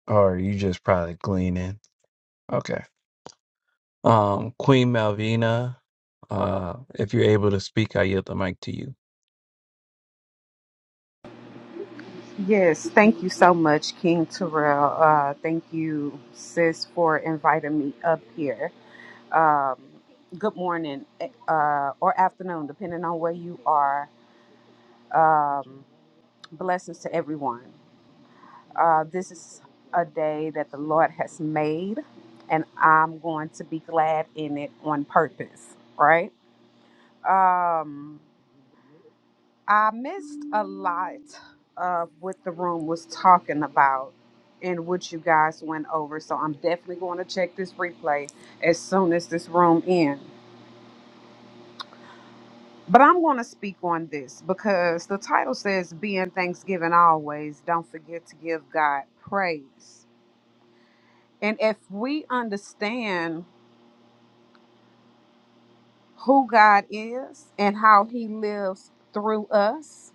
or you just probably gleaning. Okay. Um, Queen Malvina, uh, if you're able to speak, I yield the mic to you. Yes, thank you so much, King Terrell. Uh, thank you, sis, for inviting me up here. Um, good morning uh, or afternoon, depending on where you are. Um, blessings to everyone. Uh, this is a day that the Lord has made, and I'm going to be glad in it on purpose, right? Um, I missed a lot of what the room was talking about and what you guys went over. So I'm definitely going to check this replay as soon as this room ends. But I'm going to speak on this because the title says, Be in Thanksgiving always. Don't forget to give God praise. And if we understand who God is and how he lives through us,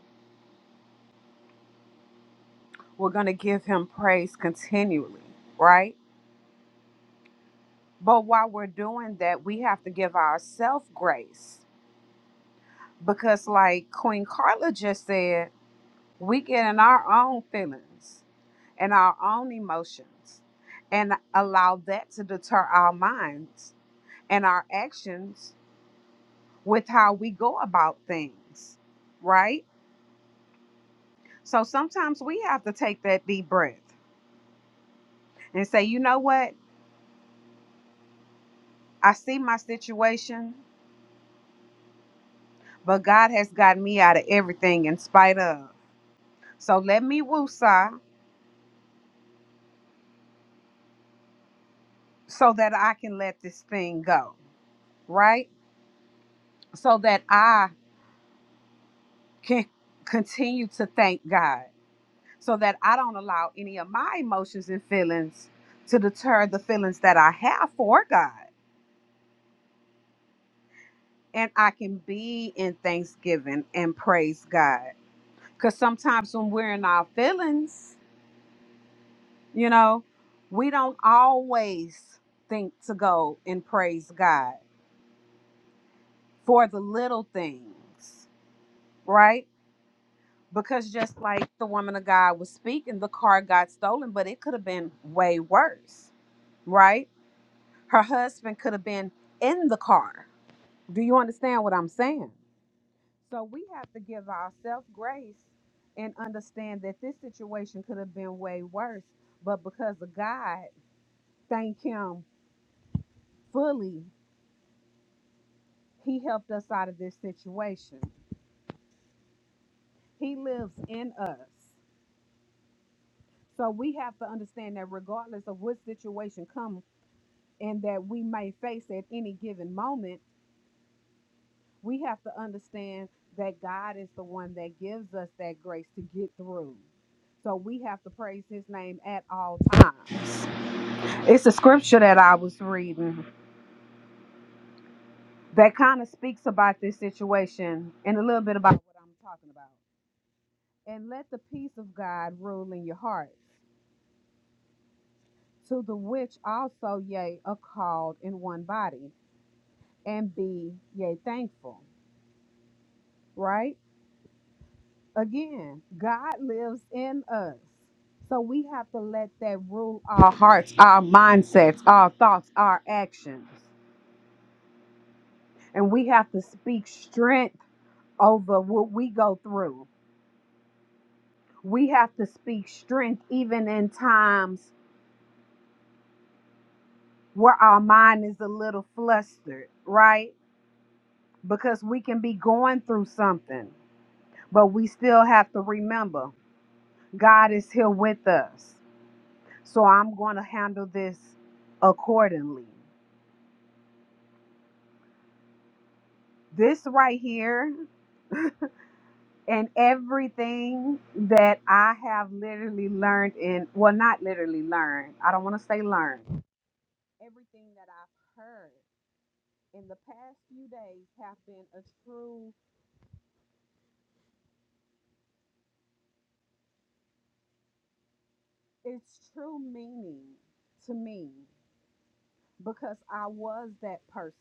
we're going to give him praise continually, right? But while we're doing that, we have to give ourselves grace because, like Queen Carla just said, we get in our own feelings and our own emotions and allow that to deter our minds and our actions with how we go about things, right? So sometimes we have to take that deep breath and say, you know what? I see my situation, but God has gotten me out of everything in spite of. So let me woosah so that I can let this thing go, right? So that I can continue to thank God, so that I don't allow any of my emotions and feelings to deter the feelings that I have for God. And I can be in thanksgiving and praise God. Because sometimes when we're in our feelings, you know, we don't always think to go and praise God for the little things, right? because just like the woman of God was speaking, the car got stolen, but it could have been way worse, right? Her husband could have been in the car. Do you understand what I'm saying? So we have to give ourselves grace and understand that this situation could have been way worse, but because of God, thank Him fully, He helped us out of this situation. He lives in us. So we have to understand that regardless of what situation comes, and that we may face at any given moment, we have to understand that God is the one that gives us that grace to get through. So we have to praise his name at all times. It's a scripture that I was reading that kind of speaks about this situation and a little bit about what I'm talking about. And let the peace of God rule in your hearts, to the which also ye are called in one body, and be ye thankful, right? Again, God lives in us. So we have to let that rule our hearts, our mindsets, our thoughts, our actions. And we have to speak strength over what we go through. We have to speak strength even in times where our mind is a little flustered, right? Because we can be going through something, but we still have to remember God is here with us. So I'm going to handle this accordingly. this right here and everything that I have literally learned in well not literally learned. I don't want to say learned. Everything that I've heard in the past few days have been a true it's true meaning to me because I was that person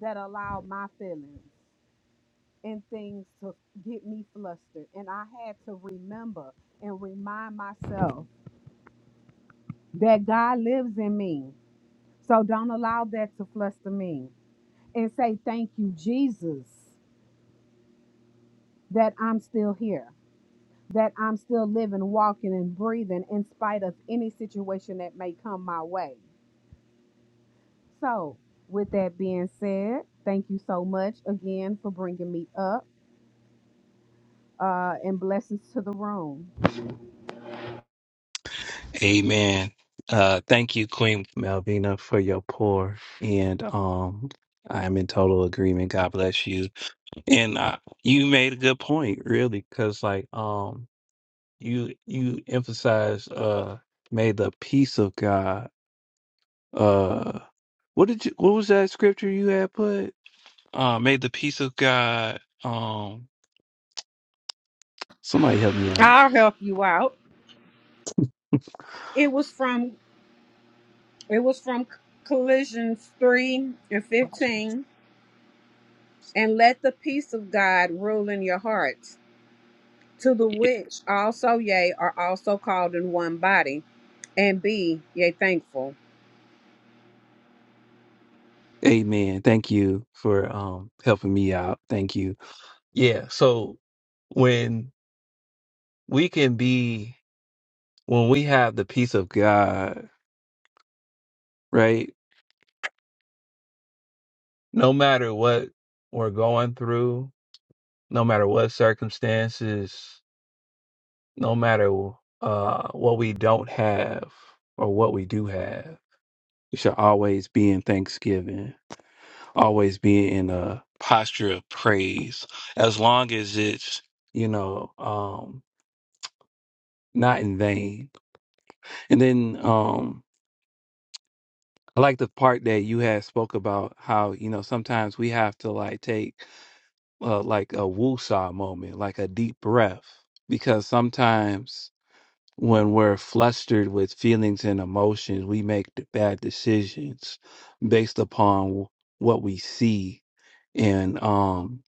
that allowed my feelings and things to get me flustered and I had to remember and remind myself that God lives in me So don't allow that to fluster me. And say, Thank you, Jesus, that I'm still here, that I'm still living, walking, and breathing in spite of any situation that may come my way. So, with that being said, thank you so much again for bringing me up uh, and blessings to the room. Amen. Uh, thank you, Queen Malvina, for your pour, and um, I'm in total agreement. God bless you. And uh, you made a good point, really, because like um, you you emphasized uh may the peace of God uh what did you what was that scripture you had put? Uh may the peace of God um somebody help me out. I'll help you out. Yeah. It was from it was from Colossians 3 and 15 and let the peace of God rule in your hearts to the which also ye are also called in one body, and be ye thankful. Amen. Thank you for um helping me out. Thank you. Yeah, so when we can be when we have the peace of God, right? No matter what we're going through, no matter what circumstances, no matter uh, what we don't have or what we do have, we should always be in thanksgiving, always be in a posture of praise, as long as it's, you know, um, not in vain. And then um, I like the part that you had spoke about how, you know, sometimes we have to like take uh, like a woosah moment, like a deep breath, because sometimes when we're flustered with feelings and emotions, we make d- bad decisions based upon w- what we see. And um,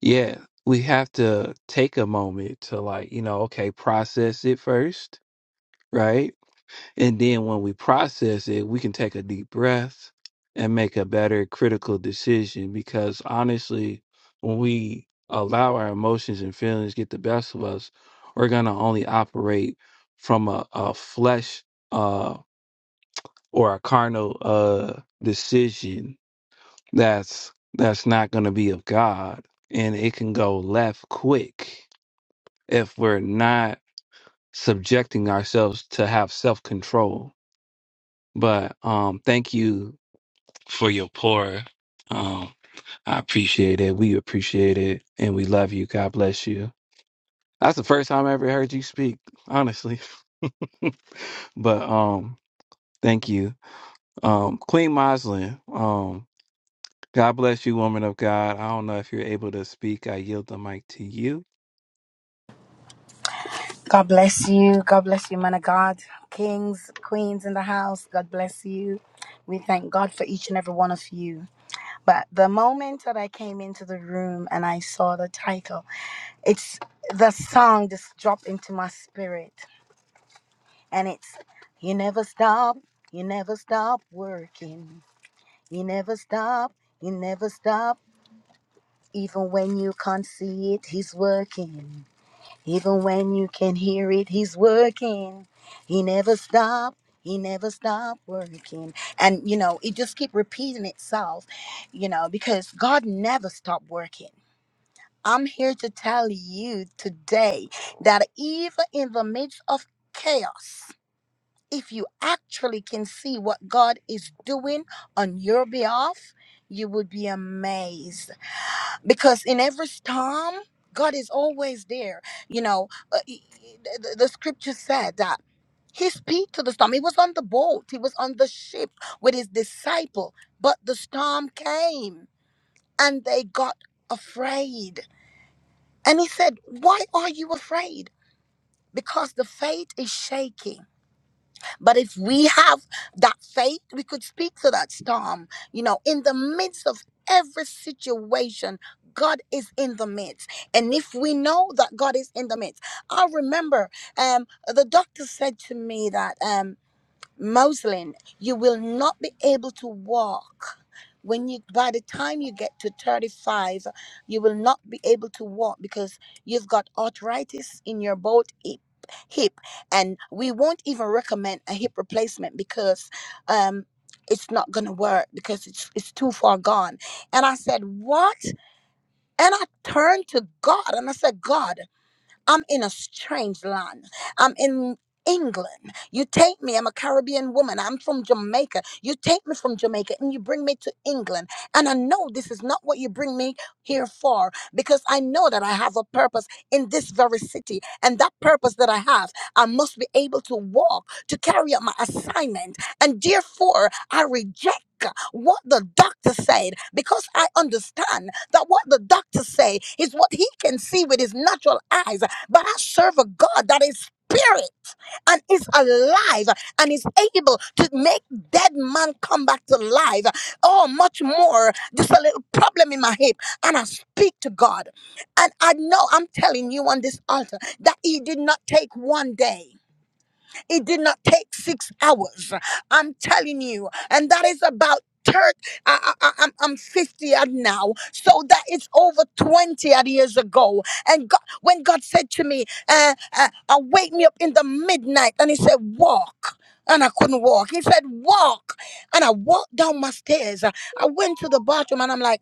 yeah, we have to take a moment to like, you know, okay, process it first, right? And then when we process it, we can take a deep breath and make a better critical decision because honestly, when we allow our emotions and feelings get the best of us, we're going to only operate from a, a flesh uh, or a carnal uh, decision that's that's not going to be of God and it can go left quick if we're not subjecting ourselves to have self-control But um, thank you for your pour. Um, I appreciate it. We appreciate it, and we love you. God bless you. That's the first time I ever heard you speak, honestly. but um, thank you, um, Queen Moslin. Um, God bless you, woman of God. I don't know if you're able to speak. I yield the mic to you. God bless you. God bless you, man of God. Kings, queens in the house, God bless you. We thank God for each and every one of you. But the moment that I came into the room and I saw the title, it's the song just dropped into my spirit. And it's, You Never Stop, You Never Stop Working. You never stop, You never stop. Even when you can't see it, He's working. Even when you can hear it, he's working. He never stopped. He never stopped working. And you know, it just keep repeating itself, you know, because God never stopped working. I'm here to tell you today that even in the midst of chaos, if you actually can see what God is doing on your behalf, you would be amazed because in every storm god is always there you know uh, he- he- the, the scripture said that he speak to the storm he was on the boat he was on the ship with his disciple but the storm came and they got afraid and he said why are you afraid because the faith is shaking but if we have that faith, we could speak to that storm. You know, in the midst of every situation, God is in the midst. And if we know that God is in the midst, I remember um, the doctor said to me that. Um, Moslin, you will not be able to walk. When you by the time you get to 35, you will not be able to walk because you've got arthritis in your both hip, hip and we won't even recommend a hip replacement because um it's not gonna work because it's it's too far gone. And I said, What? And I turned to God and I said, God. I'm in a strange land. I'm in England. You take me. I'm a Caribbean woman. I'm from Jamaica. You take me from Jamaica and you bring me to England. And I know this is not what you bring me here for because I know that I have a purpose in this very city. And that purpose that I have, I must be able to walk to carry out my assignment. And therefore, I reject what the doctor said because I understand that what the doctor say is what he can see with his natural eyes but I serve a God that is spirit and is alive and is able to make dead man come back to life. Oh, much more. Just a little problem in my hip. And I speak to God. And I know I'm telling you on this altar that He did not take one day. It did not take six hours. I'm telling you. And that is about 30. I, I, I- I'm, I'm 50 odd now. So that is over 20 odd years ago. And God, when God said to me, uh, uh, uh, Wake me up in the midnight, and He said, Walk. And I couldn't walk. He said, Walk. And I walked down my stairs. I went to the bathroom and I'm like,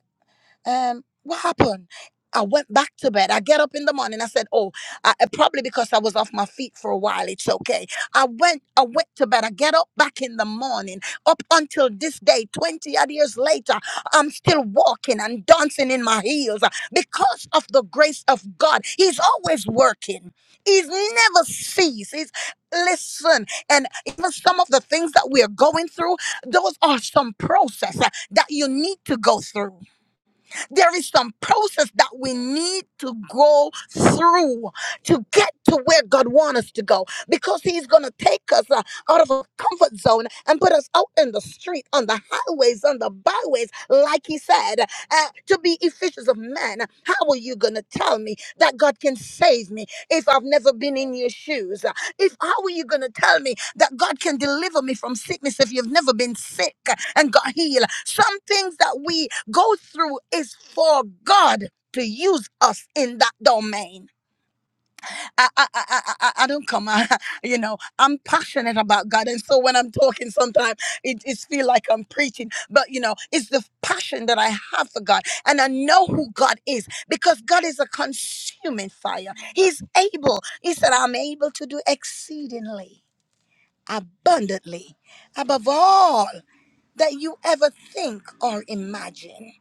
um, what happened? I went back to bed. I get up in the morning. I said, "Oh, I, I- probably because I was off my feet for a while. It's okay." I went. I went to bed. I get up back in the morning. Up until this day, twenty odd years later, I'm still walking and dancing in my heels uh, because of the grace of God. He's always working. He's never ceased. He's listen. And even some of the things that we are going through, those are some process uh, that you need to go through. There is some process that we need to go through to get to where God wants us to go because He's going to take us uh, out of our comfort zone and put us out in the street, on the highways, on the byways, like He said, uh, to be efficient of men. How are you going to tell me that God can save me if I've never been in your shoes? If how are you gonna tell me that God can deliver me from sickness if you've never been sick and got healed? Some things that we go through is for God to use us in that domain. I I I I, I I don't come. I, you know, I'm passionate about God, and so when I'm talking, sometimes it it feel like I'm preaching. But you know, it's the passion that I have for God, and I know who God is because God is a consuming fire. He's able. He said, "I'm able to do exceedingly." abundantly above all that you ever think or imagine.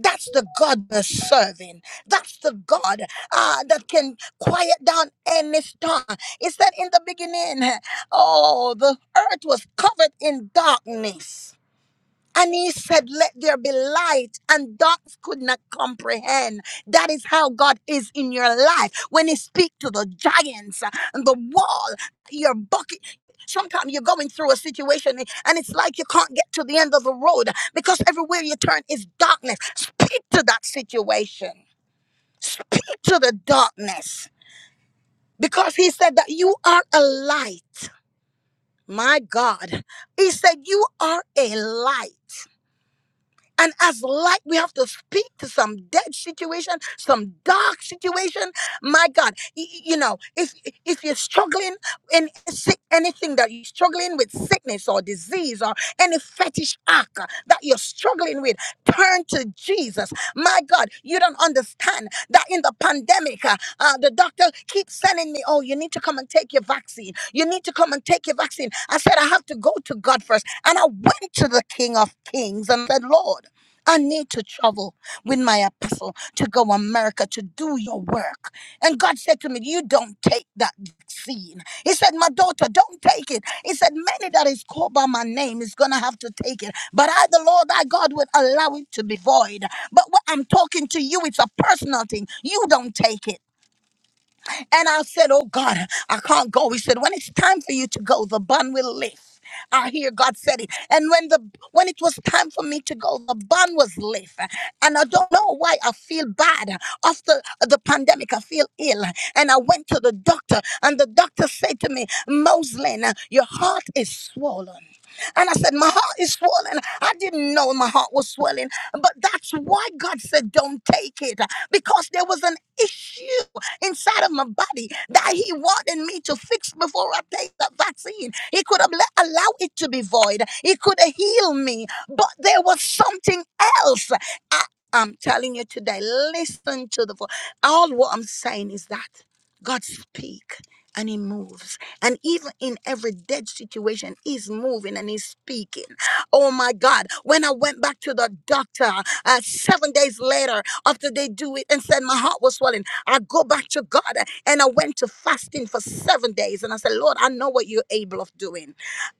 That's the God we're serving. That's the God uh, that can quiet down any storm. It said in the beginning, oh, the earth was covered in darkness. And he said, Let there be light. And dogs could not comprehend. That is how God is in your life. When he speaks to the giants uh, and the wall, your bucket. Sometimes you're going through a situation and it's like you can't get to the end of the road because everywhere you turn is darkness. Speak to that situation. Speak to the darkness. Because he said that you are a light. My God. He said, You are a light. And as light, we have to speak to some dead situation, some dark situation. My God, y- y- you know, if if you're struggling in sick, anything that you're struggling with, sickness or disease or any fetish act uh, that you're struggling with, turn to Jesus. My God, you don't understand that in the pandemic, uh, uh, the doctor keeps sending me, "Oh, you need to come and take your vaccine. You need to come and take your vaccine." I said, "I have to go to God first, and I went to the King of Kings and said, "Lord." I need to travel with my apostle to go America to do your work. And God said to me, You don't take that vaccine. He said, My daughter, don't take it. He said, Many that is called by my name is gonna have to take it. But I, the Lord thy God, would allow it to be void. But what I'm talking to you, it's a personal thing. You don't take it. And I said, Oh God, I can't go. He said, When it's time for you to go, the bun will lift. I hear God said it. And when the when it was time for me to go, the bun was lift. And I don't know why I feel bad. After the pandemic, I feel ill. And I went to the doctor, and the doctor said to me, Moslin, your heart is swollen. And I said, My heart is swollen. I didn't know my heart was swelling. But that's why God said, Don't take it. Because there was an issue inside of my body that He wanted me to fix before I take that vaccine. He could have let, allowed it to be void, He could have healed me. But there was something else. I, I'm telling you today, listen to the voice. All what I'm saying is that God speak and he moves. And even in every dead situation, he's moving and he's speaking. Oh my God. When I went back to the doctor uh, seven days later, after they do it and said my heart was swelling, I go back to God uh, and I went to fasting for seven days. And I said, Lord, I know what you're able of doing.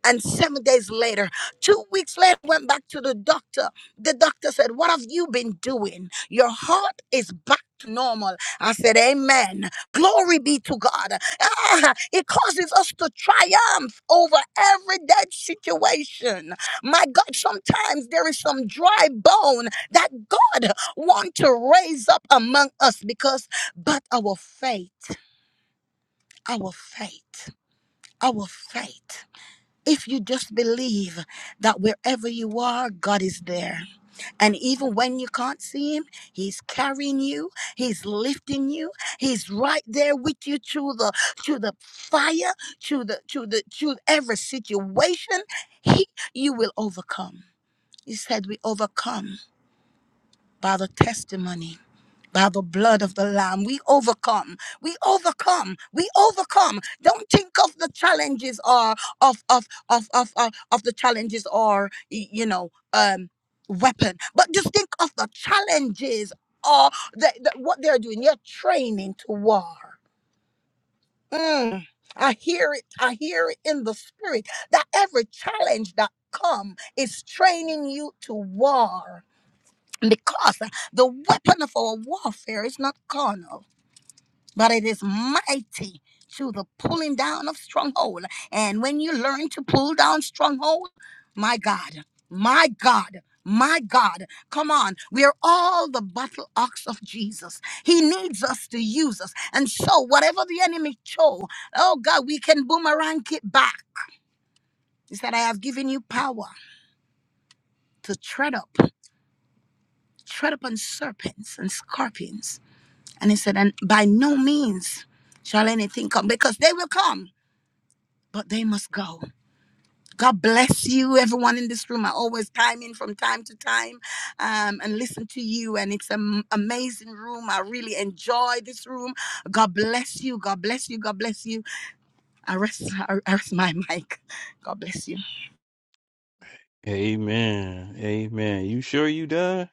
And seven days later, two weeks later, I went back to the doctor. The doctor said, What have you been doing? Your heart is back to normal. I said, Amen. Glory be to God. Ah, it causes us to triumph over every dead situation. My God, sometimes there is some dry bone that God wants to raise up among us because, but our faith, our faith, our faith. If you just believe that wherever you are, God is there. And even when you can't see him, he's carrying you, he's lifting you, he's right there with you through the through the fire, through the through the through every situation. He you will overcome. He said we overcome by the testimony by the blood of the Lamb. We overcome. We overcome. We overcome. Don't think of the challenges or of of of of of, of the challenges or y- you know um weapon, but just think of the challenges or the, the, what they're doing. You're training to war. Mm. I hear it. I hear it in the spirit that every challenge that come is training you to war because the weapon of our warfare is not carnal but it is mighty to the pulling down of stronghold. And when you learn to pull down stronghold, my God, my God. My God, come on. We are all the battle ox of Jesus. He needs us to use us. And so, whatever the enemy chose, oh God, we can boomerang it back. He said, I have given you power to tread up, tread upon serpents and scorpions. And he said, and by no means shall anything come because they will come but they must go. God bless you, everyone in this room. I always time in from time to time um, and listen to you. And it's an amazing room. I really enjoy this room. God bless you. God bless you. God bless you. I rest, I rest my mic. God bless you. Amen. Amen. You sure you done?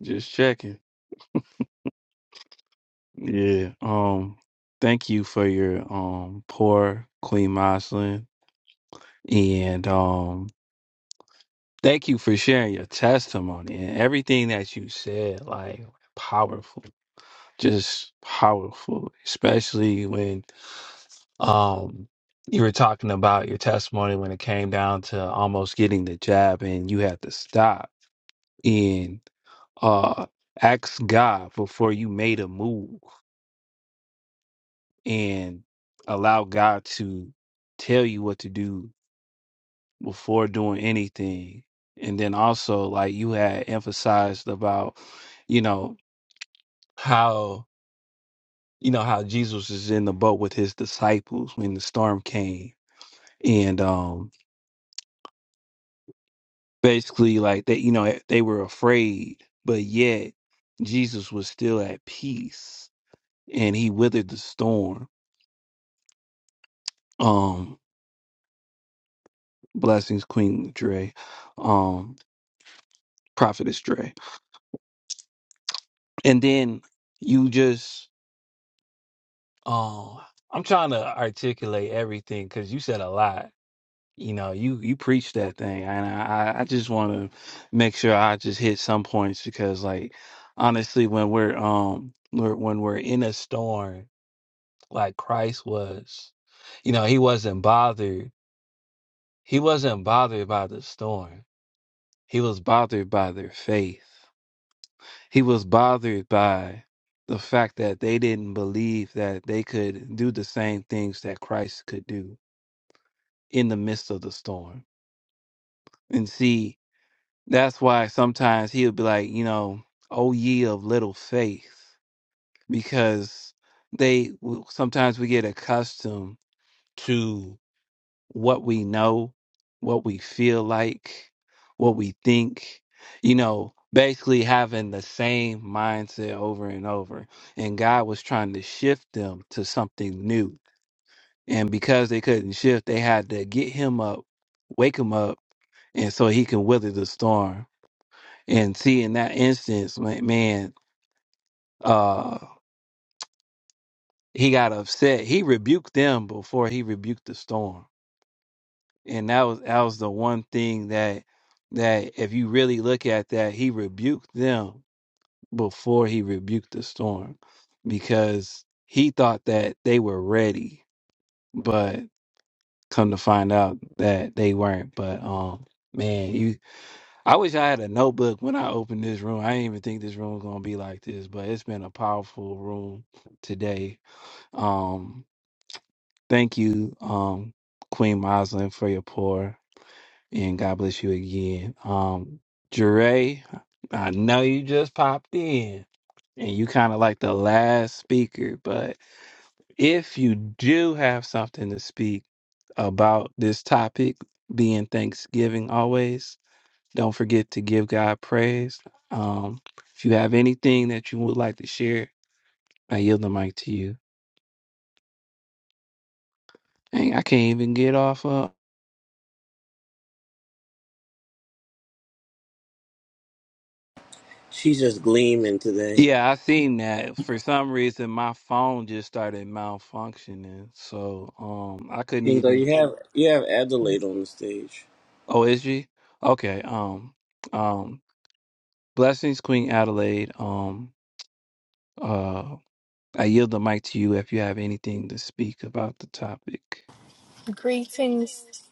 Just checking. Yeah. Um. Thank you for your um poor Queen Moslin, and um thank you for sharing your testimony and everything that you said. Like powerful, just powerful, especially when um you were talking about your testimony when it came down to almost getting the jab and you had to stop. uh ask God before you made a move and allow God to tell you what to do before doing anything. And then also like you had emphasized about, you know, how you know how Jesus is in the boat with his disciples when the storm came. And um basically like they you know they were afraid, but yet Jesus was still at peace and he withered the storm. Um Blessings, Queen Dre, um, Prophetess Dre. And then you just um I'm trying to articulate everything because you said a lot. You know, you you preach that thing, and I I I just want to make sure I just hit some points because, like, honestly, when we're um we're, when we're in a storm like Christ was, you know, he wasn't bothered. He wasn't bothered by the storm. He was bothered by their faith He was bothered by the fact that they didn't believe that they could do the same things that Christ could do in the midst of the storm. And see, that's why sometimes he'll be like, you know, "O ye of little faith, because they sometimes we get accustomed to what we know, what we feel like, what we think, you know, basically having the same mindset over and over. And God was trying to shift them to something new. And because they couldn't shift, they had to get him up, wake him up, and so he can weather the storm. And see, in that instance, ma- man, uh, he got upset. He rebuked them before he rebuked the storm and that was that was the one thing that that if you really look at that he rebuked them before he rebuked the storm because he thought that they were ready but come to find out that they weren't but um man you i wish i had a notebook when i opened this room i didn't even think this room was gonna be like this but it's been a powerful room today um thank you um queen Moslin for your pour And God bless you again. Um, Jure, I know you just popped in and you kind of like the last speaker, but if you do have something to speak about this topic being Thanksgiving always, don't forget to give God praise. Um, if you have anything that you would like to share, I yield the mic to you. Dang, I can't even get off. She's just gleaming today. Yeah, I seen that. For some reason, my phone just started malfunctioning, so um, I couldn't And know, even. you have you have Adelaide on the stage. Oh, is she? Okay. Um, um, blessings, Queen Adelaide. Um, uh, I yield the mic to you if you have anything to speak about the topic. Greetings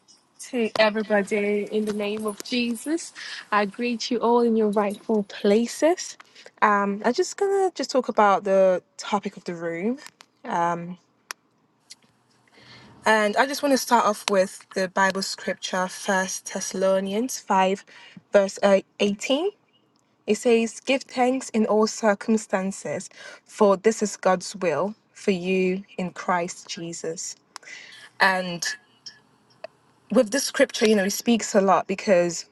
to everybody in the name of Jesus. I greet you all in your rightful places. Um, I'm just gonna just talk about the topic of the room, and I just want to start off with the Bible scripture, First Thessalonians five, verse uh, eighteen. It says, "Give thanks in all circumstances, for this is God's will for you in Christ Jesus." And with this scripture, you know, it speaks a lot because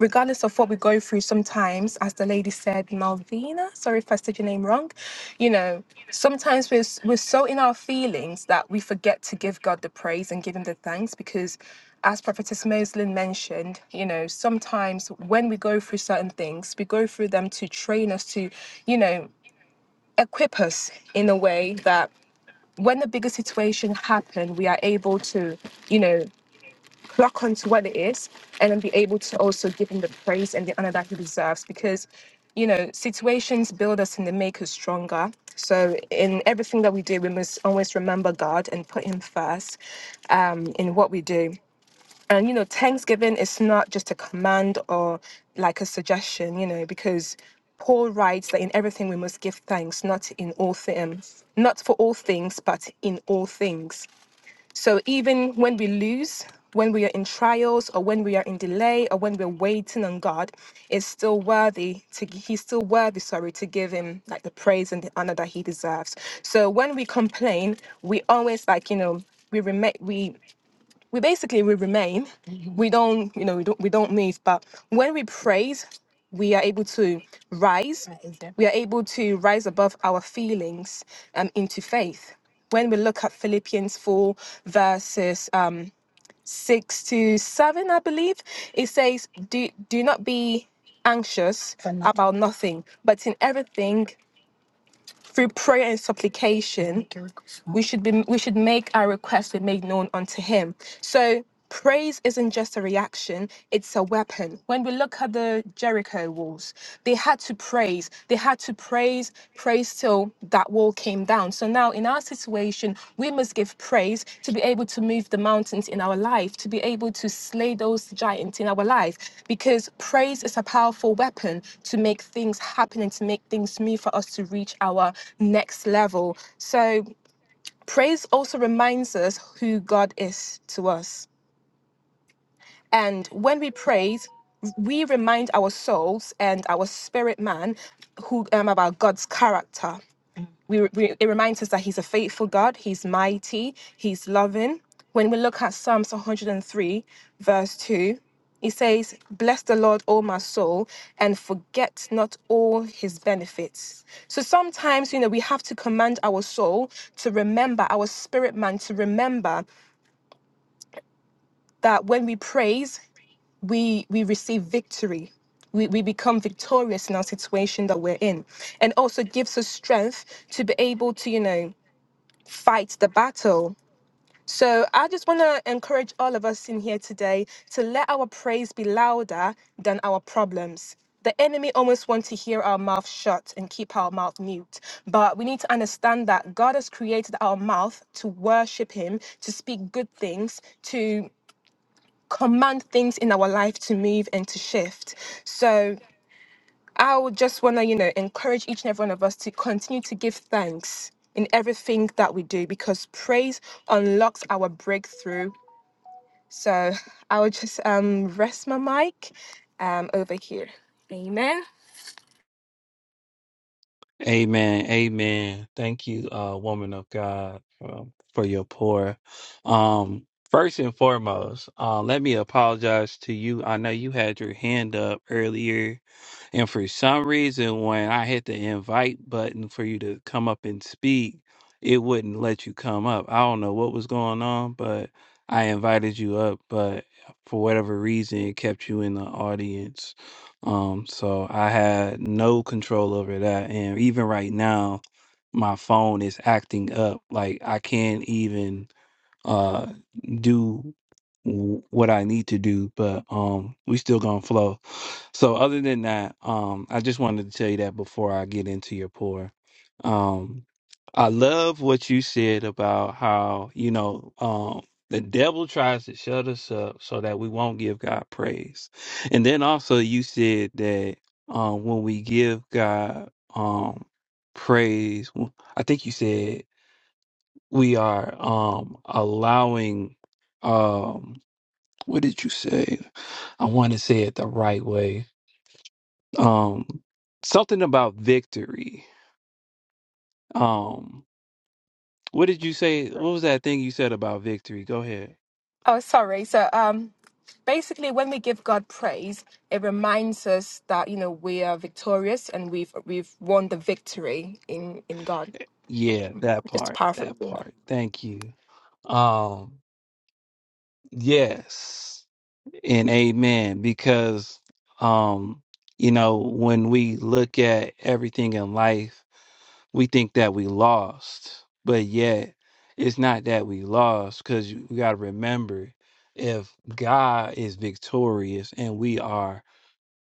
regardless of what we go through sometimes, as the lady said, Malvina, sorry if I said your name wrong, you know, sometimes we're, s- we're so in our feelings that we forget to give God the praise and give him the thanks because as Prophetess Moslin mentioned, you know, sometimes when we go through certain things, we go through them to train us to, you know, equip us in a way that when the bigger situation happen, we are able to, you know, clock onto what it is and then be able to also give him the praise and the honor that he deserves because you know situations build us and they make us stronger so in everything that we do we must always remember god and put him first um, in what we do and you know thanksgiving is not just a command or like a suggestion you know because Paul writes that in everything we must give thanks, not in all things, not for all things, but in all things. So even when we lose, when we are in trials or when we are in delay or when we're waiting on God, it's still worthy to he's still worthy, sorry, to give him like the praise and the honor that he deserves. So when we complain, we always like, you know, we remain we we basically we remain we don't you know we don't we don't move but when we praise we are able to rise we are able to rise above our feelings um, into faith when we look at philippians 4 verses um, 6 to 7 i believe it says do do not be anxious about nothing but in everything through prayer and supplication we should be we should make our requests be made known unto him so praise isn't just a reaction it's a weapon when we look at the jericho walls they had to praise they had to praise praise till that wall came down. So now in our situation, we must give praise to be able to move the mountains in our life, to be able to slay those giants in our life, because praise is a powerful weapon to make things happen and to make things move for us to reach our next level. So praise also reminds us who God is to us. And when we praise, we remind our souls and our spirit man who um, about God's character we, we it reminds us that he's a faithful God, he's mighty, he's loving. When we look at Psalms 103, verse 2, he says, Bless the Lord, O my soul, and forget not all his benefits. So sometimes, you know, we have to command our soul to remember, our spirit man to remember that when we praise, we we receive victory we, we become victorious in our situation that we're in and also gives us strength to be able to you know fight the battle. So I just want to encourage all of us in here today to let our praise be louder than our problems. The enemy almost wants to hear our mouth shut and keep our mouth mute. But we need to understand that God has created our mouth to worship Him, to speak good things, to command things in our life to move and to shift. So I would just want to, you know, encourage each and every one of us to continue to give thanks in everything that we do because praise unlocks our breakthrough. So I would just um, rest my mic um, over here. Amen. Amen. Amen. Thank you, uh, woman of God, um, for your pour. Um, first and foremost, uh, let me apologize to you. I know you had your hand up earlier And for some reason, when I hit the invite button for you to come up and speak, it wouldn't let you come up. I don't know what was going on, but I invited you up, but for whatever reason, it kept you in the audience. Um, so I had no control over that. And even right now, my phone is acting up. Like I can't even uh do w- what I need to do, but um we still gonna flow. So other than that, um I just wanted to tell you that before I get into your pour. Um I love what you said about how, you know, um the devil tries to shut us up so that we won't give God praise. And then also you said that um when we give God um praise, I think you said we are um allowing um what did you say i want to say it the right way um something about victory um what did you say what was that thing you said about victory go ahead Oh, sorry. So um, basically, when we give God praise, it reminds us that you know we are victorious and we've we've won the victory in in God. yeah that Just a part that powerful. part thank you um yes and amen because um you know when we look at everything in life we think that we lost, but yet it's not that we lost because you got to remember if God is victorious and we are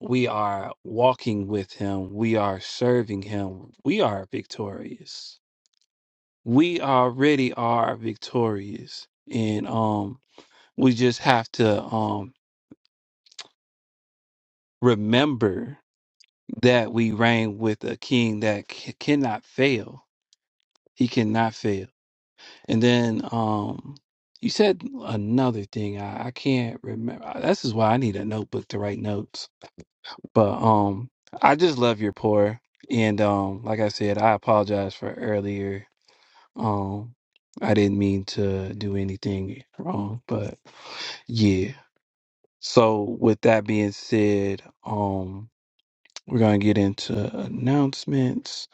we are walking with him, we are serving him, we are victorious. We already are victorious and um we just have to um remember that we reign with a king that c- cannot fail. He cannot fail. And then um, you said another thing. I, I can't remember. This is why I need a notebook to write notes. But um, I just love your pour. And um, like I said, I apologize for earlier. Um, I didn't mean to do anything wrong, but yeah. So with that being said, um, we're gonna get into announcements.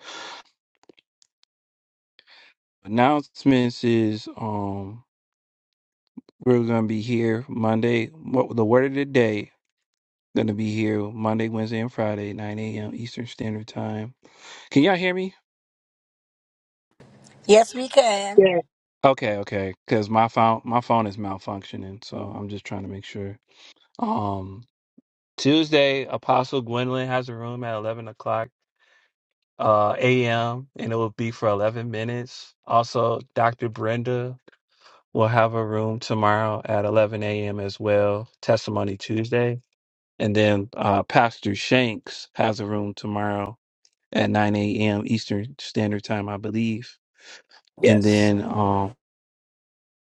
Announcements is um, we're gonna be here Monday. What the word of the day Gonna be here Monday, Wednesday, and Friday, 9 a.m. Eastern Standard Time. Can y'all hear me? Rika. Yes, Okay, okay. Cause my phone my phone is malfunctioning, so I'm just trying to make sure. Um Tuesday, Apostle Gwendolyn has a room at eleven o'clock uh AM and it will be for eleven minutes. Also, Dr. Brenda will have a room tomorrow at eleven AM as well. Testimony Tuesday. And then uh Pastor Shanks has a room tomorrow at 9 a.m. Eastern Standard Time, I believe. And Yes, then, um,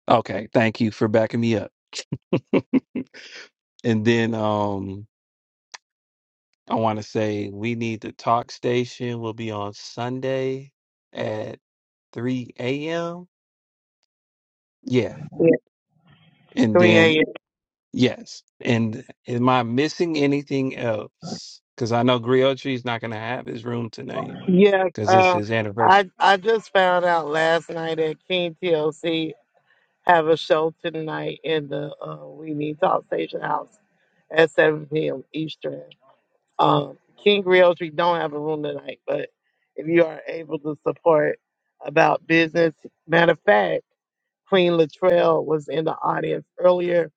okay, thank you for backing me up. and then um, I want to say we need the talk station will be on Sunday at 3 a.m. Yeah. yeah, And three a.m. then, yes. And am I missing anything else? Because I know Griotri is not going to have his room tonight Yes, because it's Uh, his anniversary. I I just found out last night that King TLC have a show tonight in the uh, We Need Talk Station House at seven p.m. Eastern. Um, King Realtree don't have a room tonight, but if you are able to support about business, matter of fact, Queen Latrell was in the audience earlier.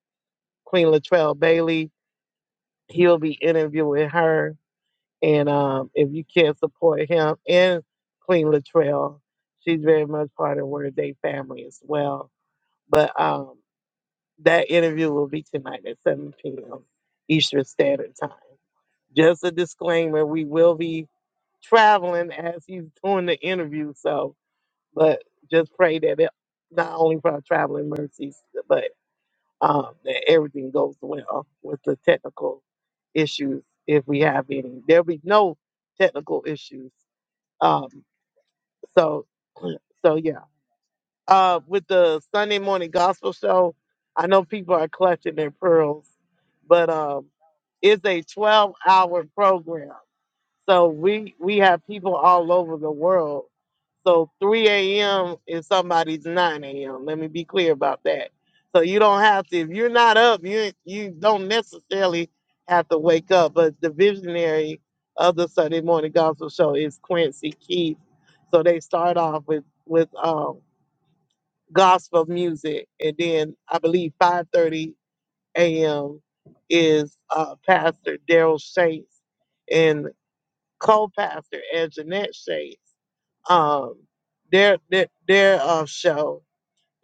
Queen Latrell Bailey, he'll be interviewing her, and um, if you can support him and Queen Latrell, she's very much part of Word Day family as well. But um, that interview will be tonight at 7 p.m. Eastern Standard Time. Just a disclaimer: we will be traveling as he's doing the interview. So, but just pray that it, not only for our traveling mercies, but um, that everything goes well with the technical issues, if we have any. There'll be no technical issues. Um, so, so yeah. Uh, with the Sunday morning gospel show, I know people are clutching their pearls, but um, it's a 12 hour program so we we have people all over the world. So 3 a.m. is somebody's 9 a.m. Let me be clear about that. So you don't have to if you're not up, you you don't necessarily have to wake up. But the visionary of the Sunday morning gospel show is Quincy Keith. So they start off with with um gospel music and then I believe 5:30 a.m. is uh Pastor Daryl Shanks co-pastor, as Jeanette says, um, their their their uh, show,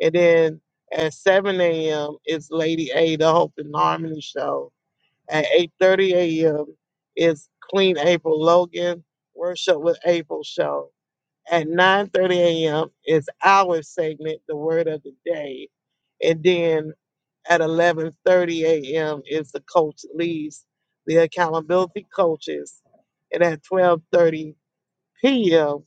and then at 7 a.m. is Lady A, the Hope and Harmony show. At 8:30 a.m. is Clean April Logan Worship with April show. At 9:30 a.m. is our segment, the Word of the Day, and then at 11:30 a.m. is the Coach Lee's, the Accountability Coaches, and at 12:30 p.m.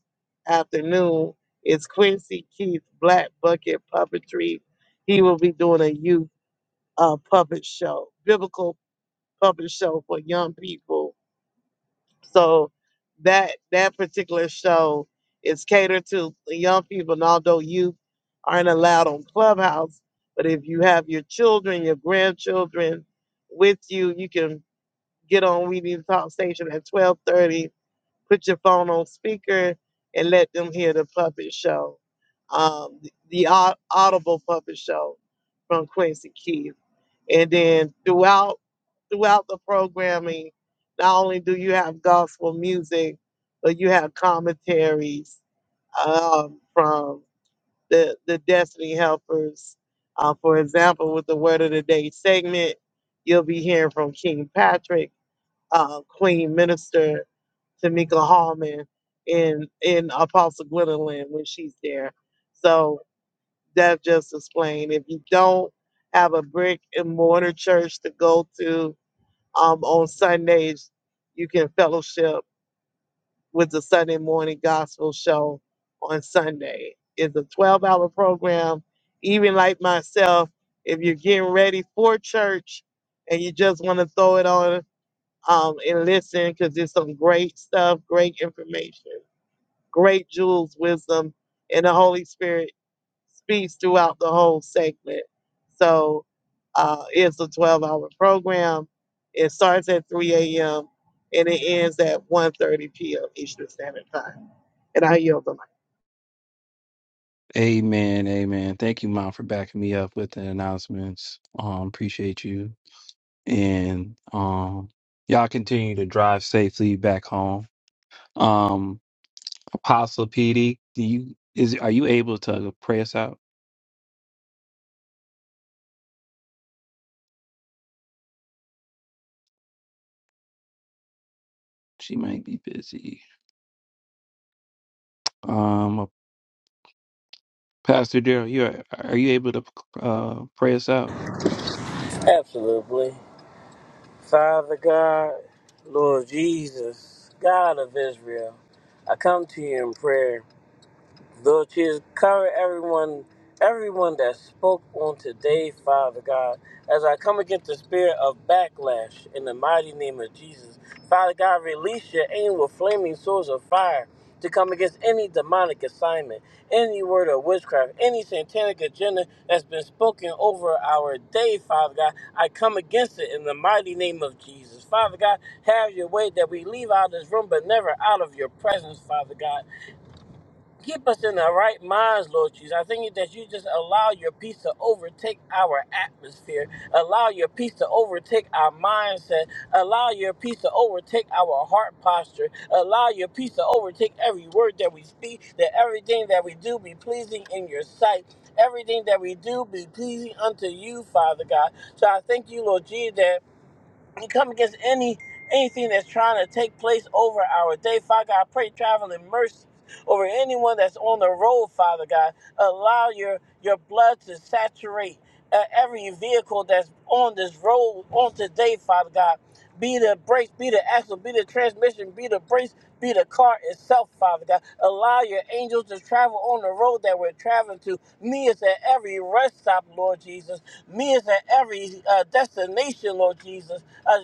afternoon is Quincy Keith Black Bucket Puppetry. He will be doing a youth uh, puppet show, biblical puppet show for young people. So that that particular show is catered to the young people, and although youth aren't allowed on Clubhouse, but if you have your children, your grandchildren with you, you can get on We Need to Talk Station at 1230 put your phone on speaker and let them hear the puppet show, um, the, the au- audible puppet show from Quincy Keith. And then throughout throughout the programming, not only do you have gospel music, but you have commentaries um, from the the Destiny Helpers. Uh, for example, with the Word of the Day segment, you'll be hearing from King Patrick, uh, Queen Minister, Tamika Hallman in in Apostle Gwendolyn when she's there. So that just explained. If you don't have a brick and mortar church to go to um, on Sundays, you can fellowship with the Sunday morning gospel show on Sunday. It's a 12 hour program. Even like myself, if you're getting ready for church and you just want to throw it on um, and listen, because there's some great stuff, great information great jewels, wisdom, and the Holy Spirit speaks throughout the whole segment. So uh, it's a 12 hour program. It starts at 3 a.m. and it ends at one thirty p.m. Eastern Standard Time. And I yield the mic. Amen, amen. Thank you, Mom, for backing me up with the announcements. Um, appreciate you. And um y'all continue to drive safely back home. Um, Apostle PD, do you is are you able to pray us out? She might be busy. Um Pastor Daryl, you are, are you able to uh pray us out? absolutely. Father God, Lord Jesus, God of Israel, I come to you in prayer. Lord Jesus, cover everyone, everyone that spoke on today, Father God, as I come against the spirit of backlash in the mighty name of Jesus. Father God, release your angel with flaming swords of fire to come against any demonic assignment, any word of witchcraft, any satanic agenda that's been spoken over our day, Father God. I come against it in the mighty name of Jesus. Father God, have your way that we leave out of this room, but never out of your presence, Father God. Keep us in the right minds, Lord Jesus. I thank you that you just allow your peace to overtake our atmosphere, allow your peace to overtake our mindset, allow your peace to overtake our heart posture, allow your peace to overtake every word that we speak, that everything that we do be pleasing in your sight. Everything that we do be pleasing unto you, Father God. So I thank you, Lord Jesus, that we come against any anything that's trying to take place over our day. Father God, I pray traveling mercies over anyone that's on the road, Father God. Allow your your blood to saturate uh, every vehicle that's on this road on today, Father God. Be the brakes, be the axle, be the transmission, be the brakes, be the car itself, Father God. Allow your angels to travel on the road that we're traveling to. Me is at every rest stop, Lord Jesus. Me is at every uh, destination, Lord Jesus uh,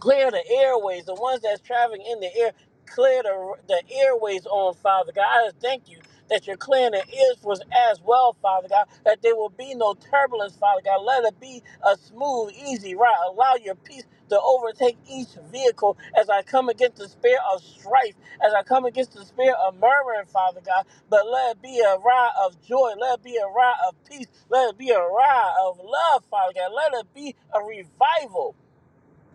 clear the airways, the ones that's traveling in the air, clear the, the airways on, Father God. I just thank you that you're clearing the ears for us as well, Father God, that there will be no turbulence, Father God. Let it be a smooth, easy ride. Allow your peace to overtake each vehicle as I come against the spirit of strife, as I come against the spirit of murmuring, Father God. But let it be a ride of joy. Let it be a ride of peace. Let it be a ride of love, Father God. Let it be a revival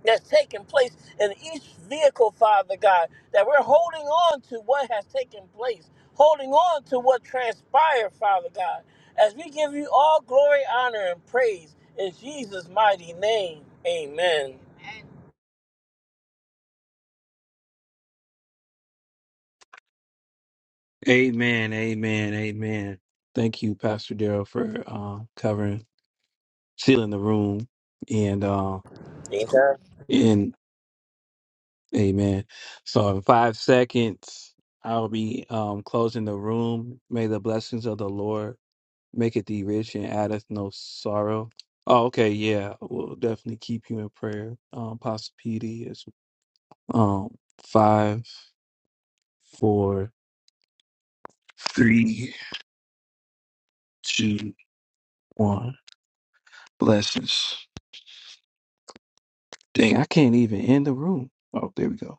that's taking place in each vehicle, Father God, that we're holding on to what has taken place, holding on to what transpired, Father God, as we give you all glory, honor, and praise in Jesus' mighty name. Amen. Amen, amen, amen. Thank you, Pastor Daryl, for uh, covering, sealing the room and uh Anytime. and Amen. So in five seconds, I'll be um, closing the room. May the blessings of the Lord make it thee rich and addeth no sorrow. Oh, okay, yeah. We'll definitely keep you in prayer. Um, Pastor PD is um five, four, three, two, one. Blessings. Dang, I can't even end the room. Oh, there we go.